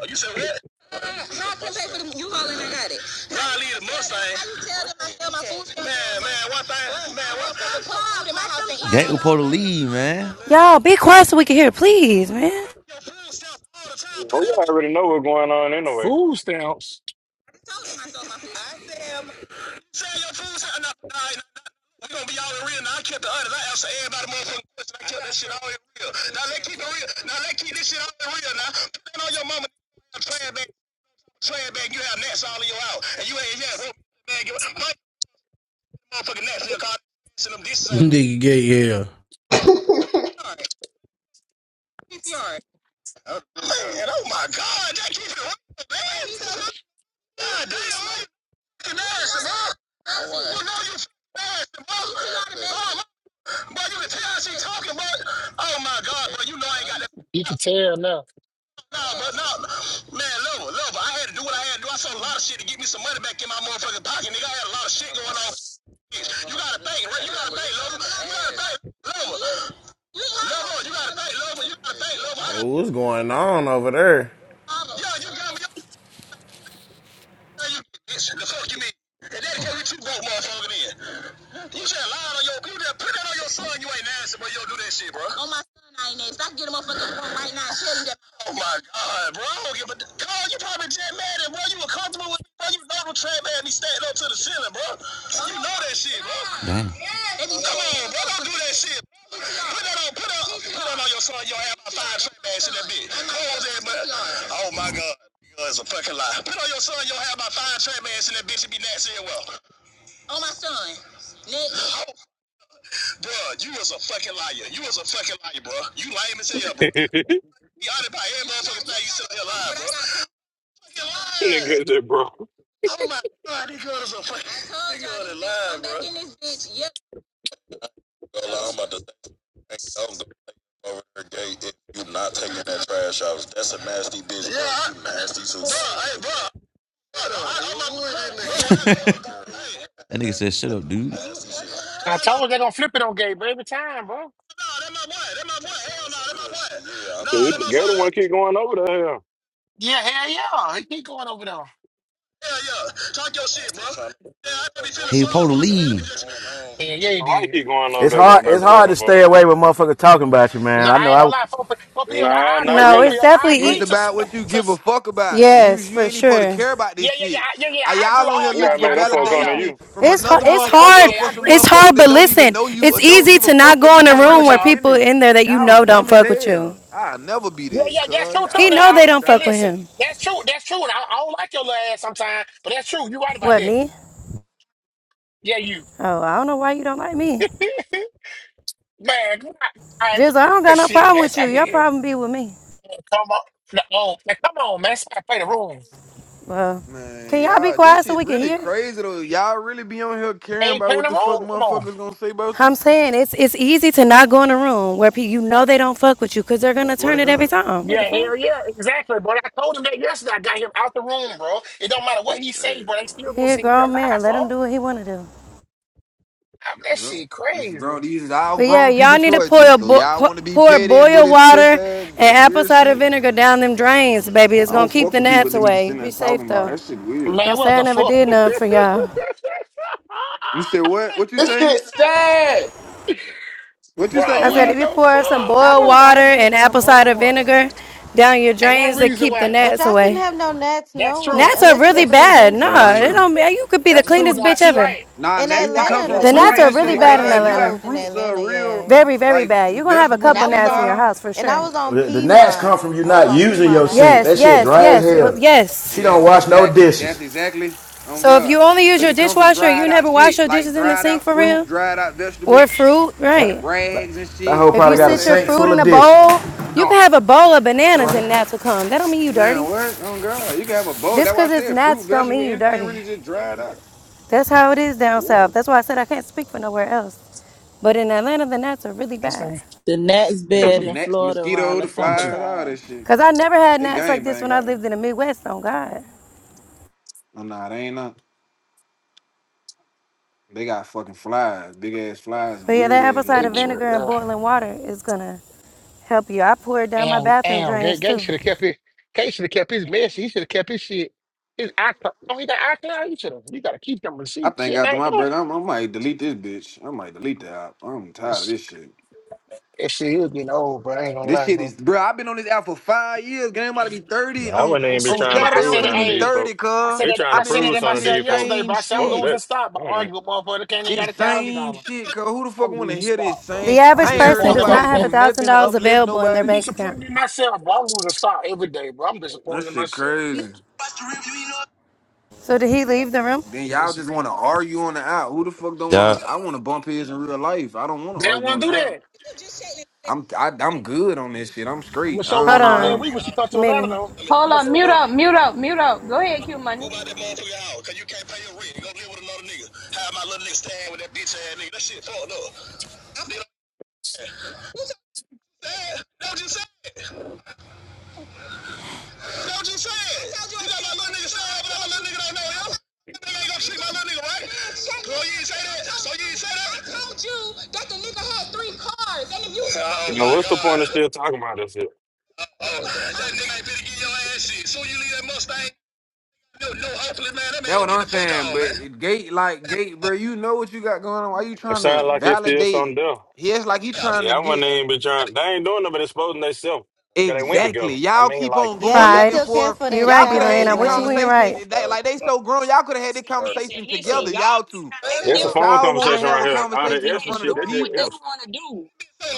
Speaker 32: you said what? How I can pay for the U-Haul and I got it? Nah, I leave the Mustang. How you tell them I sell my food stamps? Man, man, one thing, man, one thing. I'm in my house That was supposed to leave, man.
Speaker 23: Y'all, be quiet so we can hear it, please, man.
Speaker 32: Your food stamps all the time. Put
Speaker 28: oh,
Speaker 32: that on
Speaker 28: yeah, I
Speaker 32: your
Speaker 28: already know what's going on anyway.
Speaker 6: Food stamps.
Speaker 32: I told them I sold my food. I said, Sell your food, sell nah, nah, nah, nah, nah, nah, nah, we gonna be all in real. Now I kept the others. I asked everybody motherfucking question. I kept that shit all in real. Now let's keep it real. Now let's keep this shit all in real now. Put that on your mama trash bag, trash bag, you have nets all in your house. And you ain't yeah, well bag your my motherfucking nets in your car and them this like
Speaker 16: Nigga, Gate. Yeah.
Speaker 32: alright, alright. Man, oh my god, that keep it real, man. God damn, man. Fucking ass, bro. Oh, wow. You know you ass, bro. Oh, Boy, you can tell she talking, but oh my God, but you know I ain't got that.
Speaker 6: You can tell now.
Speaker 32: No, but no, man, love her, love her. I had to do what I had to do. I sold a lot of shit to get me some money back in my motherfucking pocket, nigga. I had a lot of shit going on. You gotta think, right? You gotta think, love her, You gotta think, love her, Love her, you gotta think, love her, You gotta think, love her. I
Speaker 33: Oh, what's going on over there?
Speaker 32: got, yeah, you got me. bitch, the fuck you mean? And that carry two broke motherfucker then. You just have lied on your you just put that on your son, you ain't nasty, but you don't do that shit, bro. On my son I ain't nasty. I can get a motherfucker right now and tell you that. Oh my God, bro! I don't give a Carl, you probably just mad at bro. You were comfortable with me, bro. You know the trap had me standing up to the ceiling, bro. You know that shit, bro. Damn. Come on, bro. Don't do that shit. Put that on, put that, put that on your son. Your have my five trap ass in that bitch. Close that, but oh my Mm. God, God, it's a fucking lie. Put on your son. Your have my five trap ass in that bitch. and be nasty as well. Oh my son. Nick. Oh, bro, you was a fucking liar. You was a fucking liar, bro. You lame as hell, bro. Y'all done about every motherfucking thing you still here alive, bro. Fucking lying.
Speaker 28: Nigga said, bro,
Speaker 32: Oh my god, these girls are fucking. These girls are lying, bro. Back in this bitch, yeah. I'm about to say, hey, don't go over her gate if you not taking that trash out. That's a nasty bitch. Yeah, bro. I, You nasty too. Bro, hey, bro. I- am about to- That nigga said, "Shut up, dude." Hell no, no, that
Speaker 6: I told you they gonna flip it on Gabe every time, bro.
Speaker 32: my boy, that my boy. Hell no, that my boy. Yeah. No,
Speaker 28: the
Speaker 32: that my
Speaker 28: Gator
Speaker 32: boy. That,
Speaker 28: one keep going over there.
Speaker 6: Yeah, hell yeah. He keep going over there.
Speaker 32: yeah. Talk your shit, bro. Yeah, I be feeling Hey, sorry Paul for you.
Speaker 6: Yeah, yeah, he
Speaker 28: Why he
Speaker 6: did.
Speaker 28: keep going over
Speaker 21: It's
Speaker 28: there,
Speaker 21: hard.
Speaker 28: going back
Speaker 21: It's
Speaker 28: and forth
Speaker 21: hard to
Speaker 28: and forth?
Speaker 21: stay away with motherfuckers talking about you,
Speaker 6: You
Speaker 21: man.
Speaker 6: know,
Speaker 21: I
Speaker 6: I
Speaker 21: know.
Speaker 6: ain't
Speaker 21: I
Speaker 6: gonna lie, four, P- four PF.
Speaker 28: Nah,
Speaker 6: I, I
Speaker 28: not
Speaker 6: agree,
Speaker 23: No,
Speaker 6: four
Speaker 28: really.
Speaker 23: it's
Speaker 6: PF. I
Speaker 23: definitely
Speaker 9: It's
Speaker 6: agree
Speaker 23: e-
Speaker 6: to, s-
Speaker 9: about what you
Speaker 6: to
Speaker 9: give a
Speaker 6: s-
Speaker 9: fuck about. You
Speaker 23: yes,
Speaker 9: you
Speaker 23: for
Speaker 9: ain't even supposed to
Speaker 23: sure.
Speaker 9: care about
Speaker 6: yeah,
Speaker 9: this
Speaker 6: yeah, yeah,
Speaker 9: shit.
Speaker 6: I- yeah, yeah.
Speaker 9: Are
Speaker 6: I agree
Speaker 9: y'all
Speaker 6: with
Speaker 9: on here
Speaker 6: all
Speaker 28: We
Speaker 6: y'all.
Speaker 9: looking
Speaker 28: gotta
Speaker 6: Yeah,
Speaker 9: for
Speaker 28: make
Speaker 6: I
Speaker 28: them
Speaker 6: agree with
Speaker 28: folk
Speaker 6: all
Speaker 28: come to
Speaker 6: y'all.
Speaker 9: validation
Speaker 28: you.
Speaker 9: from
Speaker 6: I
Speaker 23: It's
Speaker 6: agree
Speaker 23: hard.
Speaker 6: with
Speaker 9: another
Speaker 23: It's
Speaker 6: all y'all.
Speaker 9: motherfucker
Speaker 6: Yeah,
Speaker 23: hard.
Speaker 6: yeah,
Speaker 9: for
Speaker 6: I
Speaker 9: some
Speaker 6: agree.
Speaker 23: It's
Speaker 9: motherfucker
Speaker 23: hard.
Speaker 9: that
Speaker 23: But
Speaker 9: don't even
Speaker 23: listen,
Speaker 9: know you
Speaker 23: it's
Speaker 9: or don't
Speaker 23: easy
Speaker 9: give a
Speaker 23: to not
Speaker 9: fuck? They
Speaker 23: go in
Speaker 9: just
Speaker 6: I
Speaker 23: a
Speaker 9: want to
Speaker 6: agree
Speaker 9: know
Speaker 23: room
Speaker 6: with
Speaker 23: where
Speaker 9: your
Speaker 6: y'all.
Speaker 23: people
Speaker 9: business.
Speaker 23: in there that you
Speaker 9: Y'all
Speaker 23: know don't
Speaker 9: dumb as
Speaker 23: fuck with you.
Speaker 9: hell. I'll never be
Speaker 6: Yeah,
Speaker 9: that,
Speaker 6: yeah, that's
Speaker 9: cuz.
Speaker 6: true too.
Speaker 23: He
Speaker 6: Now,
Speaker 9: Y'all
Speaker 23: know
Speaker 6: I,
Speaker 23: they
Speaker 9: ducked
Speaker 23: don't
Speaker 6: hey,
Speaker 23: fuck
Speaker 9: out.
Speaker 23: with
Speaker 6: listen,
Speaker 23: him.
Speaker 6: that's true. That's true. And I, I don't like your little ass sometimes, but that's true. You right about
Speaker 23: What
Speaker 6: that.
Speaker 23: me?
Speaker 6: Yeah, you
Speaker 23: Oh, I don't know why you don't like me.
Speaker 6: man. come on. I,
Speaker 23: Just I don't
Speaker 6: the
Speaker 23: got no
Speaker 6: shit,
Speaker 23: problem
Speaker 6: man.
Speaker 23: with
Speaker 6: I
Speaker 23: you.
Speaker 6: can
Speaker 23: Your
Speaker 6: hear.
Speaker 23: problem be with me.
Speaker 6: Come on, no, oh, man, come on, man. Somebody play the room.
Speaker 23: Well, can
Speaker 9: Man,
Speaker 23: y'all be
Speaker 9: y'all, this
Speaker 23: quiet so
Speaker 9: shit
Speaker 23: we can
Speaker 9: really
Speaker 23: hear?
Speaker 9: crazy though. Y'all really be on here
Speaker 6: They
Speaker 9: caring
Speaker 6: ain't
Speaker 9: about
Speaker 6: playing
Speaker 9: what
Speaker 6: the
Speaker 9: the fuck
Speaker 6: room. Come on.
Speaker 9: motherfuckers gonna say about you?
Speaker 23: I'm saying it's it's easy to not go in a room where pe- you know they don't fuck with you because they're gonna
Speaker 9: Swear to
Speaker 23: turn it every
Speaker 9: God.
Speaker 23: time. What
Speaker 6: Yeah,
Speaker 23: the fuck?
Speaker 6: hell yeah, exactly, bro. I told him that yesterday. I got him out the room, bro. It don't matter what
Speaker 9: bitch,
Speaker 6: he say,
Speaker 9: sad,
Speaker 6: bro. They still
Speaker 9: bro.
Speaker 6: gonna
Speaker 23: He a
Speaker 6: say he
Speaker 23: grown man.
Speaker 6: alive,
Speaker 23: Let him
Speaker 6: bro.
Speaker 23: do what he wanna do.
Speaker 6: I, that
Speaker 9: Yeah.
Speaker 6: shit
Speaker 9: This is
Speaker 6: crazy,
Speaker 9: grown. These is all
Speaker 23: But yeah,
Speaker 9: grown people
Speaker 23: y'all need to pour
Speaker 9: choices.
Speaker 23: a
Speaker 9: So
Speaker 23: bo-
Speaker 9: y'all
Speaker 23: pu-
Speaker 9: want to be
Speaker 23: pour
Speaker 9: petty and do
Speaker 23: boil
Speaker 9: this pussy
Speaker 23: water
Speaker 9: ass
Speaker 23: and apple
Speaker 9: weird
Speaker 23: cider
Speaker 9: shit.
Speaker 23: vinegar down them drains, baby. It's
Speaker 9: I
Speaker 23: gonna
Speaker 9: don't
Speaker 23: keep
Speaker 9: fuck
Speaker 23: the
Speaker 9: with people
Speaker 23: gnats
Speaker 9: that be
Speaker 23: away.
Speaker 9: sitting there
Speaker 23: Be
Speaker 9: talking
Speaker 23: safe
Speaker 9: about
Speaker 23: though.
Speaker 9: that shit weird.
Speaker 23: Don't
Speaker 6: man. What
Speaker 23: say I
Speaker 6: the
Speaker 23: never
Speaker 6: fuck,
Speaker 23: did nothing for y'all.
Speaker 9: You said what? What you
Speaker 27: this
Speaker 9: say?
Speaker 27: shit sad.
Speaker 9: What you say,
Speaker 6: bro?
Speaker 23: I said,
Speaker 9: Emily?
Speaker 23: if
Speaker 6: What
Speaker 23: you
Speaker 6: the
Speaker 23: pour some
Speaker 6: fuck,
Speaker 23: boiled
Speaker 10: Apple
Speaker 6: bro?
Speaker 23: water
Speaker 10: cider
Speaker 23: and
Speaker 10: vinegar and
Speaker 23: apple
Speaker 10: boiling
Speaker 23: cider
Speaker 10: water.
Speaker 23: vinegar down your
Speaker 6: And one
Speaker 23: drains to
Speaker 6: reason
Speaker 23: keep
Speaker 6: why
Speaker 23: the
Speaker 10: But
Speaker 23: gnats
Speaker 10: y'all shouldn't
Speaker 23: away.
Speaker 10: have no gnats,
Speaker 6: that's
Speaker 10: no
Speaker 6: true.
Speaker 10: way,
Speaker 23: Gnats are
Speaker 10: unless you
Speaker 23: really
Speaker 10: live
Speaker 6: That's
Speaker 10: in the
Speaker 6: true.
Speaker 23: bad. No,
Speaker 9: No,
Speaker 10: country.
Speaker 6: That's
Speaker 9: I ain't
Speaker 23: it
Speaker 6: true.
Speaker 9: know.
Speaker 23: don't. You could be the
Speaker 6: That's true.
Speaker 10: Yeah.
Speaker 23: cleanest
Speaker 6: Nah,
Speaker 23: bitch
Speaker 6: she
Speaker 23: ever.
Speaker 6: right.
Speaker 9: Nah,
Speaker 10: In
Speaker 9: gnats
Speaker 6: She
Speaker 9: can
Speaker 6: right.
Speaker 9: come
Speaker 10: Atlanta,
Speaker 6: Yeah,
Speaker 9: from
Speaker 23: The
Speaker 10: th-
Speaker 6: she
Speaker 10: the
Speaker 23: gnats
Speaker 9: fruits
Speaker 23: are
Speaker 6: right.
Speaker 9: and
Speaker 10: Nets
Speaker 6: She
Speaker 10: were
Speaker 23: really
Speaker 9: shit.
Speaker 10: really
Speaker 23: bad
Speaker 6: right.
Speaker 23: in
Speaker 9: Cause
Speaker 10: bad
Speaker 6: She
Speaker 9: if
Speaker 10: when
Speaker 9: you
Speaker 10: I
Speaker 6: right.
Speaker 9: got
Speaker 23: Atlanta.
Speaker 10: moved in
Speaker 9: fruits uh,
Speaker 10: Atlanta.
Speaker 9: real
Speaker 10: Yeah,
Speaker 23: Very, very
Speaker 9: like f-
Speaker 23: bad. You're gonna have a
Speaker 9: vegetables
Speaker 10: and
Speaker 9: and
Speaker 10: I
Speaker 23: couple
Speaker 9: shit
Speaker 10: was
Speaker 9: in your
Speaker 23: gnats in
Speaker 10: on,
Speaker 23: your
Speaker 9: house.
Speaker 23: house for
Speaker 10: and I
Speaker 23: sure.
Speaker 10: was on
Speaker 21: the, the gnats come
Speaker 10: Piedmont.
Speaker 21: from you
Speaker 10: I was
Speaker 21: not
Speaker 10: on
Speaker 21: using
Speaker 10: Piedmont.
Speaker 21: your
Speaker 10: I had
Speaker 21: sink.
Speaker 23: Yes,
Speaker 21: That
Speaker 10: Nets
Speaker 21: shit
Speaker 23: yes,
Speaker 21: dry
Speaker 10: bad.
Speaker 21: as
Speaker 23: yes, but
Speaker 21: hell. She
Speaker 23: yes.
Speaker 21: don't
Speaker 9: Yes,
Speaker 21: wash no
Speaker 9: exactly.
Speaker 21: dishes.
Speaker 9: That's exactly on
Speaker 23: So if you
Speaker 9: God.
Speaker 23: only use
Speaker 9: Cause
Speaker 23: your
Speaker 9: it come from
Speaker 23: dishwasher, you
Speaker 9: dried out
Speaker 23: never wash
Speaker 9: shit,
Speaker 23: your
Speaker 9: like
Speaker 23: dishes in the
Speaker 9: dried
Speaker 23: sink
Speaker 9: out
Speaker 23: for
Speaker 9: fruit,
Speaker 23: real,
Speaker 9: dried out vegetables,
Speaker 23: or fruit, right?
Speaker 9: rags and
Speaker 21: That hoe
Speaker 9: shit.
Speaker 23: If you
Speaker 21: probably got a
Speaker 9: Old
Speaker 23: sit your
Speaker 21: sink
Speaker 9: ass.
Speaker 23: fruit
Speaker 21: full
Speaker 23: in
Speaker 21: of
Speaker 23: a
Speaker 21: dishes.
Speaker 23: bowl,
Speaker 6: How you
Speaker 23: you
Speaker 6: doing?
Speaker 23: can have a bowl of
Speaker 6: You
Speaker 23: bananas
Speaker 6: right here?
Speaker 23: and gnats will come. That don't mean you
Speaker 9: Man,
Speaker 23: dirty.
Speaker 9: what? Oh God, you can have a boat.
Speaker 23: Just
Speaker 9: That's why I
Speaker 23: 'cause it's
Speaker 9: said fruit,
Speaker 23: gnats don't
Speaker 9: vegetable,
Speaker 23: mean you
Speaker 9: anything
Speaker 23: dirty.
Speaker 9: really just dried up.
Speaker 23: That's how it is
Speaker 9: That's
Speaker 23: down
Speaker 9: water.
Speaker 23: south. That's why I said I can't speak for nowhere else. But in Atlanta, the gnats are really
Speaker 6: That's me.
Speaker 23: bad.
Speaker 8: The next
Speaker 9: Nigga, the
Speaker 6: Thank
Speaker 8: bed
Speaker 6: you.
Speaker 8: in
Speaker 9: next
Speaker 8: Florida around
Speaker 9: mosquito,
Speaker 8: the
Speaker 9: the
Speaker 6: You too.
Speaker 9: flies, all
Speaker 8: summertime.
Speaker 9: that shit.
Speaker 23: Cause I never had
Speaker 9: They
Speaker 23: gnats like
Speaker 9: gang
Speaker 23: this
Speaker 9: bang
Speaker 23: when I
Speaker 9: out there.
Speaker 23: lived in the Midwest. On God.
Speaker 9: Oh nah, they ain't nothing. They got fucking flies, big ass flies
Speaker 23: But
Speaker 9: and
Speaker 23: yeah,
Speaker 9: weird
Speaker 23: that apple
Speaker 9: ass looking
Speaker 23: cider
Speaker 6: Thank
Speaker 23: vinegar
Speaker 9: bugs.
Speaker 23: and
Speaker 6: you.
Speaker 23: boiling water is gonna help you. I pour it down my
Speaker 6: Damn,
Speaker 23: bathroom
Speaker 6: damn, Gay,
Speaker 23: drains
Speaker 6: Gay
Speaker 23: too.
Speaker 6: should have kept his Gay should have kept his message. He should have kept his shit. His iCloud. Oh, he got iCloud. You should have. You gotta keep them
Speaker 9: I
Speaker 6: receipts,
Speaker 9: think
Speaker 6: shit
Speaker 9: after
Speaker 6: like
Speaker 9: my
Speaker 6: that.
Speaker 9: brother, I'm, I might delete this bitch. I might delete the app. I'm tired of
Speaker 6: It's,
Speaker 9: this shit.
Speaker 6: it's shit. He was getting old, bro. I ain't gonna
Speaker 9: This
Speaker 6: lie,
Speaker 9: shit is,
Speaker 6: bro.
Speaker 9: bro. I've been on this app for five years. Game about to be
Speaker 28: Nah,
Speaker 9: thirty
Speaker 28: I
Speaker 9: on
Speaker 28: wouldn't
Speaker 6: I
Speaker 28: even be
Speaker 6: said
Speaker 9: on
Speaker 6: that.
Speaker 28: trying to
Speaker 6: My, I
Speaker 9: Saturday. I'm
Speaker 28: prove
Speaker 6: said it.
Speaker 9: finna
Speaker 28: none of
Speaker 9: be
Speaker 28: these
Speaker 6: Hey,
Speaker 28: folk.
Speaker 9: thirty,
Speaker 6: I
Speaker 9: cuz.
Speaker 6: said
Speaker 28: He
Speaker 6: that.
Speaker 28: trying
Speaker 9: I've
Speaker 6: I
Speaker 28: to
Speaker 9: been
Speaker 6: said that
Speaker 28: prove
Speaker 6: at
Speaker 9: listening
Speaker 28: some
Speaker 9: to
Speaker 28: of
Speaker 9: this
Speaker 6: myself
Speaker 28: these folk.
Speaker 6: yesterday,
Speaker 9: same
Speaker 6: bro. I said I'm
Speaker 28: Fuck
Speaker 9: shit.
Speaker 6: losing
Speaker 28: that.
Speaker 6: stock by
Speaker 28: Mm.
Speaker 6: arguing with motherfucker that can't even got
Speaker 9: This
Speaker 6: a thousand
Speaker 9: same
Speaker 6: dollars.
Speaker 9: shit, cuz who the fuck
Speaker 6: I'm
Speaker 9: wanna
Speaker 6: losing
Speaker 9: hear
Speaker 6: stock,
Speaker 9: this same?
Speaker 6: bro.
Speaker 23: The
Speaker 6: I'm
Speaker 9: I
Speaker 23: average
Speaker 9: ain't heard
Speaker 23: person
Speaker 6: disappointed in
Speaker 23: does
Speaker 6: my.
Speaker 23: not
Speaker 9: nobody
Speaker 23: have a
Speaker 9: do
Speaker 23: thousand
Speaker 9: nothing to
Speaker 23: dollars
Speaker 9: uplift
Speaker 23: available in their
Speaker 6: I'm
Speaker 9: nobody.
Speaker 23: bank account.
Speaker 6: disappointed in myself, bro. I'm losing stock every day, bro. I'm
Speaker 9: That
Speaker 6: disappointed in
Speaker 9: shit
Speaker 6: myself, bro.
Speaker 9: crazy.
Speaker 23: So did he leave the room?
Speaker 9: Then
Speaker 6: I'm
Speaker 9: y'all just
Speaker 6: disappointed.
Speaker 9: wanna argue on the out. Who the fuck don't wanna
Speaker 32: Yeah,
Speaker 9: I wanna bump heads in real life. I don't wanna
Speaker 6: They don't
Speaker 9: argue on
Speaker 6: want to
Speaker 9: the
Speaker 6: do
Speaker 9: out.
Speaker 6: that.
Speaker 9: I'm I, I'm good on this shit. I'm
Speaker 6: I'm gonna
Speaker 9: straight.
Speaker 6: show
Speaker 9: I
Speaker 23: Hold
Speaker 6: one
Speaker 9: don't,
Speaker 6: on
Speaker 9: I
Speaker 6: that
Speaker 23: on,
Speaker 6: week
Speaker 9: don't,
Speaker 6: when she come to Atlanta
Speaker 23: Minnie.
Speaker 6: though.
Speaker 32: Move
Speaker 6: I'm
Speaker 1: Hold
Speaker 6: gonna
Speaker 1: up, mute
Speaker 6: tell her
Speaker 1: up, mute up, mute up. Go ahead, Q Money.
Speaker 32: out that motherfucker out, cause you can't pay your rent. You gonna live with another nigga. How my little nigga stand with that bitch ass nigga? That shit fucked up. That's what you said. That's what you said. That's what you said. You got my little nigga stand, but my little nigga don't know him. That nigga ain't gonna treat my little nigga right. So you ain't say that. So you ain't say that. I told you that the nigga had three cars, and if you. Oh
Speaker 28: Now,
Speaker 32: my
Speaker 28: what's the point of
Speaker 32: god.
Speaker 28: still talking about this shit?
Speaker 32: Oh, that nigga ain't finna get your ass shit. Soon you leave that Mustang, no, no, hopefully, man, that man
Speaker 9: that
Speaker 32: gonna
Speaker 9: what
Speaker 32: get
Speaker 9: I'm
Speaker 32: the fuck
Speaker 9: saying.
Speaker 32: on,
Speaker 9: But
Speaker 32: man.
Speaker 9: it- gate like gate, bro, you know what you got going on. Why you
Speaker 28: It
Speaker 9: trying
Speaker 28: sounds
Speaker 9: to
Speaker 28: like it's still
Speaker 9: validate?
Speaker 28: something there.
Speaker 9: He acts like he trying to
Speaker 28: Yeah, I
Speaker 9: get
Speaker 28: wouldn't even be trying. They ain't doing nothing but exposing themselves because they went
Speaker 9: Exactly.
Speaker 28: together. I
Speaker 9: Y'all
Speaker 28: mean,
Speaker 9: keep
Speaker 28: like,
Speaker 9: on
Speaker 10: Yeah,
Speaker 9: going
Speaker 10: he
Speaker 9: back
Speaker 23: Pride.
Speaker 9: and
Speaker 10: still care
Speaker 9: forth.
Speaker 10: for
Speaker 23: You're
Speaker 10: that
Speaker 9: Y'all
Speaker 23: right,
Speaker 9: could have
Speaker 10: child,
Speaker 23: Delane.
Speaker 9: had this
Speaker 23: I'm with you when
Speaker 10: Delane.
Speaker 23: you're
Speaker 9: conversation.
Speaker 23: right.
Speaker 9: They,
Speaker 32: Fuck
Speaker 9: like they so grown. Y'all could have had this
Speaker 32: out.
Speaker 9: conversation together, y'all two.
Speaker 28: it's a
Speaker 9: But
Speaker 28: phone
Speaker 9: y'all want to
Speaker 28: conversation
Speaker 9: have
Speaker 28: right
Speaker 9: a
Speaker 28: here. All that
Speaker 9: conversation in
Speaker 28: extra
Speaker 9: front of the
Speaker 28: shit, they did
Speaker 9: people.
Speaker 28: else.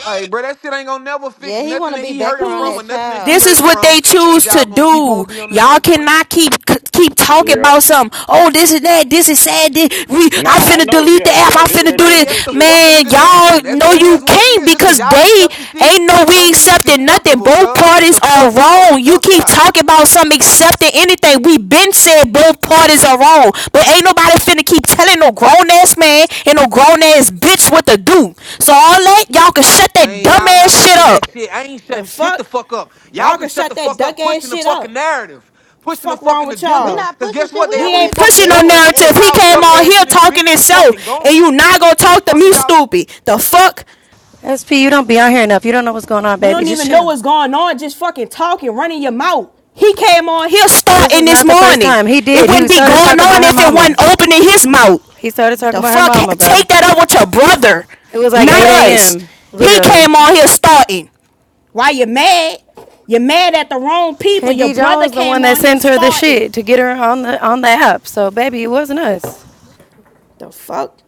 Speaker 9: Like, bro, that shit ain't gonna never
Speaker 10: Yeah,
Speaker 9: fix
Speaker 10: he
Speaker 9: nothing
Speaker 10: want to
Speaker 9: that
Speaker 10: be
Speaker 9: he
Speaker 10: back
Speaker 9: hurting
Speaker 10: around
Speaker 9: from
Speaker 1: choose-
Speaker 9: or
Speaker 10: that
Speaker 9: nothing that she
Speaker 1: This
Speaker 10: child.
Speaker 1: is
Speaker 9: hurting
Speaker 1: what
Speaker 9: from.
Speaker 1: they
Speaker 9: Cause
Speaker 1: choose to
Speaker 9: y'all gonna keep
Speaker 1: do.
Speaker 9: on be on this whole
Speaker 1: Y'all
Speaker 9: plan.
Speaker 1: cannot keep keep talking
Speaker 28: Yeah.
Speaker 1: about something. Oh, this is that. This is sad. This, we,
Speaker 28: Nah,
Speaker 1: I
Speaker 28: I
Speaker 1: finna
Speaker 28: know.
Speaker 1: delete the
Speaker 28: Yeah,
Speaker 1: app.
Speaker 28: yeah.
Speaker 1: I
Speaker 28: Did what
Speaker 1: finna
Speaker 28: they
Speaker 1: do
Speaker 28: told
Speaker 9: Man,
Speaker 28: to
Speaker 1: this.
Speaker 9: that's
Speaker 28: do,
Speaker 9: the
Speaker 28: sure.
Speaker 9: fuck a
Speaker 1: Man,
Speaker 9: nigga
Speaker 1: y'all
Speaker 9: can. That's
Speaker 1: know
Speaker 9: it
Speaker 1: you
Speaker 9: is what it
Speaker 1: can't
Speaker 9: is. Just cause
Speaker 1: because
Speaker 9: y'all
Speaker 1: they
Speaker 9: accept the shit,
Speaker 1: ain't no we
Speaker 9: don't mean it's
Speaker 1: accepting nothing.
Speaker 9: acceptable, cuz.
Speaker 1: Both
Speaker 9: What
Speaker 1: parties
Speaker 9: the
Speaker 1: are
Speaker 9: fuck y'all
Speaker 1: wrong. You
Speaker 9: ducked
Speaker 1: keep
Speaker 9: out?
Speaker 1: talking about something accepting anything. We been said both parties are wrong, but ain't nobody finna keep telling no grown ass man and no grown ass bitch what to do. So all that y'all can shut that
Speaker 9: Man,
Speaker 1: dumb
Speaker 9: y'all
Speaker 1: ass
Speaker 9: not
Speaker 1: shit
Speaker 9: making that
Speaker 1: up.
Speaker 9: shit. I ain't
Speaker 1: The
Speaker 9: shutting shit the
Speaker 1: fuck?
Speaker 9: fuck up. Y'all
Speaker 1: Y'all
Speaker 9: can
Speaker 1: can
Speaker 9: shut
Speaker 1: shut
Speaker 9: the
Speaker 1: that
Speaker 9: fuck up
Speaker 1: duck ass
Speaker 9: pushing the
Speaker 1: shit
Speaker 9: fucking
Speaker 1: up.
Speaker 9: narrative, pushing the
Speaker 1: Fuck wrong
Speaker 9: fucking
Speaker 1: with
Speaker 10: we
Speaker 9: agenda.
Speaker 1: y'all.
Speaker 10: not
Speaker 9: Cause
Speaker 10: pushing
Speaker 9: guess
Speaker 10: shit.
Speaker 9: what?
Speaker 10: We
Speaker 9: They
Speaker 1: We
Speaker 10: over
Speaker 9: only
Speaker 10: here
Speaker 1: ain't
Speaker 10: just
Speaker 9: fucking
Speaker 1: pushing no
Speaker 9: going
Speaker 10: listening.
Speaker 9: cause
Speaker 1: narrative. He
Speaker 10: SP,
Speaker 9: y'all
Speaker 1: came
Speaker 9: duck
Speaker 1: on
Speaker 9: ass
Speaker 1: here
Speaker 9: in this
Speaker 1: talking
Speaker 9: bitch keep
Speaker 1: himself,
Speaker 9: fucking
Speaker 1: and
Speaker 9: going.
Speaker 1: you not gonna
Speaker 9: The
Speaker 1: talk to
Speaker 9: fuck
Speaker 1: me,
Speaker 9: is y'all?
Speaker 1: stupid. The fuck?
Speaker 23: SP, you don't be on here enough. You don't know what's going on,
Speaker 1: You
Speaker 23: baby.
Speaker 1: don't
Speaker 23: Just
Speaker 1: even know
Speaker 23: chill.
Speaker 1: what's going on. Just fucking talking, running your mouth. He came on here
Speaker 23: This
Speaker 1: starting
Speaker 23: is
Speaker 1: this
Speaker 23: not the first
Speaker 1: morning.
Speaker 23: time. He
Speaker 1: It
Speaker 23: did. He
Speaker 1: wouldn't be
Speaker 23: started
Speaker 1: going
Speaker 23: talking
Speaker 1: on
Speaker 23: about her
Speaker 1: if it
Speaker 23: mama.
Speaker 1: wasn't opening his mouth.
Speaker 23: He started talking
Speaker 1: The
Speaker 23: about her
Speaker 1: fuck?
Speaker 23: mama, bro.
Speaker 1: Take that up with your brother,
Speaker 23: It was like
Speaker 1: not
Speaker 23: 8
Speaker 1: us.
Speaker 23: a.m.
Speaker 1: He
Speaker 23: literally.
Speaker 1: came on here starting. Why you mad? you mad at the wrong people.
Speaker 23: And
Speaker 1: Your
Speaker 23: D
Speaker 1: brother
Speaker 23: Jones, the
Speaker 1: came
Speaker 23: one that
Speaker 1: on here
Speaker 23: sent her the
Speaker 1: starting.
Speaker 23: shit to get her on the on the app. So baby, it wasn't us.
Speaker 1: The fuck?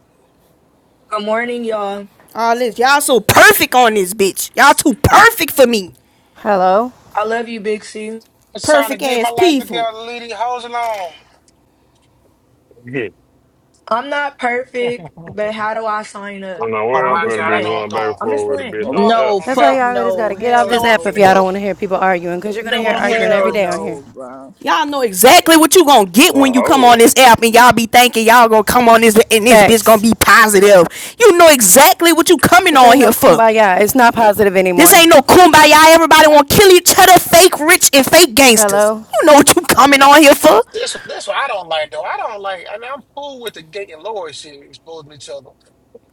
Speaker 26: Good morning, y'all.
Speaker 1: All this. Y'all so perfect on this bitch. Y'all too perfect for me.
Speaker 23: Hello.
Speaker 26: I love you, Big C.
Speaker 6: I'm trying to
Speaker 1: Perfect
Speaker 6: get my
Speaker 1: ass
Speaker 6: life
Speaker 1: people.
Speaker 6: together, leave these hoes alone.
Speaker 28: Yeah.
Speaker 26: I'm not perfect, but how do I sign
Speaker 28: Well,
Speaker 26: up?
Speaker 28: now,
Speaker 26: No,
Speaker 6: oh
Speaker 28: where I'm
Speaker 26: I'm
Speaker 6: my
Speaker 26: just
Speaker 28: finna
Speaker 6: god, I
Speaker 28: be
Speaker 6: know
Speaker 26: playing.
Speaker 6: I'm
Speaker 28: going back
Speaker 6: gone.
Speaker 28: and
Speaker 26: I'm just
Speaker 28: forth with a
Speaker 6: I
Speaker 26: playing.
Speaker 28: bitch
Speaker 6: know
Speaker 28: on the
Speaker 6: I'm
Speaker 28: app.
Speaker 8: No,
Speaker 6: gone
Speaker 23: That's
Speaker 6: now.
Speaker 23: why
Speaker 8: fuck
Speaker 23: y'all just
Speaker 8: no.
Speaker 23: gotta get
Speaker 6: I
Speaker 23: off
Speaker 8: Hell
Speaker 23: this
Speaker 6: know I'm
Speaker 23: app if
Speaker 6: finna go.
Speaker 23: y'all
Speaker 8: no.
Speaker 23: don't want to hear people arguingbecause you're
Speaker 6: I
Speaker 23: gonna hear
Speaker 6: know I'm finna
Speaker 23: arguing every
Speaker 8: Hell
Speaker 6: go.
Speaker 23: day on here.
Speaker 8: no, bro.
Speaker 1: Y'all know exactly what you gonna get
Speaker 28: Well,
Speaker 1: when you come on
Speaker 28: hold
Speaker 1: this app and y'all be thinking y'all gonna come on this and this bitch gonna
Speaker 23: Facts.
Speaker 1: be positive. You know exactly what you coming
Speaker 23: This
Speaker 1: on
Speaker 23: ain't
Speaker 1: here
Speaker 23: no
Speaker 1: for.
Speaker 23: kumbaya. It's not positive
Speaker 1: This
Speaker 23: anymore.
Speaker 1: ain't no kumbaya. Everybody wanna kill each other, fake rich and fake gangsters.
Speaker 23: Hello.
Speaker 1: You know what you coming on here for.
Speaker 6: This this what I don't like though. I don't like. I mean, I'm cool with the gay and Lori shit exposing each other.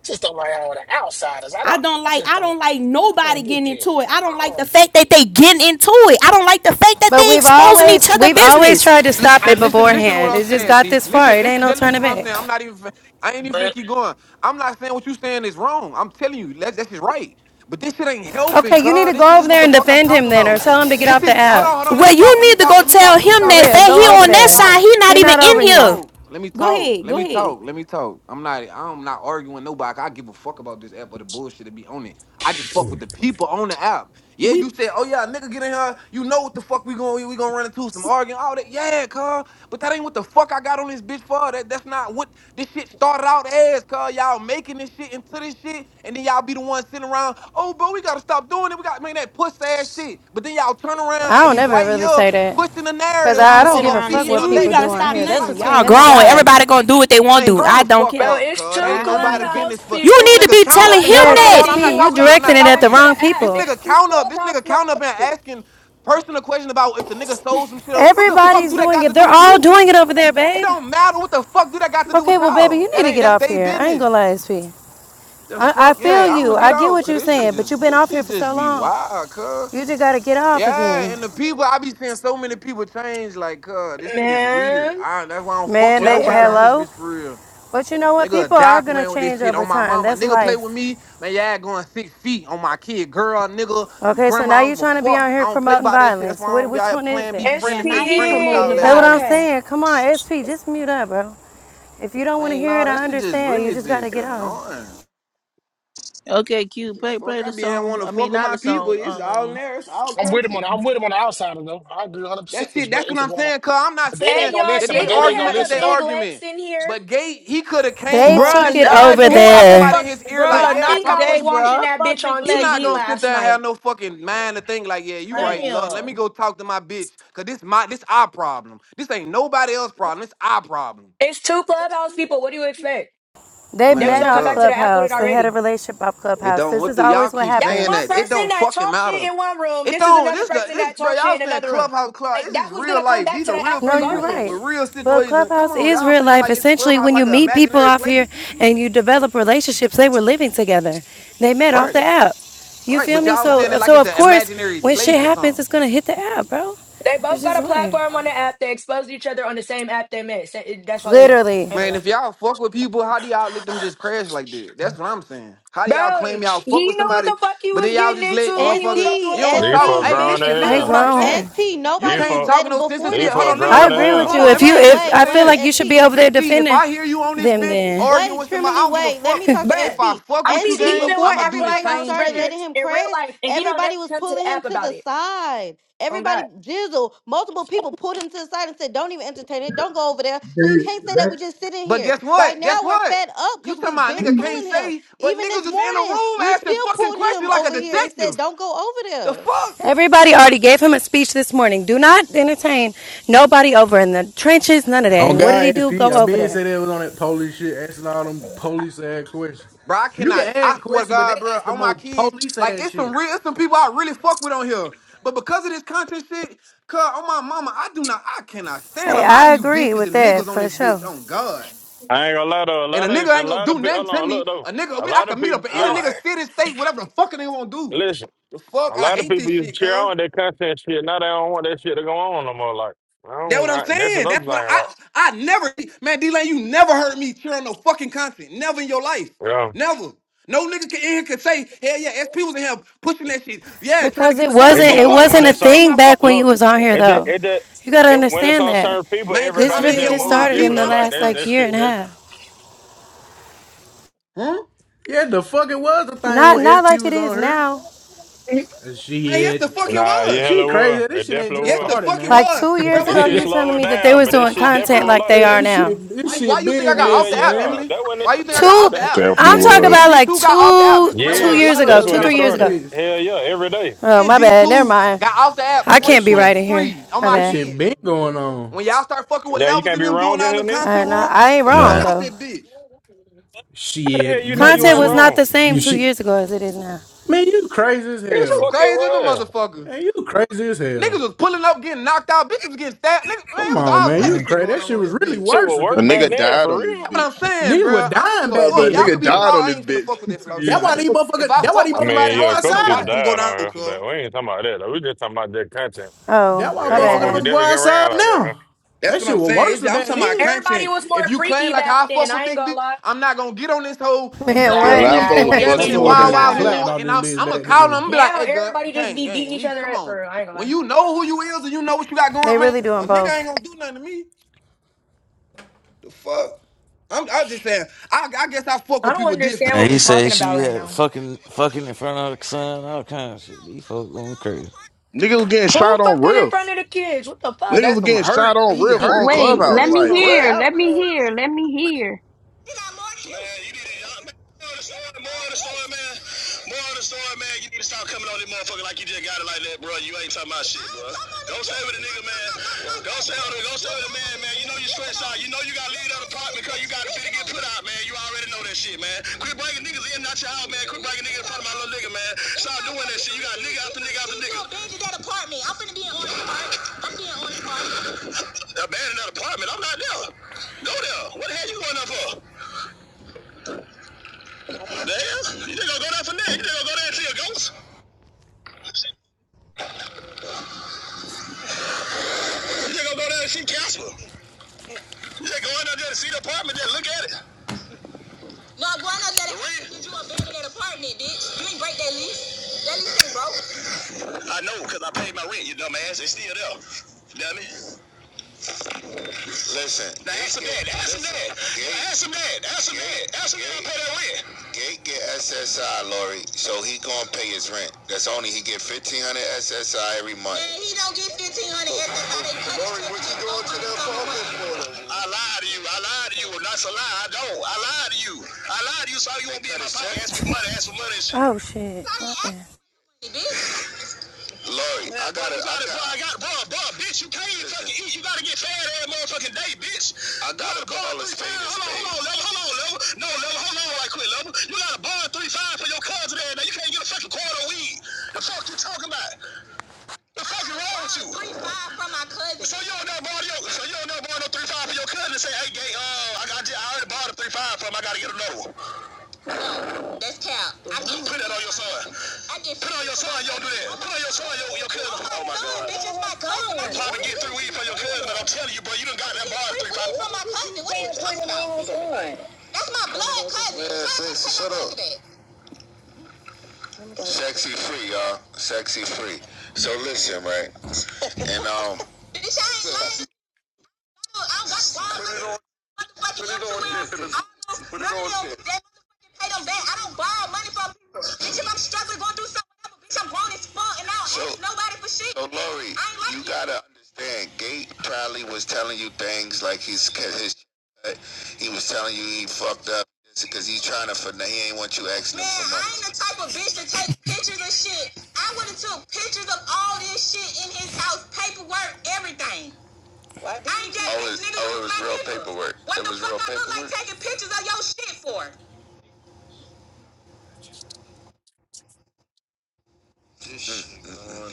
Speaker 6: Just don't like all the outsiders. I
Speaker 1: I
Speaker 6: don't.
Speaker 1: don't
Speaker 6: I
Speaker 1: like
Speaker 6: just
Speaker 1: I don't
Speaker 6: don't.
Speaker 1: like
Speaker 6: I
Speaker 1: nobody
Speaker 6: don't get
Speaker 1: getting
Speaker 6: that.
Speaker 1: into it. I
Speaker 6: I
Speaker 1: don't like the
Speaker 6: don't. get-
Speaker 1: fact that they getting into it. I don't like the fact that
Speaker 23: But
Speaker 1: they
Speaker 23: we've
Speaker 1: exposing each
Speaker 23: always
Speaker 1: other
Speaker 23: we've always
Speaker 1: business.
Speaker 23: tried to stop it
Speaker 9: Listen,
Speaker 6: I'm.
Speaker 9: listen, listen to what
Speaker 23: beforehand.
Speaker 9: I'm
Speaker 23: It's just
Speaker 9: saying.
Speaker 23: got
Speaker 9: See,
Speaker 23: this far.
Speaker 9: listen,
Speaker 23: It ain't
Speaker 9: listen,
Speaker 23: no
Speaker 9: just listen to
Speaker 23: turning
Speaker 9: what I'm
Speaker 23: back.
Speaker 9: saying. I'm not even. fin- I ain't even finna
Speaker 6: But
Speaker 9: keep going. I'm not saying what you saying is wrong. I'm telling you, that's that's just right. But this shit ain't helping,
Speaker 23: Okay, you need
Speaker 9: cuz.
Speaker 23: to
Speaker 9: This
Speaker 23: go
Speaker 9: shit, this
Speaker 23: over
Speaker 9: is what
Speaker 23: there
Speaker 9: the
Speaker 23: and
Speaker 9: fuck I'm
Speaker 23: defend him
Speaker 9: talking
Speaker 23: then, or
Speaker 9: about.
Speaker 23: tell him to get
Speaker 9: This
Speaker 23: off the
Speaker 9: is. Hold
Speaker 23: app.
Speaker 9: on, hold on. Let me
Speaker 1: Well,
Speaker 9: talk.
Speaker 1: you
Speaker 9: Let me
Speaker 1: need to
Speaker 9: talk.
Speaker 1: go
Speaker 9: Let me
Speaker 1: tell
Speaker 9: talk. Let me
Speaker 1: him
Speaker 23: For
Speaker 9: talk.
Speaker 1: that
Speaker 9: Let
Speaker 23: real,
Speaker 9: me
Speaker 1: that he
Speaker 23: go
Speaker 9: talk.
Speaker 23: over
Speaker 1: on
Speaker 9: Let me
Speaker 1: that
Speaker 23: there.
Speaker 1: side,
Speaker 9: talk.
Speaker 1: he not
Speaker 23: He
Speaker 1: even
Speaker 23: not
Speaker 9: Let
Speaker 1: in
Speaker 9: me
Speaker 23: over here.
Speaker 1: here.
Speaker 9: talk. Let me
Speaker 1: Go
Speaker 9: talk.
Speaker 1: ahead,
Speaker 9: Let
Speaker 1: go
Speaker 9: me
Speaker 1: ahead.
Speaker 9: talk. Let me talk. I'm not. I'm not arguing nobody. I give a fuck about this app or the bullshit that be on it. I just fuck with the people on the app. Yeah,
Speaker 1: We
Speaker 9: you said, oh yeah, nigga, get in here. You know what the fuck we going? We gonna run into some arguing, all that. Yeah, car. But that ain't what the fuck I got on on this bitch for that. That's not what this shit started out as, cuz y'all making this shit into this shit, and then y'all be the one sitting around, oh, but we gotta stop doing it. We gotta make that puss ass shit. But then y'all turn around
Speaker 23: I
Speaker 9: and
Speaker 23: don't
Speaker 9: be
Speaker 23: ever
Speaker 9: right
Speaker 23: really
Speaker 9: here
Speaker 23: say that.
Speaker 9: pushing the
Speaker 23: Cause
Speaker 9: narrative
Speaker 1: I
Speaker 23: I,
Speaker 1: don't
Speaker 23: don't
Speaker 1: sit
Speaker 9: or,
Speaker 23: give
Speaker 9: or
Speaker 23: a
Speaker 1: around and
Speaker 23: fuck
Speaker 1: say,
Speaker 9: feeding or
Speaker 23: what
Speaker 1: "Ooh, we
Speaker 9: letting
Speaker 23: people
Speaker 9: the
Speaker 23: do
Speaker 1: gotta
Speaker 9: shit
Speaker 23: on
Speaker 1: stop
Speaker 23: here.
Speaker 9: feed.
Speaker 23: That's
Speaker 1: nothing.
Speaker 9: Like, man,
Speaker 23: between
Speaker 1: Y'all
Speaker 9: come
Speaker 23: them and
Speaker 1: grown.
Speaker 9: on.
Speaker 23: God.
Speaker 1: Everybody gonna do what they want
Speaker 9: Man,
Speaker 1: to do.
Speaker 9: grow
Speaker 1: I
Speaker 9: the
Speaker 1: don't
Speaker 9: fuck
Speaker 1: care.
Speaker 26: Bro,
Speaker 9: up,
Speaker 26: it's
Speaker 9: cuz. There
Speaker 26: two
Speaker 9: ain't
Speaker 1: I, I don't
Speaker 9: nobody
Speaker 1: even care.
Speaker 26: clubhouse
Speaker 9: business for
Speaker 1: You
Speaker 9: this
Speaker 1: need to
Speaker 26: people.
Speaker 9: nigga
Speaker 1: be
Speaker 9: count
Speaker 1: telling
Speaker 9: up
Speaker 26: Why
Speaker 9: in here.
Speaker 1: him
Speaker 26: y'all
Speaker 9: Hold
Speaker 23: Yes,
Speaker 9: on, hold on,
Speaker 1: that.
Speaker 26: didn't
Speaker 9: hold on. I'm
Speaker 26: think it
Speaker 23: SP,
Speaker 9: not
Speaker 1: He-
Speaker 23: you
Speaker 26: was
Speaker 9: talking to you.
Speaker 26: gonna
Speaker 9: I'm not
Speaker 23: directing
Speaker 26: come
Speaker 23: it at
Speaker 9: talking to
Speaker 26: back
Speaker 23: the
Speaker 26: to
Speaker 9: you.
Speaker 26: the
Speaker 23: wrong
Speaker 26: app?
Speaker 9: This
Speaker 23: people.
Speaker 26: It's
Speaker 9: nigga
Speaker 26: two
Speaker 9: count up. This
Speaker 26: clubhouse
Speaker 9: nigga count up and
Speaker 26: motherfuckers.
Speaker 9: asking personal question about if the nigga sold some shit. up. What the fuck
Speaker 23: Everybody's
Speaker 9: do that
Speaker 23: doing
Speaker 9: got to
Speaker 23: it.
Speaker 9: do
Speaker 23: They're
Speaker 9: with
Speaker 23: all
Speaker 9: you?
Speaker 23: doing it over there,
Speaker 9: It
Speaker 23: babe.
Speaker 9: don't matter what the fuck do that got to do
Speaker 23: Okay,
Speaker 9: with
Speaker 23: well, baby,
Speaker 9: y'all.
Speaker 23: you need
Speaker 9: That
Speaker 23: to
Speaker 9: ain't
Speaker 23: get
Speaker 9: that's
Speaker 23: off
Speaker 9: they
Speaker 23: here. I ain't
Speaker 9: business.
Speaker 23: gonna lie, SP.
Speaker 9: The
Speaker 23: I, I
Speaker 9: fuck,
Speaker 23: feel
Speaker 9: yeah, I'ma
Speaker 23: you.
Speaker 9: get
Speaker 23: I get
Speaker 9: out,
Speaker 23: what
Speaker 9: cause
Speaker 23: you're
Speaker 9: this shit
Speaker 23: saying, but
Speaker 9: just
Speaker 23: you've been
Speaker 9: this
Speaker 23: off here
Speaker 9: shit
Speaker 23: for
Speaker 9: just
Speaker 23: so
Speaker 9: be
Speaker 23: long.
Speaker 9: wild, cuz.
Speaker 23: You just gotta get off
Speaker 9: Yeah,
Speaker 23: again.
Speaker 9: and the people I be seeing so many people change, like cuz this shit is weird.
Speaker 26: Man,
Speaker 9: I that's why I don't fuck
Speaker 23: Man,
Speaker 9: with
Speaker 26: y'all
Speaker 23: they
Speaker 9: nobody on
Speaker 26: tripping.
Speaker 9: this
Speaker 23: hello.
Speaker 9: bitch for real.
Speaker 23: But you know what?
Speaker 9: Nigga
Speaker 23: People
Speaker 9: die
Speaker 23: are gonna
Speaker 9: playing with this
Speaker 23: change
Speaker 9: shit
Speaker 23: over
Speaker 9: on my
Speaker 23: time.
Speaker 9: mama.
Speaker 23: That's
Speaker 9: Nigga play
Speaker 23: life.
Speaker 9: with me, man. Yeah, going six feet on my kid, girl, nigga,
Speaker 23: Okay, so
Speaker 9: grandma. I
Speaker 23: now
Speaker 9: don't
Speaker 23: you're
Speaker 9: give a
Speaker 23: trying to be out
Speaker 9: fuck.
Speaker 23: here
Speaker 9: I don't play
Speaker 23: promoting
Speaker 9: by that shit. That's
Speaker 23: violence.
Speaker 9: why I
Speaker 23: What,
Speaker 9: don't be out
Speaker 23: which
Speaker 9: here
Speaker 23: one is
Speaker 9: playing, be
Speaker 23: it?
Speaker 26: It's
Speaker 1: Yeah,
Speaker 9: friendly,
Speaker 1: now
Speaker 9: fake
Speaker 1: he
Speaker 9: friendly with
Speaker 1: promoting
Speaker 9: y'all
Speaker 1: the
Speaker 26: PE. It's
Speaker 23: That's what
Speaker 9: there.
Speaker 23: I'm
Speaker 26: okay.
Speaker 1: violence.
Speaker 23: saying. Come on, SP, just mute up, bro. If you don't want to
Speaker 9: Man,
Speaker 23: hear
Speaker 9: nah,
Speaker 23: it,
Speaker 9: that
Speaker 23: I
Speaker 9: shit just
Speaker 23: understand. You
Speaker 9: really
Speaker 23: just got to
Speaker 9: just
Speaker 23: get off.
Speaker 9: annoying.
Speaker 8: Okay, Q,
Speaker 9: The
Speaker 8: play
Speaker 9: Fuck,
Speaker 8: play
Speaker 9: I
Speaker 8: the
Speaker 9: be in
Speaker 8: song.
Speaker 9: want to
Speaker 8: I
Speaker 9: fuck
Speaker 8: mean
Speaker 9: with
Speaker 8: not
Speaker 9: my
Speaker 8: the
Speaker 9: people.
Speaker 8: song.
Speaker 9: It's all in
Speaker 8: Um
Speaker 9: there. It's all
Speaker 6: I'm with him on.
Speaker 9: content.
Speaker 6: I'm with him on the outsiders though. I agree 100
Speaker 9: That
Speaker 6: percent with
Speaker 9: shit.
Speaker 6: you. But
Speaker 9: That's what
Speaker 6: it's
Speaker 9: I'm
Speaker 6: wrong.
Speaker 9: saying. Cause I'm not
Speaker 6: But they
Speaker 26: Hey,
Speaker 6: ain't
Speaker 9: saying
Speaker 6: gonna
Speaker 26: y'all,
Speaker 9: that
Speaker 6: listen.
Speaker 9: they
Speaker 6: But they
Speaker 26: didn't we
Speaker 6: ain't gonna
Speaker 9: argument
Speaker 26: have
Speaker 9: ain't
Speaker 26: a
Speaker 9: they
Speaker 6: listen though.
Speaker 26: big Lex
Speaker 9: argument.
Speaker 26: in here?
Speaker 9: But Gate, he could have came
Speaker 23: They
Speaker 9: on.
Speaker 23: took
Speaker 8: Bruh,
Speaker 9: Listen,
Speaker 23: it
Speaker 9: if
Speaker 8: uh,
Speaker 9: if
Speaker 23: over
Speaker 9: Gate got
Speaker 8: whoever the
Speaker 9: somebody in
Speaker 8: fuck
Speaker 23: there.
Speaker 9: his ear
Speaker 26: Cause
Speaker 9: like,
Speaker 8: bruh,
Speaker 26: I
Speaker 9: yeah,
Speaker 8: not
Speaker 26: think I
Speaker 9: talk
Speaker 26: was
Speaker 8: today,
Speaker 9: that
Speaker 26: watching
Speaker 8: bruh.
Speaker 9: shit.
Speaker 26: that
Speaker 8: Fuck
Speaker 26: bitch
Speaker 8: Big
Speaker 26: on
Speaker 9: He not
Speaker 26: TV
Speaker 9: gonna
Speaker 8: Lexus.
Speaker 9: sit
Speaker 26: last
Speaker 9: there and have
Speaker 26: night.
Speaker 9: no fucking mind to think like, yeah, you
Speaker 26: I don't
Speaker 9: right,
Speaker 26: know.
Speaker 9: Lord. Let me
Speaker 8: Damn.
Speaker 9: go talk to my bitch, cause this my this our problem. This ain't nobody else problem. It's our problem.
Speaker 26: It's two clubhouse people. What do you expect?
Speaker 23: They
Speaker 26: They was
Speaker 23: met
Speaker 9: Man,
Speaker 26: gonna come
Speaker 23: off
Speaker 26: back
Speaker 9: cuz.
Speaker 26: to the app with it
Speaker 23: Clubhouse. They had a
Speaker 26: already.
Speaker 23: relationship off
Speaker 9: It
Speaker 23: Clubhouse.
Speaker 9: don't.
Speaker 23: This
Speaker 9: What
Speaker 23: is
Speaker 9: do y'all
Speaker 23: always what
Speaker 9: keep
Speaker 26: That's
Speaker 9: saying
Speaker 26: one
Speaker 23: happens.
Speaker 9: that? It
Speaker 26: person
Speaker 9: don't
Speaker 26: that
Speaker 9: fucking
Speaker 26: talk shit
Speaker 9: matter.
Speaker 26: in one room.
Speaker 9: It
Speaker 26: This is
Speaker 9: don't.
Speaker 26: another
Speaker 9: This the
Speaker 26: person
Speaker 9: this
Speaker 26: that
Speaker 9: bro.
Speaker 26: talk shit
Speaker 9: Y'all
Speaker 26: in
Speaker 9: saying
Speaker 26: another room.
Speaker 9: clubhouse club.
Speaker 26: Like
Speaker 9: This
Speaker 26: that
Speaker 9: is
Speaker 26: was
Speaker 9: real
Speaker 26: gonna come
Speaker 9: life.
Speaker 26: back
Speaker 9: These
Speaker 26: to
Speaker 9: are
Speaker 26: the
Speaker 9: real
Speaker 26: app
Speaker 23: No, you're
Speaker 9: people
Speaker 23: right.
Speaker 9: with
Speaker 26: regardless.
Speaker 9: real
Speaker 23: Well,
Speaker 9: situations. Come
Speaker 23: Clubhouse
Speaker 9: on,
Speaker 23: is
Speaker 9: y'all
Speaker 23: real
Speaker 9: saying it
Speaker 23: life.
Speaker 9: like it's
Speaker 23: Essentially,
Speaker 9: clubhouse
Speaker 23: when you
Speaker 9: like an
Speaker 23: meet people
Speaker 9: imaginary
Speaker 23: off here
Speaker 9: place.
Speaker 23: and you develop relationships, they were living together. They met off
Speaker 9: Right.
Speaker 23: the app. You
Speaker 9: Right.
Speaker 23: feel
Speaker 9: But
Speaker 23: me?
Speaker 9: y'all saying
Speaker 23: So,
Speaker 9: it like
Speaker 23: so
Speaker 9: it's
Speaker 23: of
Speaker 9: an
Speaker 23: course,
Speaker 9: imaginary
Speaker 23: when shit
Speaker 9: place or
Speaker 23: happens,
Speaker 9: something.
Speaker 23: it's gonna hit the app, bro.
Speaker 26: They
Speaker 23: It's
Speaker 26: both got
Speaker 23: just
Speaker 26: a
Speaker 23: life.
Speaker 26: platform on the app. They exposed each other on the same app they met. So it- That's all it is.
Speaker 23: Literally,
Speaker 26: I ain't gonna
Speaker 9: Man,
Speaker 26: lie.
Speaker 9: if y'all fuck with people, how do y'all let them just crash like that? That's what I'm saying. How do y'all
Speaker 26: Bro,
Speaker 9: claim y'all fuck
Speaker 26: he
Speaker 9: with
Speaker 26: knew what
Speaker 9: somebody,
Speaker 26: the fuck he
Speaker 9: but
Speaker 26: was
Speaker 9: then y'all
Speaker 26: getting
Speaker 9: just let
Speaker 26: into when he was
Speaker 9: motherfucker,
Speaker 26: fucking
Speaker 10: SP,
Speaker 26: with
Speaker 9: you
Speaker 26: a
Speaker 28: on.
Speaker 9: don't
Speaker 10: SP,
Speaker 28: These
Speaker 9: talk.
Speaker 28: folks
Speaker 26: clubhouse
Speaker 9: Hey,
Speaker 28: growing
Speaker 26: bitch
Speaker 28: the
Speaker 9: listen,
Speaker 26: and
Speaker 23: they
Speaker 9: listen
Speaker 26: vice
Speaker 28: hell.
Speaker 9: what I'm
Speaker 26: versa.
Speaker 9: saying.
Speaker 23: grown.
Speaker 10: SP.
Speaker 9: You
Speaker 10: Nobody
Speaker 28: These
Speaker 9: can't
Speaker 10: is
Speaker 28: folks,
Speaker 9: talk
Speaker 10: letting.
Speaker 9: no sense
Speaker 10: Before
Speaker 9: to it.
Speaker 28: these
Speaker 10: this
Speaker 9: Hold
Speaker 28: folks
Speaker 9: on, look, look,
Speaker 10: happened,
Speaker 23: I
Speaker 28: growing
Speaker 9: look,
Speaker 28: the
Speaker 9: move,
Speaker 23: agree
Speaker 9: move,
Speaker 23: with
Speaker 9: move.
Speaker 28: hell.
Speaker 10: hold
Speaker 23: you.
Speaker 9: move.
Speaker 10: on,
Speaker 23: If
Speaker 9: Let me
Speaker 23: you,
Speaker 9: tell you
Speaker 10: wait,
Speaker 9: this.
Speaker 23: if
Speaker 9: Let
Speaker 10: wait,
Speaker 9: me
Speaker 23: I
Speaker 9: tell you
Speaker 23: feel
Speaker 10: wait.
Speaker 9: this.
Speaker 23: like you should
Speaker 10: SP.
Speaker 23: be over there
Speaker 9: Big C, if
Speaker 23: defending
Speaker 9: I hear you on this
Speaker 23: them,
Speaker 9: bitch
Speaker 23: then
Speaker 9: arguing
Speaker 10: Wait,
Speaker 9: with somebody,
Speaker 10: Trimley,
Speaker 9: I don't give a
Speaker 10: wait. Let
Speaker 9: fuck.
Speaker 10: me talk to
Speaker 9: If
Speaker 26: Bruh,
Speaker 9: I
Speaker 10: SP.
Speaker 9: fuck
Speaker 26: I
Speaker 9: with you,
Speaker 26: be
Speaker 10: SP,
Speaker 9: gang,
Speaker 26: beefing
Speaker 10: before
Speaker 26: with
Speaker 9: I'ma
Speaker 26: my
Speaker 9: do the
Speaker 10: everybody just
Speaker 26: clubhouse
Speaker 9: same
Speaker 10: started
Speaker 9: shit.
Speaker 10: letting
Speaker 26: brother
Speaker 10: him
Speaker 26: in real
Speaker 10: crash,
Speaker 26: life and he don't ever
Speaker 10: everybody was
Speaker 26: come to
Speaker 10: pulling
Speaker 26: the
Speaker 10: him
Speaker 26: app
Speaker 10: to
Speaker 26: about
Speaker 10: the
Speaker 26: it.
Speaker 10: side.
Speaker 26: Oh
Speaker 10: Everybody,
Speaker 26: God.
Speaker 10: Jizzle, multiple people pulled him to the side and said, don't even entertain it. Don't go over there. So you can't say that we just sitting
Speaker 9: But
Speaker 10: here.
Speaker 9: guess
Speaker 10: Right
Speaker 9: what? Guess
Speaker 10: now, we're
Speaker 9: what?
Speaker 10: fed up
Speaker 9: You
Speaker 10: because
Speaker 9: talking
Speaker 10: we've
Speaker 9: about a
Speaker 10: been
Speaker 9: nigga can't
Speaker 10: pulling him.
Speaker 9: say, but
Speaker 10: Even
Speaker 9: niggas
Speaker 10: this
Speaker 9: is in a
Speaker 10: morning,
Speaker 9: room
Speaker 10: we
Speaker 9: asking
Speaker 10: still
Speaker 9: fucking
Speaker 10: pulled
Speaker 9: questions
Speaker 10: him
Speaker 9: like a
Speaker 10: over here and said,
Speaker 9: detective.
Speaker 10: don't go over
Speaker 9: The
Speaker 10: there.
Speaker 9: fuck?
Speaker 23: everybody already gave him a speech this morning. Do not entertain nobody over in the trenches. None of that.
Speaker 16: On
Speaker 23: And what did
Speaker 16: God,
Speaker 23: he do?
Speaker 16: SP,
Speaker 23: Go
Speaker 16: I
Speaker 23: over
Speaker 16: been
Speaker 23: there.
Speaker 16: said they was on that police shit, asking all them police ass questions.
Speaker 9: Bro, I
Speaker 16: You
Speaker 9: cannot.
Speaker 16: can
Speaker 9: I
Speaker 16: ask
Speaker 9: swear to
Speaker 16: questions, but
Speaker 9: God,
Speaker 16: they
Speaker 9: bro,
Speaker 16: asked the
Speaker 9: on my
Speaker 16: most
Speaker 9: kids,
Speaker 16: police
Speaker 9: like
Speaker 16: ass
Speaker 9: it's some
Speaker 16: shit.
Speaker 9: real, it's some people I really fuck with on here. But because of this content shit, cuz on my mama, I do not, I cannot stand a
Speaker 23: Hey,
Speaker 9: lot of
Speaker 23: I
Speaker 9: you
Speaker 23: agree
Speaker 9: bitches
Speaker 23: with
Speaker 9: and
Speaker 23: that
Speaker 9: niggas on
Speaker 23: for
Speaker 9: this
Speaker 23: sure.
Speaker 9: bitch. On God,
Speaker 28: I ain't gonna lie though. A
Speaker 9: and a
Speaker 28: lot of,
Speaker 9: nigga
Speaker 28: a
Speaker 9: ain't gonna
Speaker 28: lot of
Speaker 9: do
Speaker 28: people,
Speaker 9: nothing
Speaker 28: hold
Speaker 9: to
Speaker 28: on, look
Speaker 9: me.
Speaker 28: though.
Speaker 9: A nigga,
Speaker 28: A
Speaker 9: we, I
Speaker 28: lot of
Speaker 9: can meet
Speaker 28: people,
Speaker 9: up in any
Speaker 28: listen.
Speaker 9: nigga
Speaker 26: Lord.
Speaker 9: city, state, whatever the fuck a nigga wanna do.
Speaker 28: Listen,
Speaker 9: The fuck,
Speaker 28: A
Speaker 9: I
Speaker 28: lot of
Speaker 9: hate
Speaker 28: people
Speaker 9: this
Speaker 28: used
Speaker 9: shit,
Speaker 28: to cheer
Speaker 9: cuz.
Speaker 28: on that content shit. Now they don't want that shit to go on no more. Like, I
Speaker 9: That's
Speaker 28: don't.
Speaker 9: what I'm
Speaker 28: I, that's
Speaker 9: saying.
Speaker 28: another thing.
Speaker 9: That's what
Speaker 28: Like,
Speaker 9: I I never man D Lane, you never heard me cheer on no fucking content. Never in your life.
Speaker 28: yeah,
Speaker 9: Never. No nigga can, in here could say, hell yeah, SP was in here pushing that shit. Yeah, trying to
Speaker 23: Because
Speaker 9: get
Speaker 23: it
Speaker 9: the man, I don't
Speaker 28: it
Speaker 9: give
Speaker 23: wasn't
Speaker 9: a
Speaker 28: just
Speaker 23: it
Speaker 9: fuck
Speaker 28: like when
Speaker 23: wasn't
Speaker 9: about
Speaker 23: a
Speaker 9: this.
Speaker 28: it's
Speaker 9: It
Speaker 28: on.
Speaker 9: ain't
Speaker 23: thing
Speaker 9: my fuck.
Speaker 23: back when you
Speaker 28: Look,
Speaker 23: was on here
Speaker 28: it just,
Speaker 23: though.
Speaker 28: it just,
Speaker 23: You gotta
Speaker 28: it, when it's
Speaker 23: understand
Speaker 28: on
Speaker 23: that.
Speaker 28: certain people,
Speaker 9: Man, cause
Speaker 23: This
Speaker 9: I'm
Speaker 28: everybody
Speaker 9: in
Speaker 23: really
Speaker 28: just
Speaker 9: here
Speaker 23: just
Speaker 9: with my
Speaker 28: move
Speaker 23: started in
Speaker 9: people.
Speaker 23: the
Speaker 28: differently.
Speaker 9: I'm
Speaker 28: Like
Speaker 9: think
Speaker 23: last
Speaker 28: that
Speaker 9: man,
Speaker 23: like
Speaker 28: that
Speaker 23: year
Speaker 28: shit.
Speaker 23: and a
Speaker 28: That
Speaker 23: half.
Speaker 9: huh?
Speaker 16: Yeah, the fuck it was the thing
Speaker 23: Not
Speaker 16: when
Speaker 23: not
Speaker 16: SP
Speaker 23: like it
Speaker 16: was
Speaker 23: is
Speaker 16: on her.
Speaker 23: now.
Speaker 16: And
Speaker 9: Man, yes the
Speaker 16: Shit,
Speaker 9: fuck it
Speaker 28: nah, you
Speaker 9: was.
Speaker 16: she
Speaker 28: hella will.
Speaker 16: crazy. This
Speaker 28: It
Speaker 16: shit ain't
Speaker 28: definitely
Speaker 16: just
Speaker 9: Yes the
Speaker 28: will.
Speaker 16: started,
Speaker 9: fuck it
Speaker 16: man.
Speaker 23: Like
Speaker 9: was.
Speaker 23: two
Speaker 16: man,
Speaker 9: Bro,
Speaker 23: years
Speaker 9: why
Speaker 28: That
Speaker 9: do
Speaker 23: ago
Speaker 9: you
Speaker 28: shit
Speaker 23: you
Speaker 9: think
Speaker 23: telling
Speaker 9: Emily,
Speaker 28: slowed
Speaker 23: me
Speaker 9: why
Speaker 23: that
Speaker 9: do
Speaker 23: they
Speaker 9: you
Speaker 28: down,
Speaker 23: was
Speaker 28: but
Speaker 9: think I
Speaker 28: that
Speaker 9: got
Speaker 23: doing
Speaker 28: shit
Speaker 9: off the
Speaker 23: content
Speaker 28: definitely
Speaker 9: app?
Speaker 28: was
Speaker 23: like
Speaker 28: like
Speaker 23: they
Speaker 28: that.
Speaker 23: are
Speaker 16: this
Speaker 23: now.
Speaker 16: shit,
Speaker 9: Why
Speaker 16: this
Speaker 9: why
Speaker 16: shit
Speaker 9: you think I
Speaker 28: Hell
Speaker 16: been
Speaker 9: got off the
Speaker 16: messy,
Speaker 9: app,
Speaker 16: man.
Speaker 28: yeah,
Speaker 9: Emily?
Speaker 28: that when it
Speaker 9: Why you think I
Speaker 28: started.
Speaker 9: got
Speaker 23: Two
Speaker 28: What
Speaker 9: off
Speaker 28: the
Speaker 9: the
Speaker 28: heck?
Speaker 9: app?
Speaker 27: Definitely
Speaker 9: Why
Speaker 23: I'm
Speaker 9: you think
Speaker 23: talking
Speaker 9: me
Speaker 27: was.
Speaker 9: and
Speaker 23: about
Speaker 9: G2
Speaker 23: like
Speaker 9: got off the app?
Speaker 23: two
Speaker 9: This
Speaker 16: That's
Speaker 9: real
Speaker 23: two
Speaker 16: why a
Speaker 9: shit.
Speaker 23: years
Speaker 28: Yes,
Speaker 16: lot of
Speaker 23: ago,
Speaker 28: that's
Speaker 16: us
Speaker 23: two,
Speaker 28: when it
Speaker 16: got
Speaker 23: three
Speaker 16: out this
Speaker 23: years
Speaker 28: started.
Speaker 23: ago.
Speaker 16: bitch.
Speaker 28: Hell yeah, every day.
Speaker 23: Oh
Speaker 9: and
Speaker 23: my bad, never
Speaker 9: G2
Speaker 23: mind.
Speaker 9: got off the app
Speaker 23: I
Speaker 16: That
Speaker 23: can't be
Speaker 16: shit,
Speaker 23: right in here.
Speaker 9: 2023 on
Speaker 23: My
Speaker 9: my
Speaker 16: that
Speaker 23: bad.
Speaker 16: shit
Speaker 9: kids.
Speaker 16: been going on.
Speaker 9: When y'all start fucking with
Speaker 28: Now you
Speaker 9: levels
Speaker 28: can't
Speaker 9: and
Speaker 28: be
Speaker 9: them doing
Speaker 28: wrong in
Speaker 9: all
Speaker 28: here,
Speaker 9: them
Speaker 28: nigga.
Speaker 9: content
Speaker 23: I no,
Speaker 9: rooms,
Speaker 23: I ain't
Speaker 9: the fuck
Speaker 23: wrong
Speaker 9: out
Speaker 23: though.
Speaker 9: that bitch.
Speaker 28: How the hell
Speaker 16: Shit,
Speaker 28: you know
Speaker 16: you,
Speaker 28: you
Speaker 23: Content
Speaker 28: ain't
Speaker 23: was not
Speaker 16: she,
Speaker 23: the
Speaker 28: wrong?
Speaker 23: same
Speaker 16: you,
Speaker 23: two
Speaker 16: she,
Speaker 23: years ago as it is now.
Speaker 16: man, you crazy as
Speaker 9: Man,
Speaker 28: It's
Speaker 9: you
Speaker 16: hell.
Speaker 28: fucking
Speaker 9: crazy as a
Speaker 28: wild.
Speaker 9: motherfucker.
Speaker 16: Man, you crazy as hell.
Speaker 9: Niggas was pulling up, getting knocked out. Bitches was getting stabbed. Nigga, man, it
Speaker 16: Come
Speaker 9: was
Speaker 16: on,
Speaker 9: all
Speaker 16: man.
Speaker 9: type
Speaker 16: You
Speaker 9: of shit
Speaker 16: crazy.
Speaker 9: going
Speaker 16: That
Speaker 9: on
Speaker 16: shit
Speaker 9: on this
Speaker 16: was really
Speaker 9: bitch.
Speaker 28: Shit
Speaker 16: worse.
Speaker 28: will
Speaker 16: Cause
Speaker 27: A
Speaker 28: work back
Speaker 27: nigga
Speaker 16: niggas,
Speaker 28: then
Speaker 27: died
Speaker 28: for
Speaker 27: on this
Speaker 28: real.
Speaker 9: That's what I'm
Speaker 27: bitch. I
Speaker 9: saying,
Speaker 16: niggas were
Speaker 9: bro. I don't give
Speaker 16: dying
Speaker 9: a
Speaker 16: back
Speaker 27: was
Speaker 9: fuck.
Speaker 27: like,
Speaker 9: Y'all
Speaker 16: then.
Speaker 9: could
Speaker 27: nigga
Speaker 9: be
Speaker 27: died
Speaker 9: flawed.
Speaker 27: on
Speaker 9: I
Speaker 27: this
Speaker 9: ain't finna
Speaker 27: bitch
Speaker 9: fuck with that
Speaker 27: two
Speaker 9: flaw shit.
Speaker 16: that
Speaker 27: years
Speaker 9: I
Speaker 16: why
Speaker 9: just,
Speaker 16: these
Speaker 27: ago.
Speaker 9: if
Speaker 16: motherfuckers
Speaker 9: I
Speaker 16: that why
Speaker 9: fuck
Speaker 16: these
Speaker 28: I
Speaker 9: with
Speaker 16: motherfuckers
Speaker 9: somebody,
Speaker 16: don't
Speaker 28: mean,
Speaker 9: I'm
Speaker 16: go
Speaker 28: yeah, a
Speaker 9: not
Speaker 28: couple
Speaker 9: finna
Speaker 28: people
Speaker 9: watch
Speaker 16: outside.
Speaker 9: them go
Speaker 28: died
Speaker 9: down.
Speaker 28: on here, but
Speaker 9: Okay.
Speaker 28: we ain't talking about that. Though. We just talking about that content.
Speaker 16: That
Speaker 23: Oh,
Speaker 28: Yeah,
Speaker 16: why
Speaker 23: my
Speaker 28: that
Speaker 9: Yes.
Speaker 16: motherfuckers
Speaker 28: motherfucker
Speaker 23: bad.
Speaker 16: don't go
Speaker 28: definitely get
Speaker 16: outside
Speaker 28: around like that.
Speaker 16: now.
Speaker 9: That's
Speaker 16: That
Speaker 9: what
Speaker 16: shit
Speaker 9: I'm
Speaker 16: was
Speaker 9: saying.
Speaker 16: worse
Speaker 9: It's,
Speaker 16: than
Speaker 9: I'm
Speaker 16: back
Speaker 9: talking about
Speaker 16: then.
Speaker 26: Everybody
Speaker 9: content.
Speaker 26: was
Speaker 9: If
Speaker 26: more
Speaker 9: you claim
Speaker 26: freaky
Speaker 9: like
Speaker 26: back
Speaker 9: how I
Speaker 26: then.
Speaker 9: fuck with
Speaker 26: I ain't
Speaker 9: Big
Speaker 26: gonna
Speaker 9: B,
Speaker 26: lie.
Speaker 9: I'm not gonna get on this hoe and hear
Speaker 23: Man,
Speaker 27: Yeah,
Speaker 6: Nah,
Speaker 27: a
Speaker 9: Big
Speaker 6: they,
Speaker 27: lot of
Speaker 9: B
Speaker 6: nah,
Speaker 27: folks
Speaker 6: that's why
Speaker 27: was
Speaker 23: what?
Speaker 6: they
Speaker 16: Man,
Speaker 9: yelling
Speaker 27: fucking
Speaker 6: scared to
Speaker 9: and
Speaker 16: motherfucker
Speaker 6: go
Speaker 27: more
Speaker 16: was
Speaker 9: wow
Speaker 27: back
Speaker 16: getting
Speaker 9: wow
Speaker 27: then,
Speaker 6: outside
Speaker 27: though.
Speaker 16: clapped
Speaker 9: who,
Speaker 6: now.
Speaker 16: out
Speaker 9: and
Speaker 16: this
Speaker 9: I'm
Speaker 16: bitch
Speaker 9: I'm gonna
Speaker 16: back
Speaker 9: call him. I'm
Speaker 16: then.
Speaker 9: gonna be like,
Speaker 26: Now
Speaker 9: hey, girl,
Speaker 26: everybody just
Speaker 9: gang,
Speaker 26: be
Speaker 9: gang,
Speaker 26: beating each
Speaker 9: we
Speaker 26: other
Speaker 9: come
Speaker 26: up
Speaker 9: on.
Speaker 26: for real. I ain't gonna
Speaker 9: When
Speaker 26: lie.
Speaker 9: you know who you is and you know what you got going,
Speaker 23: they
Speaker 9: man,
Speaker 23: really
Speaker 9: a
Speaker 23: doing
Speaker 9: nigga ain't
Speaker 23: both.
Speaker 9: gonna do nothing to me. The fuck. I'm, I'm just saying. I, I guess I fuck
Speaker 26: I
Speaker 9: with
Speaker 26: don't
Speaker 9: people
Speaker 26: understand
Speaker 9: different,
Speaker 26: what
Speaker 32: And he
Speaker 26: we
Speaker 9: gang.
Speaker 32: said
Speaker 26: talking
Speaker 32: she
Speaker 26: about right
Speaker 32: had
Speaker 26: now.
Speaker 32: fucking fucking in front of the sun, all kinds of shit. These folks going crazy.
Speaker 27: Niggas was getting
Speaker 26: Who
Speaker 27: shot on
Speaker 26: fucking in front
Speaker 27: Riff.
Speaker 26: of the kids? What the
Speaker 9: But
Speaker 27: Niggas
Speaker 26: fuck?
Speaker 9: that's
Speaker 27: was
Speaker 9: some
Speaker 27: getting shot
Speaker 9: hurt.
Speaker 27: on
Speaker 9: He
Speaker 27: Riff
Speaker 1: Wait,
Speaker 27: on
Speaker 9: hurt, and you
Speaker 1: wait,
Speaker 9: doing
Speaker 1: let
Speaker 27: Clubhouse.
Speaker 9: this
Speaker 1: me
Speaker 9: shit
Speaker 27: Like,
Speaker 9: on the
Speaker 1: hear,
Speaker 27: what?
Speaker 9: out,
Speaker 1: let me
Speaker 9: cuz.
Speaker 1: hear, let me hear.
Speaker 32: You got more than you. Man, you need to, man, more of the story, more of the story, man. More of the story, man. You need to stop coming on this motherfucker like you just got it like that, bro. You ain't talking about shit, bro. Don't stay with a nigga, man. Don't stay with a, don't stay with a man, man. You know you stressed out. You know you gotta leave that apartment because you gotta fit to get put out, man. You already know that shit, man. Quit bringing niggas in, not your house, man. Quit bringing niggas in front of my little nigga, man. Stop doing that shit. You got nigga after nigga after nigga. Abandon that apartment. I'm finna be in Orange Park. I'm being in Orange Park. Abandon that apartment. I'm not there. Go there. What the hell you going up for? Damn, you just gonna go there for nothing. You just gonna go there and see a ghost. You just gonna go there and see Casper. You just go in there just to see the apartment, just look at it. No, I go in there, let it rent. You a bed in that apartment, bitch. You ain't break that lease. That lease ain't broke. I know, cause I paid my rent, you dumbass. It's still there. You Dummy. Listen, ask him that. Ask him that. ask him that. Ask him that. Ask him if I pay that rent. Gate get SSI, Lori, so he gonna pay his rent. That's only he get fifteen hundred SSI every month. Man, he don't get fifteen hundred SSI. that's Lori, what you going to that office for? though? I lied to you. I lied to you. Well, That's a lie. I don't. I lied to you. I lied to you so you won't be in my pocket. Ask me for money. Ask for money and shit.
Speaker 23: Oh shit. What the
Speaker 32: He did. Lord, Man, I gotta, bro, gotta, I gotta, bro, got, I gotta, bro, bro, bitch, you can't even fucking eat. You gotta get fed every motherfucking day, bitch. I gotta bar a three five. Hold on, hold on, level, hold on, level. No, level, hold on, right quick, level. You gotta bar three five for your cousin every day. You can't get a fucking quarter of weed. The fuck you talking about? The fuck is wrong with you? Three five from my cousin. So you don't know borrow your, so you don't know borrow no three five for your cousin and say, hey, gay, uh, I got, I already bought a three five for him. I gotta get another one. Let's count. I get, Put that on your son. I get Put on your son, y'all do that. Put on your son, yo, your cousin. Oh my God. bitch, it's my cousin. Papa, get three weed for your cousin. but I'm telling you, bro, you done got that bar Three three weeks times. from my cousin. What are you talking about? That's my blood cousin. Man, How sexy, shut up. Sexy free, y'all. Sexy free. So listen, right? And um, Bitch, I ain't lying. So, so Lori, like you gotta understand. Gate probably was telling you things like he's his. He was telling you he fucked up because he's trying to. fin- He ain't want you asking Man, him for money. I ain't the type of bitch to take pictures of shit. I would have took pictures of all this shit in his house, paperwork, everything. I ain't Oh, this it's- oh, it was real paperwork. What It the was fuck real I look like taking pictures of your shit for? Mm-hmm.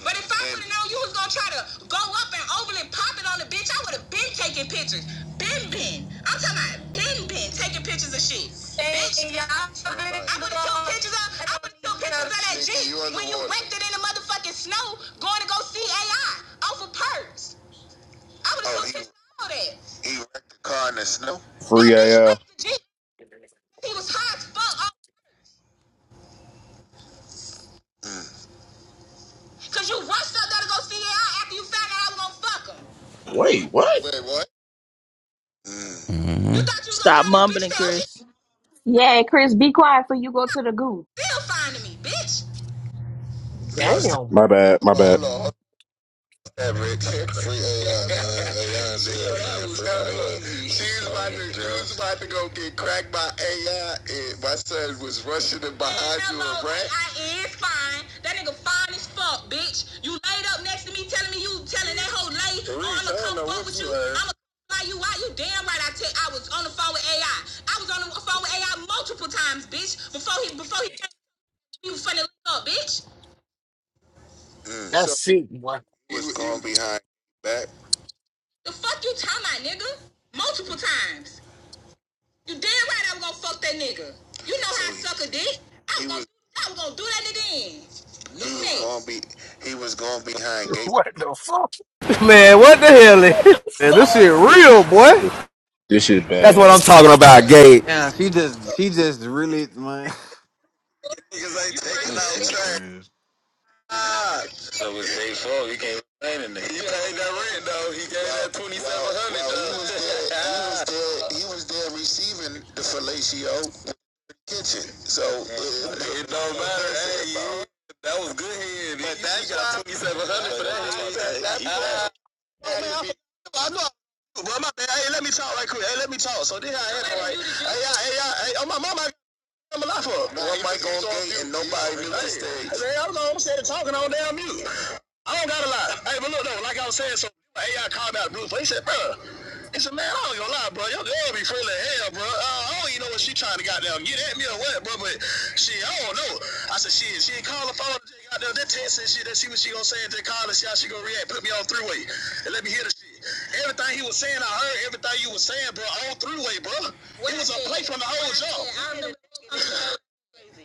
Speaker 32: But if I would have known you was gonna try to go up and over and pop it on the bitch, I would have been taking pictures. Been been. I'm talking about been been taking pictures of shit. Bitch, Hey, y'all. I would have took pictures of I would have took pictures of that G when you underwater. wrecked it in the motherfucking snow going to go see AI off of perks. I would have Oh, took pictures of all that. He wrecked the car in the snow. That
Speaker 27: Free
Speaker 32: bitch
Speaker 27: AF.
Speaker 32: wrecked the Jeep. He was high as fuck Cause you rushed up there to go see her out after you found out I was gonna fuck her.
Speaker 27: Wait, what?
Speaker 32: Wait, what? You thought you was gonna get
Speaker 8: Stop
Speaker 32: on this bitch and
Speaker 8: mumbling,
Speaker 32: say, oh, she
Speaker 8: Chris.
Speaker 1: Yeah, Chris, be quiet before you go to the goo.
Speaker 32: still fine to me, bitch. Do y'all still?
Speaker 6: Damn,
Speaker 27: My bad, my bad.
Speaker 32: Hold on, hold on, Maverick, free AI, man. AI said, man, free AI. She's about to, she was about to go get cracked by AI, and my son was rushing in behind you a rat. I is fine. That nigga fine as fuck, bitch. You laid up next to me telling me you telling that whole lady, oh, I'ma come fuck with you. I'ma why you why you damn right I tell I was on the phone with AI. I I was on the phone with AI multiple times, bitch. Before he before he came, you funny up, bitch.
Speaker 6: that's sick, boy.
Speaker 32: He was going behind back. The fuck you talking about, nigga? Multiple times. You damn right I was gonna fuck that nigga. You know how I He- suck a dick. I was, he gonna, I was gonna do that nigga in. He was gonna be he was gonna be behind gate.
Speaker 6: What the fuck?
Speaker 20: Man, what the hell? Is Man, this shit
Speaker 6: Fuck!
Speaker 20: real, boy.
Speaker 27: This shit
Speaker 34: That's what
Speaker 27: bad.
Speaker 34: I'm talking about, Gabe.
Speaker 9: Nah, she just, she just really, man.
Speaker 32: Niggas ain't taking
Speaker 9: That
Speaker 32: out
Speaker 9: shit
Speaker 32: trash.
Speaker 9: crazy.
Speaker 32: Ah. So it's day four. He can't complain in there. You ain't that rent though. He gave that twenty-seven hundred. well, he was there. He was there. He was there receiving the fellatio kitchen. So it, it don't matter. Hey, you- that was good head. But that's got twenty seven hundred for that Oh, I know. But my man, hey, let me talk right quick. Hey, let me talk. So then I had it right. Hey, y'all, hey, y'all, hey, oh, my mama. I'm a lot for one mic on gate and nobody really stayed. Hey, I don't know. I'm standing talking on damn mute. I don't gotta lie. Hey, but look though, like I was saying, so AI called out Bruce, he said, bro, he said, man, I don't gonna lie, bro. Your girl be friendly as hell, bro. Uh, I don't even know what she trying to goddamn get at me or what, bro. But shit, I don't know. I said, shit, she ain't call the phone. She ain't goddamn that text and shit. Let's see what she gonna say and just call and see how she gonna react. Put me on three way and let me hear the shit. Everything he was saying, I heard everything you was saying, bro. On three way, bro. It was a play from the whole jump.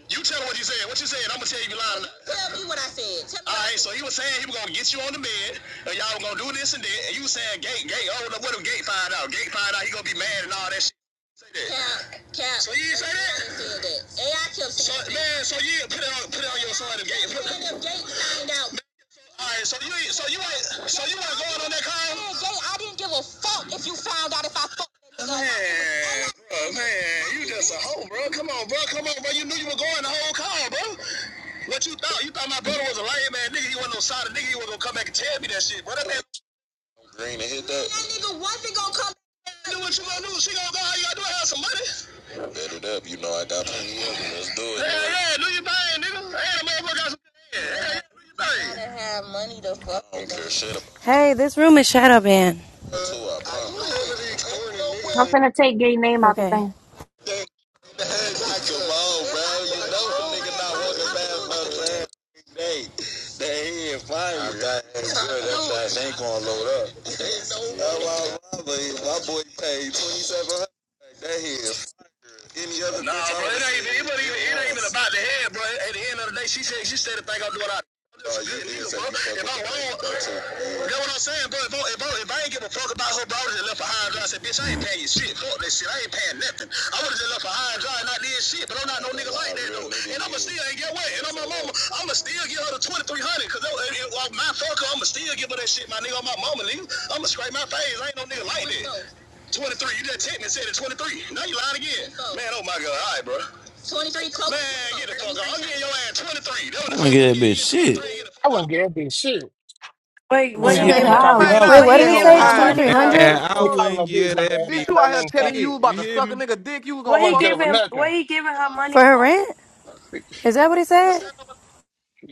Speaker 32: You tell her what you said. What you said, I'm gonna tell you if you lying. or not. Tell me what I said. Tell me All right, so he was saying he was gonna get you on the bed, and y'all were gonna do this and that, and you was saying gate, gate. Oh, no, what if gate find out? Gate find out, he gonna be mad and all that shit. Say that. Cap, cap. So you didn't say that? Everybody said that. AI kept So saying that. man, so yeah, put it on, put it on your son. If gate, put it, Man, if gate find out, all right, so you ain't, so you ain't, so you ain't going on that car? Man, Jay, I didn't give a fuck if you found out if I fucked that nigga. Man, bro, man, you just a hoe, bro. Come on, bro, come on, bro. You knew you were going the whole car, bro. What you thought? You thought my brother was a lame man nigga. He wasn't no solid nigga. He wasn't gonna come back and tell me that shit, bro. That man Green and hit that. That nigga wife gonna come. and Do what you gonna do. She gonna go how you gotta do it. Have some money. Bet it up. You know I got plenty of it. Let's do it. Hell yeah, do your thing, nigga. Hey, the motherfucker got some. head. Hell yeah, do your thing. I gotta have money to fuck I don't care shit about y'all.
Speaker 23: Hey, this room is shadow banned.
Speaker 32: Too, I promise.
Speaker 1: I'm finna take gay name out the
Speaker 23: Okay.
Speaker 1: thing.
Speaker 32: Exactly. Come on, bro. You know the nigga not walking past no damn day. That he in fire. That good. That thing ain't gonna load up. That's why my, my boy paid twenty seven hundred. That he is any other Nah, bitch bro, it ain't, said it, it ain't even about the head, bro. At the end of the day, she said she said the thing I'm doing. I Oh, doesn't you good did bro. If I'm the wrong, lady though Yeah. what I'm saying, bro. If I, if I, if I ain't give a fuck about her, bro, I would have left her high and dry. I said, bitch, I ain't paying you shit. Fuck that shit. I ain't paying nothing. I would have just left her high and dry and not did shit. But I'm not no nigga like that real though. And I'ma still and get away. And I'm my mama. I'ma still give her the 2300 because my fucker. I'ma still give her that shit, my nigga. On my mama, nigga. I'ma scrape my face. I ain't no nigga like that. 23. You just checked me and said it 23. Now you lying again. Oh. Man, oh my God. All right, bro. 23 close. Man, get the fuck out. I'm getting your ass 23. That I was the wouldn't fuck that bitch shit.
Speaker 6: I
Speaker 32: I
Speaker 6: wouldn't get that bitch shit. I
Speaker 31: Wait,
Speaker 6: mean,
Speaker 31: what
Speaker 32: wouldn't
Speaker 6: damn,
Speaker 31: he
Speaker 6: I
Speaker 32: give
Speaker 6: ain't mean to
Speaker 31: giving
Speaker 6: call
Speaker 31: her?
Speaker 6: it
Speaker 32: her $23.
Speaker 6: no,
Speaker 9: Man,
Speaker 32: dollars
Speaker 9: i
Speaker 23: Wait,
Speaker 31: What
Speaker 23: what
Speaker 9: leave
Speaker 31: he
Speaker 23: did
Speaker 9: that
Speaker 23: it
Speaker 6: I
Speaker 9: hoe
Speaker 6: ain't
Speaker 31: giving
Speaker 23: say?
Speaker 6: mean to
Speaker 31: her
Speaker 9: high
Speaker 6: call,
Speaker 23: Twenty
Speaker 9: and
Speaker 31: money
Speaker 23: three
Speaker 6: I
Speaker 15: Man,
Speaker 9: dry. What
Speaker 23: hundred?
Speaker 31: for?
Speaker 9: the
Speaker 6: ain't
Speaker 15: I
Speaker 6: mean to
Speaker 9: fuck?
Speaker 6: call it no
Speaker 15: wouldn't
Speaker 6: bitch,
Speaker 15: give
Speaker 6: my
Speaker 15: that
Speaker 6: bad,
Speaker 9: Bitch,
Speaker 15: bitch
Speaker 6: damn,
Speaker 9: you
Speaker 6: I ain't
Speaker 9: out here
Speaker 6: mean to call
Speaker 9: telling
Speaker 6: it.
Speaker 9: you
Speaker 15: shit. You
Speaker 9: about to
Speaker 15: hear
Speaker 9: suck
Speaker 15: me?
Speaker 9: a nigga dick, you was
Speaker 6: I
Speaker 9: gonna
Speaker 31: What he
Speaker 6: wouldn't give her
Speaker 9: fucking.
Speaker 6: for
Speaker 31: giving? What
Speaker 6: nothing.
Speaker 31: he giving her
Speaker 23: For
Speaker 31: money
Speaker 23: her
Speaker 31: for?
Speaker 23: rent? Is that what he said?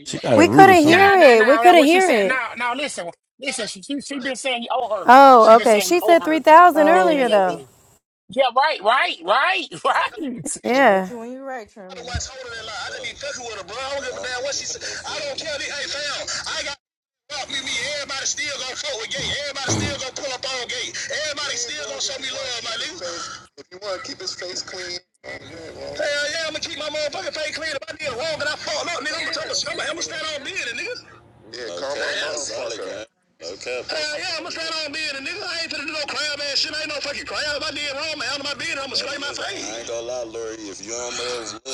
Speaker 32: She got a
Speaker 23: We
Speaker 32: root or
Speaker 23: couldn't
Speaker 32: something. Nah,
Speaker 6: Nah,
Speaker 23: hear
Speaker 6: nah,
Speaker 23: it. We
Speaker 6: nah, nah,
Speaker 23: couldn't
Speaker 6: what she
Speaker 23: hear
Speaker 6: said,
Speaker 23: it.
Speaker 6: nah, nah, listen, listen, she, she, she been saying you owe her. She
Speaker 23: Oh,
Speaker 6: been
Speaker 23: okay.
Speaker 6: saying you
Speaker 23: She
Speaker 6: owe
Speaker 23: said three
Speaker 6: her.
Speaker 23: thousand
Speaker 6: Yeah, yeah, yeah,
Speaker 23: earlier
Speaker 31: Oh,
Speaker 6: yeah,
Speaker 23: though.
Speaker 6: yeah. Yeah, right, right, right, right.
Speaker 10: We're with
Speaker 23: Yeah.
Speaker 10: you when you're right,
Speaker 32: the
Speaker 10: Trimley.
Speaker 32: wife's holding that line. I just be fucking with her, bro. I don't give a damn what she said. I don't care. Hey, fam, I got me, me. Everybody still gonna fuck with gay. Everybody still gonna pull up on gay. Everybody still gonna show me love, my nigga. If you wanna keep his face clean, um, yeah, Hell yeah, I'ma keep my motherfucking face clean. If I did wrong and I fucked up, nigga, I'ma tell you, I'ma stand on being it, nigga. Yeah, calm down, motherfucker. Hell yeah, I'ma stand on being it, nigga. I ain't finna do no crab ass shit. I ain't no fucking crab. If I did wrong, man, out of my business, I'ma scrape my face. I Ain't gonna lie, Lori, if you don't love.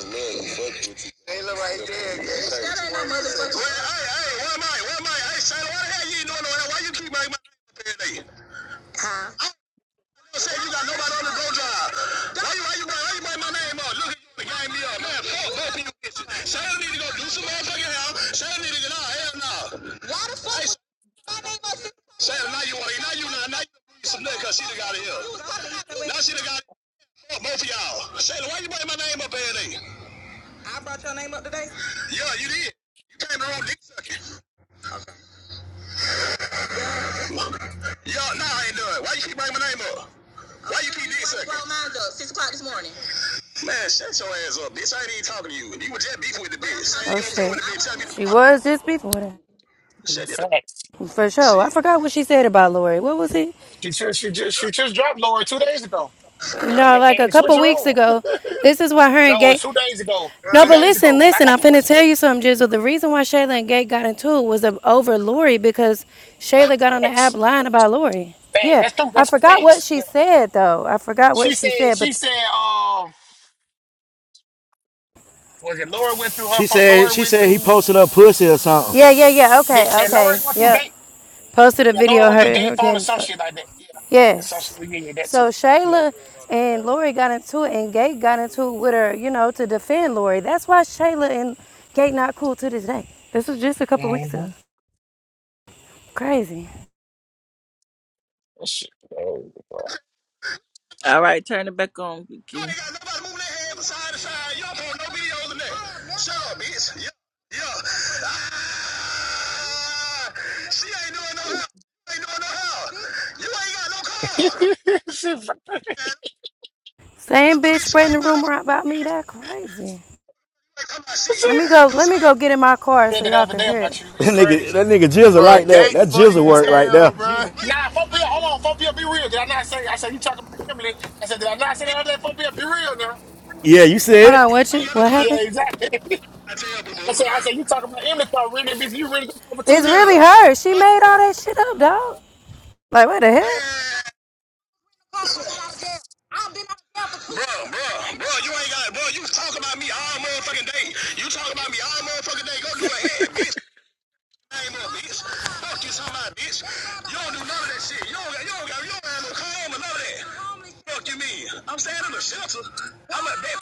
Speaker 32: love. Taylor right there. Yeah, Bitch, that ain't no motherfucker. Well, hey, hey, where am I? Where am I? Hey, Shana, why the hell you ain't doing no that? Why you keep my name up here? nigga? I don't know, say you got nobody on the go drive. Why you, why you, why you bring my name up? Look at you, the gang me up. Man, fuck both of you bitches. Shana need to go do some motherfucking hell. Shana need to get out. Hell no. Why the fuck? Hey, my name up here? Shana, now you want to, now you, now, now you breathe some nigga 'cause she done got it here. Now she done got it. Fuck both of y'all. Shana, why you bring my name up here? nigga? I brought your name up today. Yeah, you did. You came around dick sucking. Yeah, nah, I ain't done. Why you keep bringing my name up? Why you keep dick sucking? Brought mine up six o'clock this morning. Man, shut your ass up, bitch. I ain't even talking to you. You was just beefing with the bitch. Saying
Speaker 23: Oh
Speaker 32: you don't fuck with
Speaker 23: shit.
Speaker 32: the bitch. Tell me to
Speaker 23: She
Speaker 32: block the bitch.
Speaker 23: was just before that.
Speaker 32: Shut the ass
Speaker 6: Facts.
Speaker 23: For sure. I
Speaker 32: shit.
Speaker 23: forgot what she said about Lori. What was it?
Speaker 6: She just, she just, she just dropped Laura two days ago.
Speaker 23: No,
Speaker 6: and,
Speaker 23: like a
Speaker 6: and switch
Speaker 23: couple
Speaker 6: her
Speaker 23: weeks
Speaker 6: on.
Speaker 23: ago. This is why her and
Speaker 6: No,
Speaker 23: Gay
Speaker 6: it's two days ago.
Speaker 32: Right
Speaker 23: No,
Speaker 6: Two
Speaker 23: but
Speaker 32: it.
Speaker 6: days ago
Speaker 23: listen,
Speaker 6: when I
Speaker 23: listen.
Speaker 6: got
Speaker 23: I'm
Speaker 6: the
Speaker 23: finna
Speaker 6: first
Speaker 23: tell
Speaker 6: one.
Speaker 23: you something, Jizzle. The reason why Shayla and Gate got into it was over Lori because
Speaker 32: Oh,
Speaker 23: Shayla got on the app
Speaker 6: Facts.
Speaker 23: lying about Lori.
Speaker 6: Facts.
Speaker 23: Yeah,
Speaker 6: That's true.
Speaker 23: I
Speaker 6: That's
Speaker 23: forgot what
Speaker 6: facts.
Speaker 23: she
Speaker 6: Yeah.
Speaker 23: said though. I forgot what
Speaker 6: She
Speaker 23: she
Speaker 6: said.
Speaker 23: said, but
Speaker 6: She said. Um. Was it Laura went through her
Speaker 21: She
Speaker 6: phone?
Speaker 21: said.
Speaker 6: Laura
Speaker 21: She
Speaker 6: went
Speaker 21: said he
Speaker 6: through.
Speaker 21: posted her pussy or something.
Speaker 23: yeah, yeah, yeah.
Speaker 6: Did,
Speaker 23: Okay,
Speaker 6: did Laura
Speaker 23: okay.
Speaker 6: go through
Speaker 23: Yep.
Speaker 6: gate?
Speaker 23: Posted a
Speaker 6: Yeah. Laura
Speaker 23: video of
Speaker 6: went through
Speaker 23: her
Speaker 6: gate
Speaker 23: her
Speaker 6: phone or
Speaker 23: getting
Speaker 6: some
Speaker 23: fucked.
Speaker 6: shit like that. Yeah. It's
Speaker 23: Yes.
Speaker 6: Social media. yeah, yeah, That too.
Speaker 23: So
Speaker 6: Yeah.
Speaker 23: Shayla and Lori got into it, and Gate got into it with her, you know, to defend Lori. That's why Shayla and Gate not cool to this day. This was just a couple weeks ago.
Speaker 6: Mm-hmm.
Speaker 23: Crazy.
Speaker 6: She,
Speaker 8: All right, turn it back on,
Speaker 32: You
Speaker 8: BQ.
Speaker 32: ain't got nobody moving their hand from side to side. You don't post no videos in there. Shut up, bitch. Yeah, yeah. Ah, she ain't doing no help. ain't doing no help. You ain't got no
Speaker 6: she,
Speaker 32: car.
Speaker 6: she
Speaker 23: Same bitch
Speaker 32: Bitch, you
Speaker 23: spreading
Speaker 32: ain't
Speaker 23: the
Speaker 32: got nothing.
Speaker 23: rumor about me. That crazy.
Speaker 32: You ain't come out
Speaker 23: Let me
Speaker 6: said
Speaker 32: shit.
Speaker 23: go.
Speaker 32: You
Speaker 23: Let me
Speaker 32: slap.
Speaker 23: go get in my car
Speaker 6: it
Speaker 23: so
Speaker 6: the
Speaker 23: y'all
Speaker 6: other
Speaker 23: can
Speaker 6: day
Speaker 23: hear it.
Speaker 6: about you.
Speaker 21: That
Speaker 6: It's
Speaker 21: nigga.
Speaker 6: crazy.
Speaker 21: That nigga jizzle like
Speaker 27: Bruh,
Speaker 21: that.
Speaker 27: Gate
Speaker 21: That
Speaker 27: funny
Speaker 21: jizzle
Speaker 27: as
Speaker 21: work
Speaker 6: So,
Speaker 21: right there.
Speaker 27: hell, bruh.
Speaker 32: Why you
Speaker 6: nah, 4 P. Hold on, 4 P. Be real. Did I not say? I said you talking about Emily. I said did I not say the other day? 4 P. Be real now.
Speaker 21: Yeah, you said
Speaker 23: Hold on.
Speaker 21: it.
Speaker 23: What you?
Speaker 32: ain't no
Speaker 23: What
Speaker 32: car?
Speaker 6: Yeah,
Speaker 23: happened?
Speaker 6: exactly.
Speaker 32: I tell boo
Speaker 6: I
Speaker 32: boo.
Speaker 6: said, I said, you talking about inventory really if you really go for two
Speaker 23: It's really
Speaker 6: years.
Speaker 23: her. She made all that shit up, dog. Like what the hell?
Speaker 32: Man. I've been out of jail. Bro, bro, bro, you ain't got it. bro, you talk about me all motherfucking day. You talk about me all motherfucking day. Go do a head, bitch. Name up, bitch. Fuck you talking about, bitch. You don't do none of that shit. You don't got you don't got you don't have no comb or none of that. Fuck you mean? I'm staying in the shelter. I'm a bet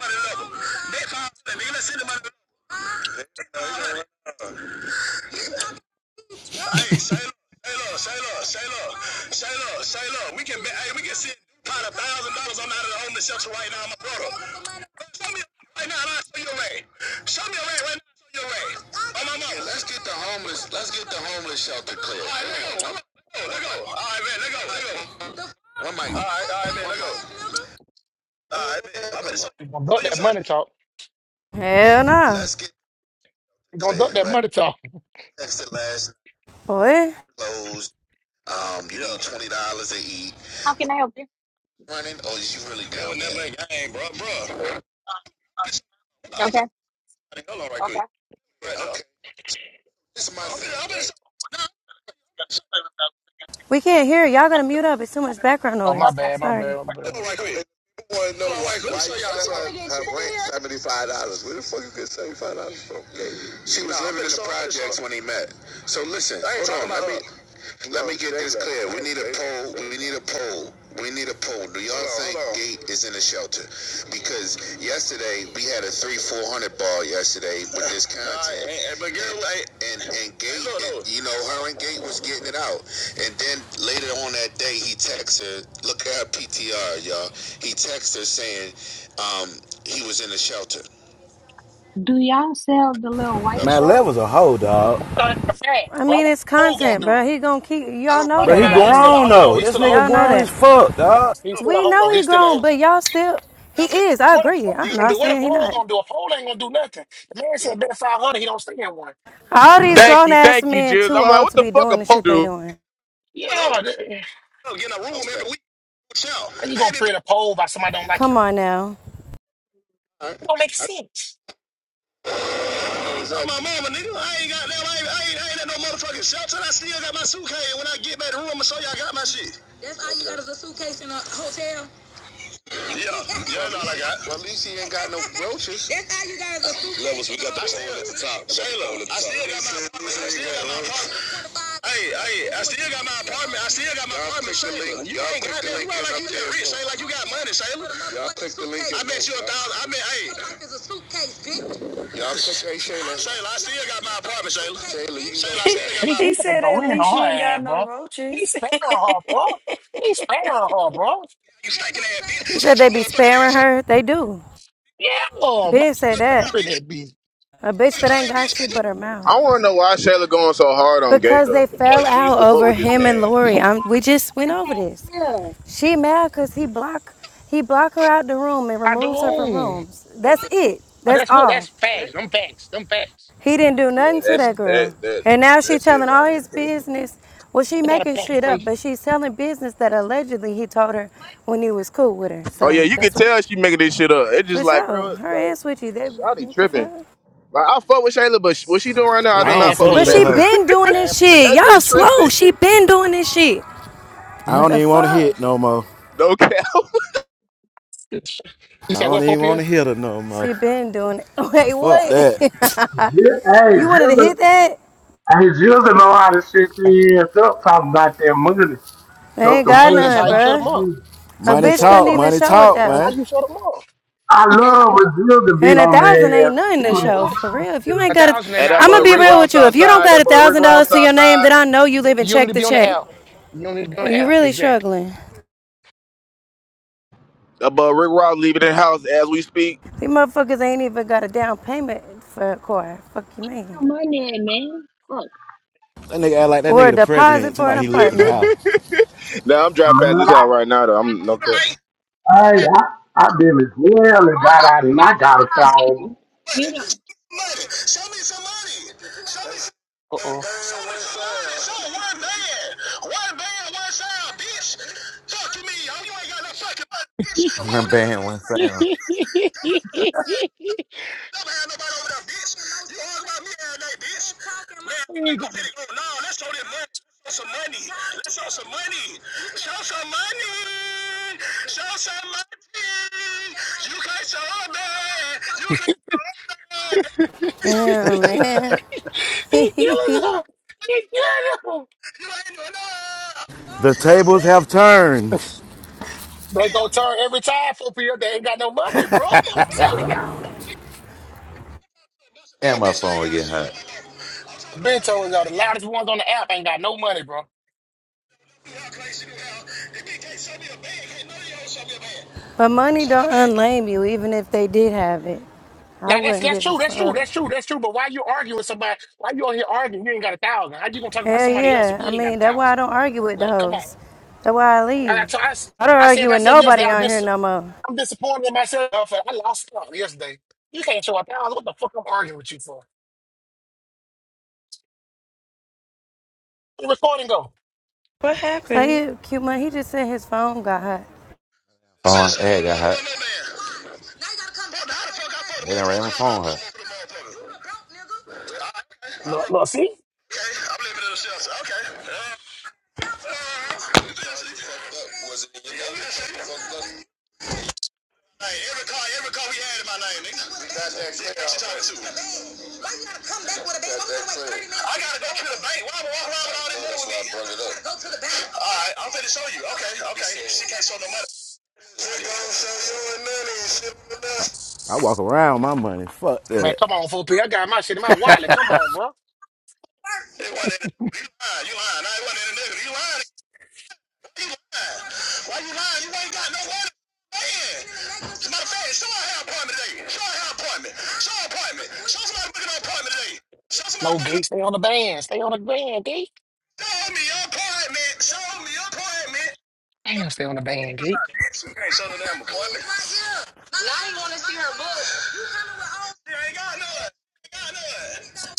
Speaker 32: 500, nigga. Let's send the money to level. Bet 500, nigga. Let's send the money to level. Hey, Shayla, Shayla, Shayla, Shayla, Shayla, Shayla. We can, be, hey, we can send Dupont a thousand dollars. I'm out of the homeless shelter right now, my brother. Show me right now, and I'll show you a way. Show me a way right now. and I'll show you a way. Oh, my mama. Let's get the homeless. Let's get the homeless shelter clear. All right, let go. Let go. All right, man. Let go. Let go. One mic. All right, all right, man. Let go. All right, man. I'm gonna show
Speaker 6: You gonna
Speaker 32: show
Speaker 6: duck
Speaker 32: you
Speaker 6: that
Speaker 32: one.
Speaker 6: money talk.
Speaker 32: Hey,
Speaker 23: Hell nah,
Speaker 32: let's get
Speaker 6: You gonna
Speaker 32: clear,
Speaker 6: duck that
Speaker 32: right?
Speaker 6: money talk.
Speaker 32: Texted last
Speaker 23: boy.
Speaker 32: closed. Um, you need twenty dollars to eat. running, or is you really down Doing that there? man, I bro, bro.
Speaker 1: Okay?
Speaker 32: I'm finna hold on right quick. Right now. Okay, Now. this is my I'm thing. I'm finna
Speaker 23: We can't hear. it. Y'all gotta mute up. It's too much background
Speaker 6: Oh my
Speaker 23: noise.
Speaker 1: Okay.
Speaker 6: bad, my
Speaker 23: Sorry.
Speaker 6: bad, my bad.
Speaker 32: hold on right quick. want to know Hold on, why let me show y'all something. her rent seventy five dollars. Where the fuck you get seventy five dollars from? She was Nah, living in the projects when he met. So listen, I ain't hold talking on, about let me Let me get this clear. We need a poll. We need a poll. We need a poll. Do y'all think Gate is in a shelter? Because yesterday we had a three four hundred ball yesterday with this content, and and and Gate, and, you know, her and Gate was getting it out, and then later on that day he texts her. Look at her PTR, y'all. He texts her saying, um, he was in a shelter.
Speaker 21: Man, Level's a hoe, dog.
Speaker 6: What the F fast,
Speaker 23: I
Speaker 6: bro?
Speaker 23: mean,
Speaker 6: What
Speaker 23: it's
Speaker 6: the pole gonna
Speaker 23: content,
Speaker 6: do?
Speaker 23: bro. He gonna keep.
Speaker 32: I
Speaker 23: Y'all
Speaker 32: don't
Speaker 23: know
Speaker 6: But
Speaker 21: But
Speaker 23: that
Speaker 21: he
Speaker 6: nah,
Speaker 23: about
Speaker 6: he's still a
Speaker 23: him.
Speaker 21: grown
Speaker 6: hoe though.
Speaker 21: though.
Speaker 6: He's
Speaker 21: This
Speaker 6: still a
Speaker 21: nigga
Speaker 6: hoe.
Speaker 23: Y'all know
Speaker 21: grown as
Speaker 23: that.
Speaker 21: fuck,
Speaker 6: Yeah,
Speaker 21: dog.
Speaker 6: he's, he's
Speaker 32: know.
Speaker 6: still a
Speaker 23: We
Speaker 6: hoe
Speaker 23: know
Speaker 6: though.
Speaker 23: he
Speaker 6: He's still a
Speaker 23: grown,
Speaker 6: hoe.
Speaker 23: but y'all still. He is. I
Speaker 6: What a
Speaker 23: agree.
Speaker 6: pole
Speaker 23: I'm
Speaker 6: gonna
Speaker 23: not
Speaker 6: do? What a
Speaker 23: saying he
Speaker 6: pole
Speaker 23: not.
Speaker 6: gonna do? A pole ain't gonna do nothing. The man said bet five hundred, he don't stay in one.
Speaker 23: All
Speaker 32: Bro,
Speaker 23: these
Speaker 32: I
Speaker 27: Thank
Speaker 23: grown
Speaker 27: you,
Speaker 23: ass
Speaker 27: thank you,
Speaker 23: men
Speaker 27: Jules.
Speaker 23: too
Speaker 27: I'm like,
Speaker 23: old
Speaker 27: what
Speaker 23: to
Speaker 27: the
Speaker 23: be
Speaker 27: fuck a
Speaker 23: doing the
Speaker 27: po-
Speaker 23: shit they
Speaker 27: dude?
Speaker 23: doing.
Speaker 32: went up,
Speaker 6: Yeah, th-
Speaker 32: get a room every week.
Speaker 6: how you gonna create
Speaker 32: I
Speaker 6: a pole by somebody don't like
Speaker 23: Come
Speaker 6: him?
Speaker 23: on now.
Speaker 32: ain't
Speaker 6: It don't make
Speaker 32: been.
Speaker 6: sense.
Speaker 32: Nigga, on my mama, nigga. I ain't got them. I ain't, I ain't, I ain't at no motherfucking shelter. I still got my suitcase. When I get back to the room, I'ma show y'all I got my shit. That's all you got is a suitcase in a hotel? Yeah, yeah, that's all I got. Well, at least he ain't got no roaches. That's how you guys are super. Levels, we got the poll at the top. Shayla, I still got my, I still got my apartment. Hey, hey, I still got my apartment. I still got my apartment, Shayla. You ain't got that link well like you just rich, bro. Shayla. Like you got money, Shayla. Y'all click the link. I bet you a thousand. I bet, hey, Life is a suitcase, bitch. Y'all click, hey, Shayla. Shayla, I still got my apartment, Shayla. Shayla, I still got
Speaker 6: And he,
Speaker 32: my.
Speaker 31: he
Speaker 6: he gotta
Speaker 31: said
Speaker 6: go
Speaker 31: at
Speaker 6: in
Speaker 31: least she
Speaker 6: on her
Speaker 31: ain't got
Speaker 6: ass,
Speaker 31: no
Speaker 6: bro. He's
Speaker 31: roaches.
Speaker 6: sparing her, bro. He's sparing her, bro.
Speaker 32: apartment. You stinking ass bitch.
Speaker 23: You
Speaker 32: Shut
Speaker 23: said they
Speaker 32: your
Speaker 23: be
Speaker 32: motherfucking
Speaker 23: sparing
Speaker 32: ass up.
Speaker 23: her. They do.
Speaker 6: Yeah, oh, my
Speaker 23: Ben said
Speaker 32: Look out,
Speaker 23: that.
Speaker 6: friend
Speaker 32: Bitch,
Speaker 6: that be
Speaker 23: A bitch
Speaker 32: fucking
Speaker 23: that
Speaker 32: dry
Speaker 23: ain't got
Speaker 32: bitch. You
Speaker 23: shit but her mouth.
Speaker 27: I wanna know why Shayla going so hard on Gate
Speaker 23: Because they
Speaker 27: though.
Speaker 23: fell
Speaker 27: Like,
Speaker 32: motherfucking
Speaker 27: she
Speaker 32: ass.
Speaker 27: used
Speaker 23: out
Speaker 27: to fuck
Speaker 23: over
Speaker 27: with this
Speaker 23: him and
Speaker 27: man.
Speaker 23: Lori. I'm, we just
Speaker 1: I
Speaker 23: went over
Speaker 1: can't
Speaker 23: this.
Speaker 1: hear.
Speaker 23: She mad because he block he block her out the room and
Speaker 6: I do.
Speaker 23: removes her from rooms. That's it.
Speaker 6: Oh,
Speaker 23: That's
Speaker 6: that's what
Speaker 23: all.
Speaker 6: that's facts. Them facts. Them facts.
Speaker 23: He didn't do
Speaker 27: Yeah,
Speaker 23: nothing to
Speaker 27: that's
Speaker 23: that
Speaker 27: that
Speaker 23: girl.
Speaker 27: that
Speaker 23: And now she
Speaker 27: that shit
Speaker 23: telling all
Speaker 27: lying.
Speaker 23: his business. Well, she
Speaker 6: I got a
Speaker 23: making
Speaker 6: fact
Speaker 23: shit
Speaker 6: for you.
Speaker 23: up, but she's telling business that allegedly he told her when he was cool with her.
Speaker 27: Oh yeah,
Speaker 23: So
Speaker 27: you can
Speaker 23: that's what
Speaker 27: tell she making this shit up. It's
Speaker 23: for
Speaker 27: just like,
Speaker 23: sure.
Speaker 27: bro,
Speaker 23: Her and
Speaker 27: like
Speaker 23: Switchy, they
Speaker 27: Shawty
Speaker 23: what the
Speaker 27: tripping.
Speaker 23: fuck?
Speaker 27: Like I fuck with Shayla, but sh- what she doing right now, I
Speaker 21: I
Speaker 27: do
Speaker 21: don't
Speaker 27: not
Speaker 6: Man,
Speaker 27: fuck
Speaker 21: fuck
Speaker 27: with
Speaker 21: with
Speaker 23: But
Speaker 21: that
Speaker 27: Shayla.
Speaker 23: she
Speaker 6: please.
Speaker 21: hoe.
Speaker 23: been doing
Speaker 6: Man,
Speaker 23: this
Speaker 6: please.
Speaker 23: shit.
Speaker 27: that
Speaker 23: Y'all
Speaker 27: bitch
Speaker 23: slow.
Speaker 27: tripping.
Speaker 23: She been doing this shit.
Speaker 21: I
Speaker 6: You
Speaker 23: What
Speaker 21: don't
Speaker 23: the
Speaker 21: even want to
Speaker 23: fuck?
Speaker 21: hit no more.
Speaker 27: No cap.
Speaker 6: you
Speaker 21: I
Speaker 6: said
Speaker 21: don't
Speaker 6: what
Speaker 21: even
Speaker 6: Pope
Speaker 21: want
Speaker 6: here?
Speaker 21: to hit her no more.
Speaker 23: She been doing it. Wait,
Speaker 21: Fuck
Speaker 23: what?
Speaker 21: that.
Speaker 35: yeah, hey,
Speaker 23: you wanted to
Speaker 35: Jizzle,
Speaker 23: hit that?
Speaker 35: hey, Jizzle know how to shit their ass up talking about their money.
Speaker 23: They
Speaker 35: Show
Speaker 23: ain't
Speaker 35: some
Speaker 23: got
Speaker 6: Man,
Speaker 35: money,
Speaker 6: that's how
Speaker 23: none,
Speaker 6: you
Speaker 35: drop
Speaker 6: shut them
Speaker 23: bruh.
Speaker 35: some
Speaker 6: up.
Speaker 35: money.
Speaker 6: That's
Speaker 23: A
Speaker 6: how you
Speaker 21: Money
Speaker 23: bitch
Speaker 6: shut them
Speaker 23: couldn't
Speaker 21: talk,
Speaker 6: up.
Speaker 23: even
Speaker 21: money
Speaker 23: show a
Speaker 21: talk,
Speaker 6: That's how
Speaker 23: thousand.
Speaker 21: man.
Speaker 6: you shut them up.
Speaker 35: I
Speaker 6: You can't
Speaker 35: love when Jizzle be
Speaker 23: And a
Speaker 35: on
Speaker 23: thousand
Speaker 35: their
Speaker 23: ain't
Speaker 35: ass. He
Speaker 23: nothing
Speaker 35: make
Speaker 23: to
Speaker 6: man,
Speaker 23: show,
Speaker 6: what?
Speaker 23: for
Speaker 35: a
Speaker 23: real. If you
Speaker 35: money
Speaker 23: ain't
Speaker 6: A
Speaker 23: got a,
Speaker 6: thousand and
Speaker 27: And
Speaker 6: I
Speaker 27: that
Speaker 23: I'ma
Speaker 27: boy
Speaker 6: told
Speaker 23: be
Speaker 27: Rick
Speaker 23: real
Speaker 6: Swisher.
Speaker 23: with
Speaker 27: Ross
Speaker 23: you. If you don't
Speaker 27: outside.
Speaker 23: got
Speaker 27: That
Speaker 23: a
Speaker 27: boy Rick
Speaker 23: thousand dollars
Speaker 27: Ross
Speaker 23: to your name,
Speaker 27: outside.
Speaker 23: then I know you living
Speaker 6: You don't need
Speaker 23: check
Speaker 6: to
Speaker 23: to
Speaker 6: be on the
Speaker 23: check.
Speaker 6: app. You don't need to be on the
Speaker 23: You
Speaker 6: app.
Speaker 23: really
Speaker 6: Exactly.
Speaker 23: struggling.
Speaker 27: That boy Rick Ross leaving the house as we speak.
Speaker 23: These motherfuckers ain't even got a down payment for a car. Fuck you, man.
Speaker 21: That nigga act like that
Speaker 23: Or
Speaker 21: nigga
Speaker 23: a
Speaker 21: the
Speaker 23: deposit
Speaker 21: president.
Speaker 23: for
Speaker 21: Somebody
Speaker 23: an
Speaker 21: he leaving the
Speaker 23: apartment.
Speaker 21: house.
Speaker 27: Now I'm driving past
Speaker 35: Man,
Speaker 27: this
Speaker 35: I,
Speaker 27: house right now though. I'm no cap.
Speaker 32: Right?
Speaker 35: I, I, I been as well and got out and I got a thousand.
Speaker 32: money. Show me some money. Show me some money.
Speaker 6: Uh oh.
Speaker 32: Show me some money. Show one band. One band, one sound, bitch. Fuck you mean, yo. You ain't got no fucking money, bitch. One band. Never had nobody over there, bitch. You all about me all day, bitch. Man,
Speaker 6: He
Speaker 32: I'm
Speaker 6: killing
Speaker 32: ready to go. No, let's show this money. Let's show some money. Let's show some money. Show some money. Show some money. You can't show me. You can't show me.
Speaker 23: Damn, man.
Speaker 6: her. He killing her.
Speaker 32: You ain't doing
Speaker 21: The
Speaker 32: nothing.
Speaker 21: tables have turned.
Speaker 6: They go turn every time for people that ain't got no money, bro. I'm telling y'all.
Speaker 32: And my phone get hot.
Speaker 6: I've been told y'all the loudest ones on the app ain't got no money, bro.
Speaker 23: But money don't unlame you, even if they did have it.
Speaker 6: Now
Speaker 23: I
Speaker 6: that's
Speaker 23: wouldn't
Speaker 6: that's
Speaker 23: give a
Speaker 6: true, that's true,
Speaker 23: fuck.
Speaker 6: that's true, that's true. But why you arguing with somebody? Why you on here arguing? You ain't got a thousand. How you gonna talk about
Speaker 23: Hell
Speaker 6: somebody else if
Speaker 23: yeah. I
Speaker 6: you ain't got a
Speaker 23: mean, that's why
Speaker 6: thousand?
Speaker 23: I don't argue with the
Speaker 6: Like, come on.
Speaker 23: hoes. That's why I
Speaker 6: And I,
Speaker 23: leave.
Speaker 6: told- I, s-
Speaker 23: I don't
Speaker 6: I said
Speaker 23: argue with
Speaker 6: myself yesterday,
Speaker 23: nobody
Speaker 6: I'm,
Speaker 23: on here
Speaker 6: dis-
Speaker 23: no more.
Speaker 6: I'm disappointed in myself. I lost out yesterday. You can't show a thousand. What the fuck I'm arguing with you for? Where the recording go?
Speaker 31: what
Speaker 23: Play
Speaker 31: happened?
Speaker 23: it, cute money. He just said his phone got hot.
Speaker 32: Phone and got hot. It done ran my phone hot.
Speaker 6: Look, look, see?
Speaker 32: Like every car, every car we had in my name, nigga. You got that clear. What you talking to? Why you gotta come back with a bank? I'm gonna wait 30 minutes. I gotta go to the bank. Why am I walking around with all this money with me? I gotta go to the bank. All right, I'm finna show you. Okay, okay. She can't show no money. She don't show you and none and shit on the dust.
Speaker 21: I walk around my money. Fuck
Speaker 6: Man,
Speaker 21: that.
Speaker 6: come on, 4P. I got my shit in my wallet. Come on, bro.
Speaker 32: It wasn't in the nigga. You lying, you lying. I ain't wasn't in the nigga. You lying. You lying. Why you lying? You ain't got no money. Man. As a matter of fact, show her her appointment today. Show her her appointment. Show her appointment. Show somebody booking her appointment today. Show somebody
Speaker 6: No,
Speaker 32: booking
Speaker 6: Gate, stay on the band. Stay on the band, Gate.
Speaker 32: Show me your appointment. Show me your appointment.
Speaker 6: Damn, stay on the band, Gate.
Speaker 32: Bitch, you can't show no damn appointment. Right here. Now you want to see her book. You coming with all... She ain't got none. She ain't got none.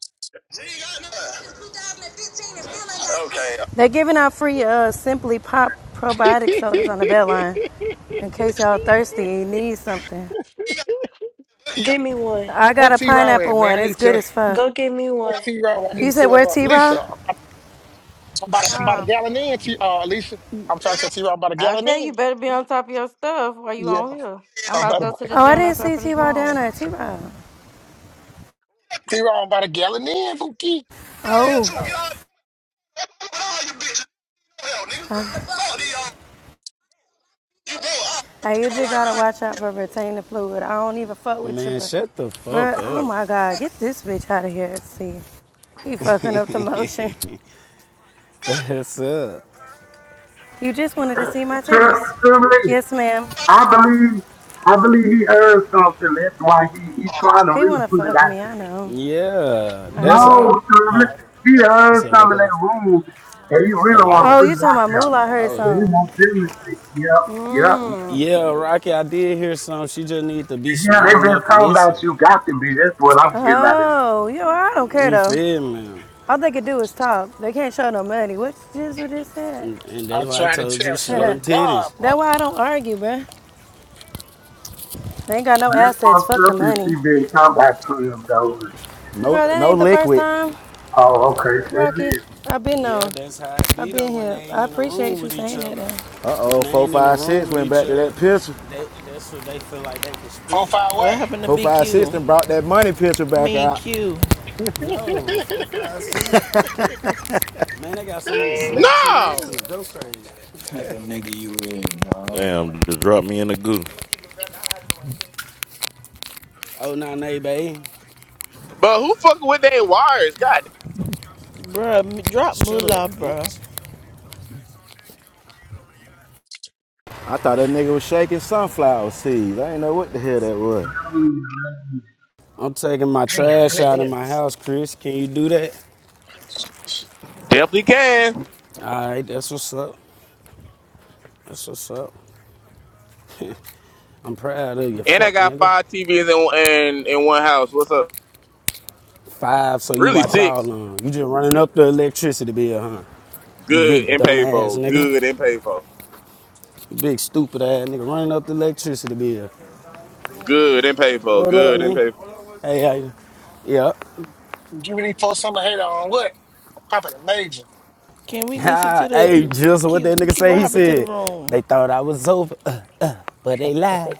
Speaker 32: She ain't got none. 2015 and still ain't got Okay.
Speaker 23: They're giving out free uh, Simply Pop probiotic sodas on the bell line. In case y'all thirsty and you need something.
Speaker 32: She got the boogie, y'all.
Speaker 31: Give
Speaker 32: She
Speaker 31: me one.
Speaker 23: I got
Speaker 6: what
Speaker 23: a
Speaker 6: T Row
Speaker 23: pineapple
Speaker 6: at, man?
Speaker 23: one.
Speaker 6: I
Speaker 23: It's
Speaker 6: need
Speaker 23: good
Speaker 6: to.
Speaker 23: as fuck.
Speaker 31: Go give me
Speaker 6: What
Speaker 31: one.
Speaker 32: got
Speaker 6: T Row? I need
Speaker 23: You said
Speaker 6: to tell
Speaker 23: where
Speaker 6: uh, Alicia.
Speaker 23: T-Raw?
Speaker 32: the
Speaker 6: I'm
Speaker 32: eye
Speaker 6: about,
Speaker 32: shot.
Speaker 6: I'm about a
Speaker 10: Huh.
Speaker 6: gallon in, T, uh, Alicia. I'm trying to tell T Row about a
Speaker 10: I
Speaker 6: gallon
Speaker 10: tell
Speaker 6: in.
Speaker 10: you, better be on top of your stuff while you
Speaker 6: Yeah,
Speaker 10: on here.
Speaker 32: yeah,
Speaker 10: I'm
Speaker 6: I'm
Speaker 10: about to
Speaker 6: about a,
Speaker 10: go to the
Speaker 23: Oh, I
Speaker 10: gym
Speaker 23: didn't
Speaker 10: after I
Speaker 23: see
Speaker 10: finish my
Speaker 23: T-Raw down
Speaker 10: homework.
Speaker 23: there. T-Raw.
Speaker 6: T Row, i about a gallon in, Bookie.
Speaker 32: Get out of here,
Speaker 23: Oh,
Speaker 32: too. Get out of here. Get all you bitches. Get out of here,
Speaker 23: I
Speaker 32: nigga. Fuck these y'all. You broke. I
Speaker 23: Hey,
Speaker 32: okay,
Speaker 23: you
Speaker 32: my
Speaker 23: just
Speaker 32: wife.
Speaker 23: gotta
Speaker 32: Like,
Speaker 23: watch out for retaining fluid. I don't even fuck with you,
Speaker 13: Man,
Speaker 23: but
Speaker 13: shut the fuck
Speaker 23: bruh, oh
Speaker 13: up.
Speaker 23: my god, get this bitch out of here. See, he fucking up the motion.
Speaker 32: you got-
Speaker 13: What's up?
Speaker 23: You just wanted to see my
Speaker 35: Sure,
Speaker 23: titties.
Speaker 13: I
Speaker 35: surely,
Speaker 13: got
Speaker 23: Yes, ma'am.
Speaker 35: I
Speaker 32: to.
Speaker 35: believe, I believe he earned something. That's why he, he
Speaker 32: Oh, man.
Speaker 35: trying to
Speaker 23: He
Speaker 35: really
Speaker 23: wanna
Speaker 35: put it
Speaker 23: fuck
Speaker 35: out
Speaker 23: me.
Speaker 35: there.
Speaker 23: I
Speaker 13: you.
Speaker 23: know.
Speaker 13: Yeah,
Speaker 23: I
Speaker 13: that's
Speaker 23: get
Speaker 13: a
Speaker 35: No,
Speaker 23: it.
Speaker 35: Tommy.
Speaker 13: huh.
Speaker 35: He
Speaker 13: You
Speaker 35: does
Speaker 13: said what
Speaker 35: come in that
Speaker 13: kind?
Speaker 35: room and you
Speaker 13: A
Speaker 35: really want to
Speaker 13: lighter.
Speaker 23: Oh,
Speaker 35: put
Speaker 23: you
Speaker 35: it
Speaker 23: talking
Speaker 35: out
Speaker 23: about
Speaker 35: there.
Speaker 23: moolah? I heard
Speaker 13: Oh,
Speaker 35: So you
Speaker 23: something.
Speaker 35: know, business shit. Yep, yep.
Speaker 23: Mmm.
Speaker 13: yeah, Rocky. I did hear some. She just need to be
Speaker 35: And yeah,
Speaker 13: smart
Speaker 35: they've been
Speaker 13: enough to
Speaker 35: talking
Speaker 13: listen.
Speaker 35: about you, got to be. That's what I'm getting out of it.
Speaker 23: Oh, yo, I don't care
Speaker 13: You
Speaker 23: though.
Speaker 13: feel me?
Speaker 23: All they can do is talk. They can't show no money. What Jizzle just said.
Speaker 13: And and that's
Speaker 6: I'm
Speaker 13: why I
Speaker 6: trying to
Speaker 13: told you
Speaker 6: tell,
Speaker 13: show
Speaker 6: swear to
Speaker 13: them
Speaker 6: God,
Speaker 13: titties.
Speaker 6: boy.
Speaker 23: That's why I don't argue, bruh. They ain't got no
Speaker 35: This
Speaker 23: assets.
Speaker 35: fucked
Speaker 23: Fuck the
Speaker 35: up is she
Speaker 23: money.
Speaker 35: been talking about Tim Dollars.
Speaker 21: No,
Speaker 23: Bro, that
Speaker 21: no
Speaker 23: ain't the first
Speaker 21: liquid.
Speaker 23: time
Speaker 35: Oh, okay. Say
Speaker 23: Rocky, I've been
Speaker 13: Yeah,
Speaker 23: on.
Speaker 13: that's how it
Speaker 23: I've
Speaker 13: be though
Speaker 23: been
Speaker 13: when they
Speaker 23: here. I
Speaker 13: ain't in the
Speaker 23: appreciate
Speaker 13: room
Speaker 23: you
Speaker 13: with each
Speaker 23: saying that.
Speaker 13: other.
Speaker 23: Though.
Speaker 21: Uh
Speaker 13: When
Speaker 21: oh.
Speaker 13: they
Speaker 21: Four
Speaker 13: ain't in the
Speaker 21: five
Speaker 13: room
Speaker 21: six
Speaker 13: with
Speaker 21: went
Speaker 13: each
Speaker 21: back to
Speaker 13: other,
Speaker 21: that pistol.
Speaker 13: they that's what they feel like they can
Speaker 6: Four,
Speaker 13: speak.
Speaker 6: five,
Speaker 8: What
Speaker 6: what?
Speaker 8: happened to
Speaker 21: Four five six
Speaker 8: BQ?
Speaker 21: then brought that money pistol
Speaker 8: I
Speaker 21: back
Speaker 8: mean,
Speaker 21: out.
Speaker 8: Q,
Speaker 13: No, four, five, six. Man, they got so many snacks in there. I'm
Speaker 27: No.
Speaker 13: finna go crazy.
Speaker 36: Type of nigga you is, man.
Speaker 37: Damn, just dropped me in the goo.
Speaker 13: Oh, nah, nay, babe.
Speaker 27: But who fucking with they wires? God
Speaker 8: bruh, drop
Speaker 13: Shut up,
Speaker 8: moolah, bruh.
Speaker 13: bitch.
Speaker 21: I thought that nigga was shaking sunflower seeds. I didn't know what the hell that was.
Speaker 35: this.
Speaker 13: I'm taking my trash out of my house, Chris. Can you do that?
Speaker 27: definitely can.
Speaker 13: All right, that's what's up. That's what's up. I'm proud of you,
Speaker 27: And I
Speaker 13: fuck
Speaker 27: got
Speaker 13: nigga.
Speaker 27: five TVs in in, in one house. What's up?
Speaker 13: Five, so you
Speaker 27: Really
Speaker 13: watch
Speaker 27: six.
Speaker 13: out on. You just running up the electricity bill, huh? You big
Speaker 27: Good and paid for.
Speaker 13: dumbass nigga.
Speaker 27: Good and paid for.
Speaker 13: You big stupid ass nigga running up the electricity bill.
Speaker 27: Good and paid for.
Speaker 13: What up,
Speaker 27: Good and paid for.
Speaker 13: nigga? Hey, how you? Yeah.
Speaker 6: Give me these folks something to hate on. What? Popping a major.
Speaker 8: Can we listen
Speaker 13: Ha,
Speaker 8: to the
Speaker 13: hey, just what
Speaker 8: Q?
Speaker 13: that nigga
Speaker 8: Q,
Speaker 13: say.
Speaker 8: what
Speaker 13: He
Speaker 8: happened to the
Speaker 13: said
Speaker 8: room?
Speaker 13: they thought I was over, uh, uh, but they lied.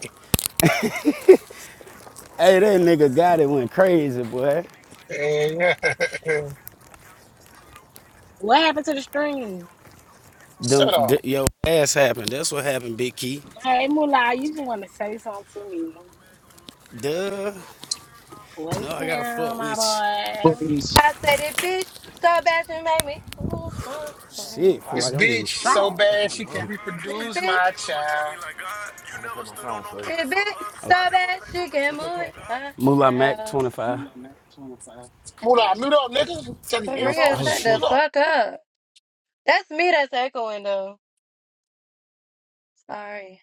Speaker 13: Hey, that nigga got it went crazy, boy.
Speaker 6: yeah.
Speaker 5: what happened to the stream?
Speaker 13: Them,
Speaker 6: Shut up.
Speaker 13: d- yo ass happened. That's what happened, Big Key.
Speaker 5: Hey, Moolah, you just want to say something to me.
Speaker 13: Duh. No,
Speaker 5: What's
Speaker 13: I gotta
Speaker 5: up,
Speaker 13: fuck with you.
Speaker 5: my
Speaker 13: Shit, feel
Speaker 6: This
Speaker 13: like I'm getting
Speaker 6: bitch
Speaker 13: scrapped.
Speaker 6: so bad she can reproduce my child.
Speaker 23: That bitch so bad she can move her
Speaker 13: Moolah Mac
Speaker 23: house.
Speaker 13: 25.
Speaker 23: For
Speaker 6: Move up, move up, nigga. Tell the
Speaker 13: My
Speaker 6: info
Speaker 23: real,
Speaker 6: and
Speaker 13: oh
Speaker 23: shut
Speaker 6: shit.
Speaker 23: the
Speaker 6: Move
Speaker 13: shit.
Speaker 6: up.
Speaker 23: fuck up. That's me that's echoing though. Sorry.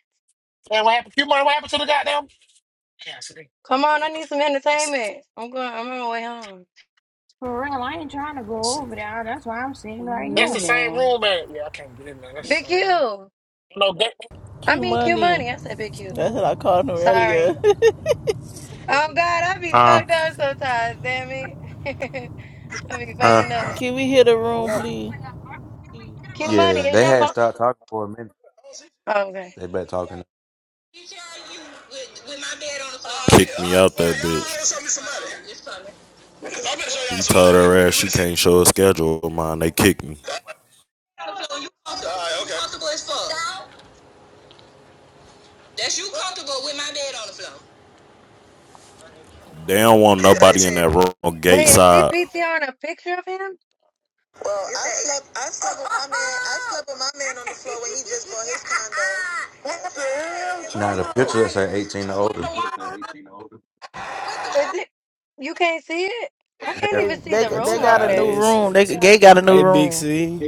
Speaker 6: And what happened? Q money, what happened to the goddamn? Yeah, so they,
Speaker 23: Come
Speaker 6: let
Speaker 23: on,
Speaker 6: me
Speaker 23: I
Speaker 6: go.
Speaker 23: need some
Speaker 6: Let's see.
Speaker 23: entertainment. I'm going. I'm on my way home.
Speaker 1: For real, I ain't trying to
Speaker 6: Let's
Speaker 1: go
Speaker 6: see.
Speaker 1: over there. That's why I'm
Speaker 5: boy?
Speaker 1: sitting right
Speaker 5: We
Speaker 6: That's the
Speaker 1: here.
Speaker 6: same room, man. Yeah, I can't get in there. That's the
Speaker 23: Big
Speaker 6: same room.
Speaker 23: Q.
Speaker 6: No, that.
Speaker 23: I
Speaker 8: Q
Speaker 23: mean Q
Speaker 8: money.
Speaker 23: money. I said Big Q.
Speaker 8: That's what I called him
Speaker 23: Sorry.
Speaker 8: earlier.
Speaker 23: Oh God, I be fucked up sometimes. Damn it. I be fucking up.
Speaker 8: Can we hear the room,
Speaker 5: know.
Speaker 8: please?
Speaker 23: Q money
Speaker 32: Yeah,
Speaker 23: is
Speaker 32: they
Speaker 23: your
Speaker 32: had
Speaker 23: phone. Oh, okay.
Speaker 32: they been talking You sure you with, with my bed on the floor? All right,
Speaker 37: Kicked me
Speaker 32: all right.
Speaker 37: out that
Speaker 32: Well,
Speaker 37: bitch.
Speaker 32: y'all owe something some money. Um, it's coming. I'm gonna show
Speaker 37: He
Speaker 32: y'all some
Speaker 37: told
Speaker 32: money.
Speaker 37: her ass
Speaker 32: We
Speaker 37: she
Speaker 32: better see.
Speaker 37: can't show a schedule of mine. They kicked me.
Speaker 32: On the floor, you All comfortable. All right, okay. You okay. comfortable as fuck. That's you comfortable with my bed on the floor.
Speaker 37: They don't want nobody in that room on gate
Speaker 23: Wait, is she
Speaker 37: side.
Speaker 23: P. T. R. on a picture of him? Is it? You can't see it? I can't
Speaker 8: They
Speaker 23: even see
Speaker 8: they
Speaker 23: the
Speaker 13: What
Speaker 8: they
Speaker 23: room
Speaker 8: got
Speaker 23: over
Speaker 8: a
Speaker 13: y'all
Speaker 8: new
Speaker 23: there.
Speaker 8: room.
Speaker 13: listening
Speaker 8: They
Speaker 13: to?
Speaker 8: they got a new
Speaker 13: Hey, Big
Speaker 8: room.
Speaker 13: C.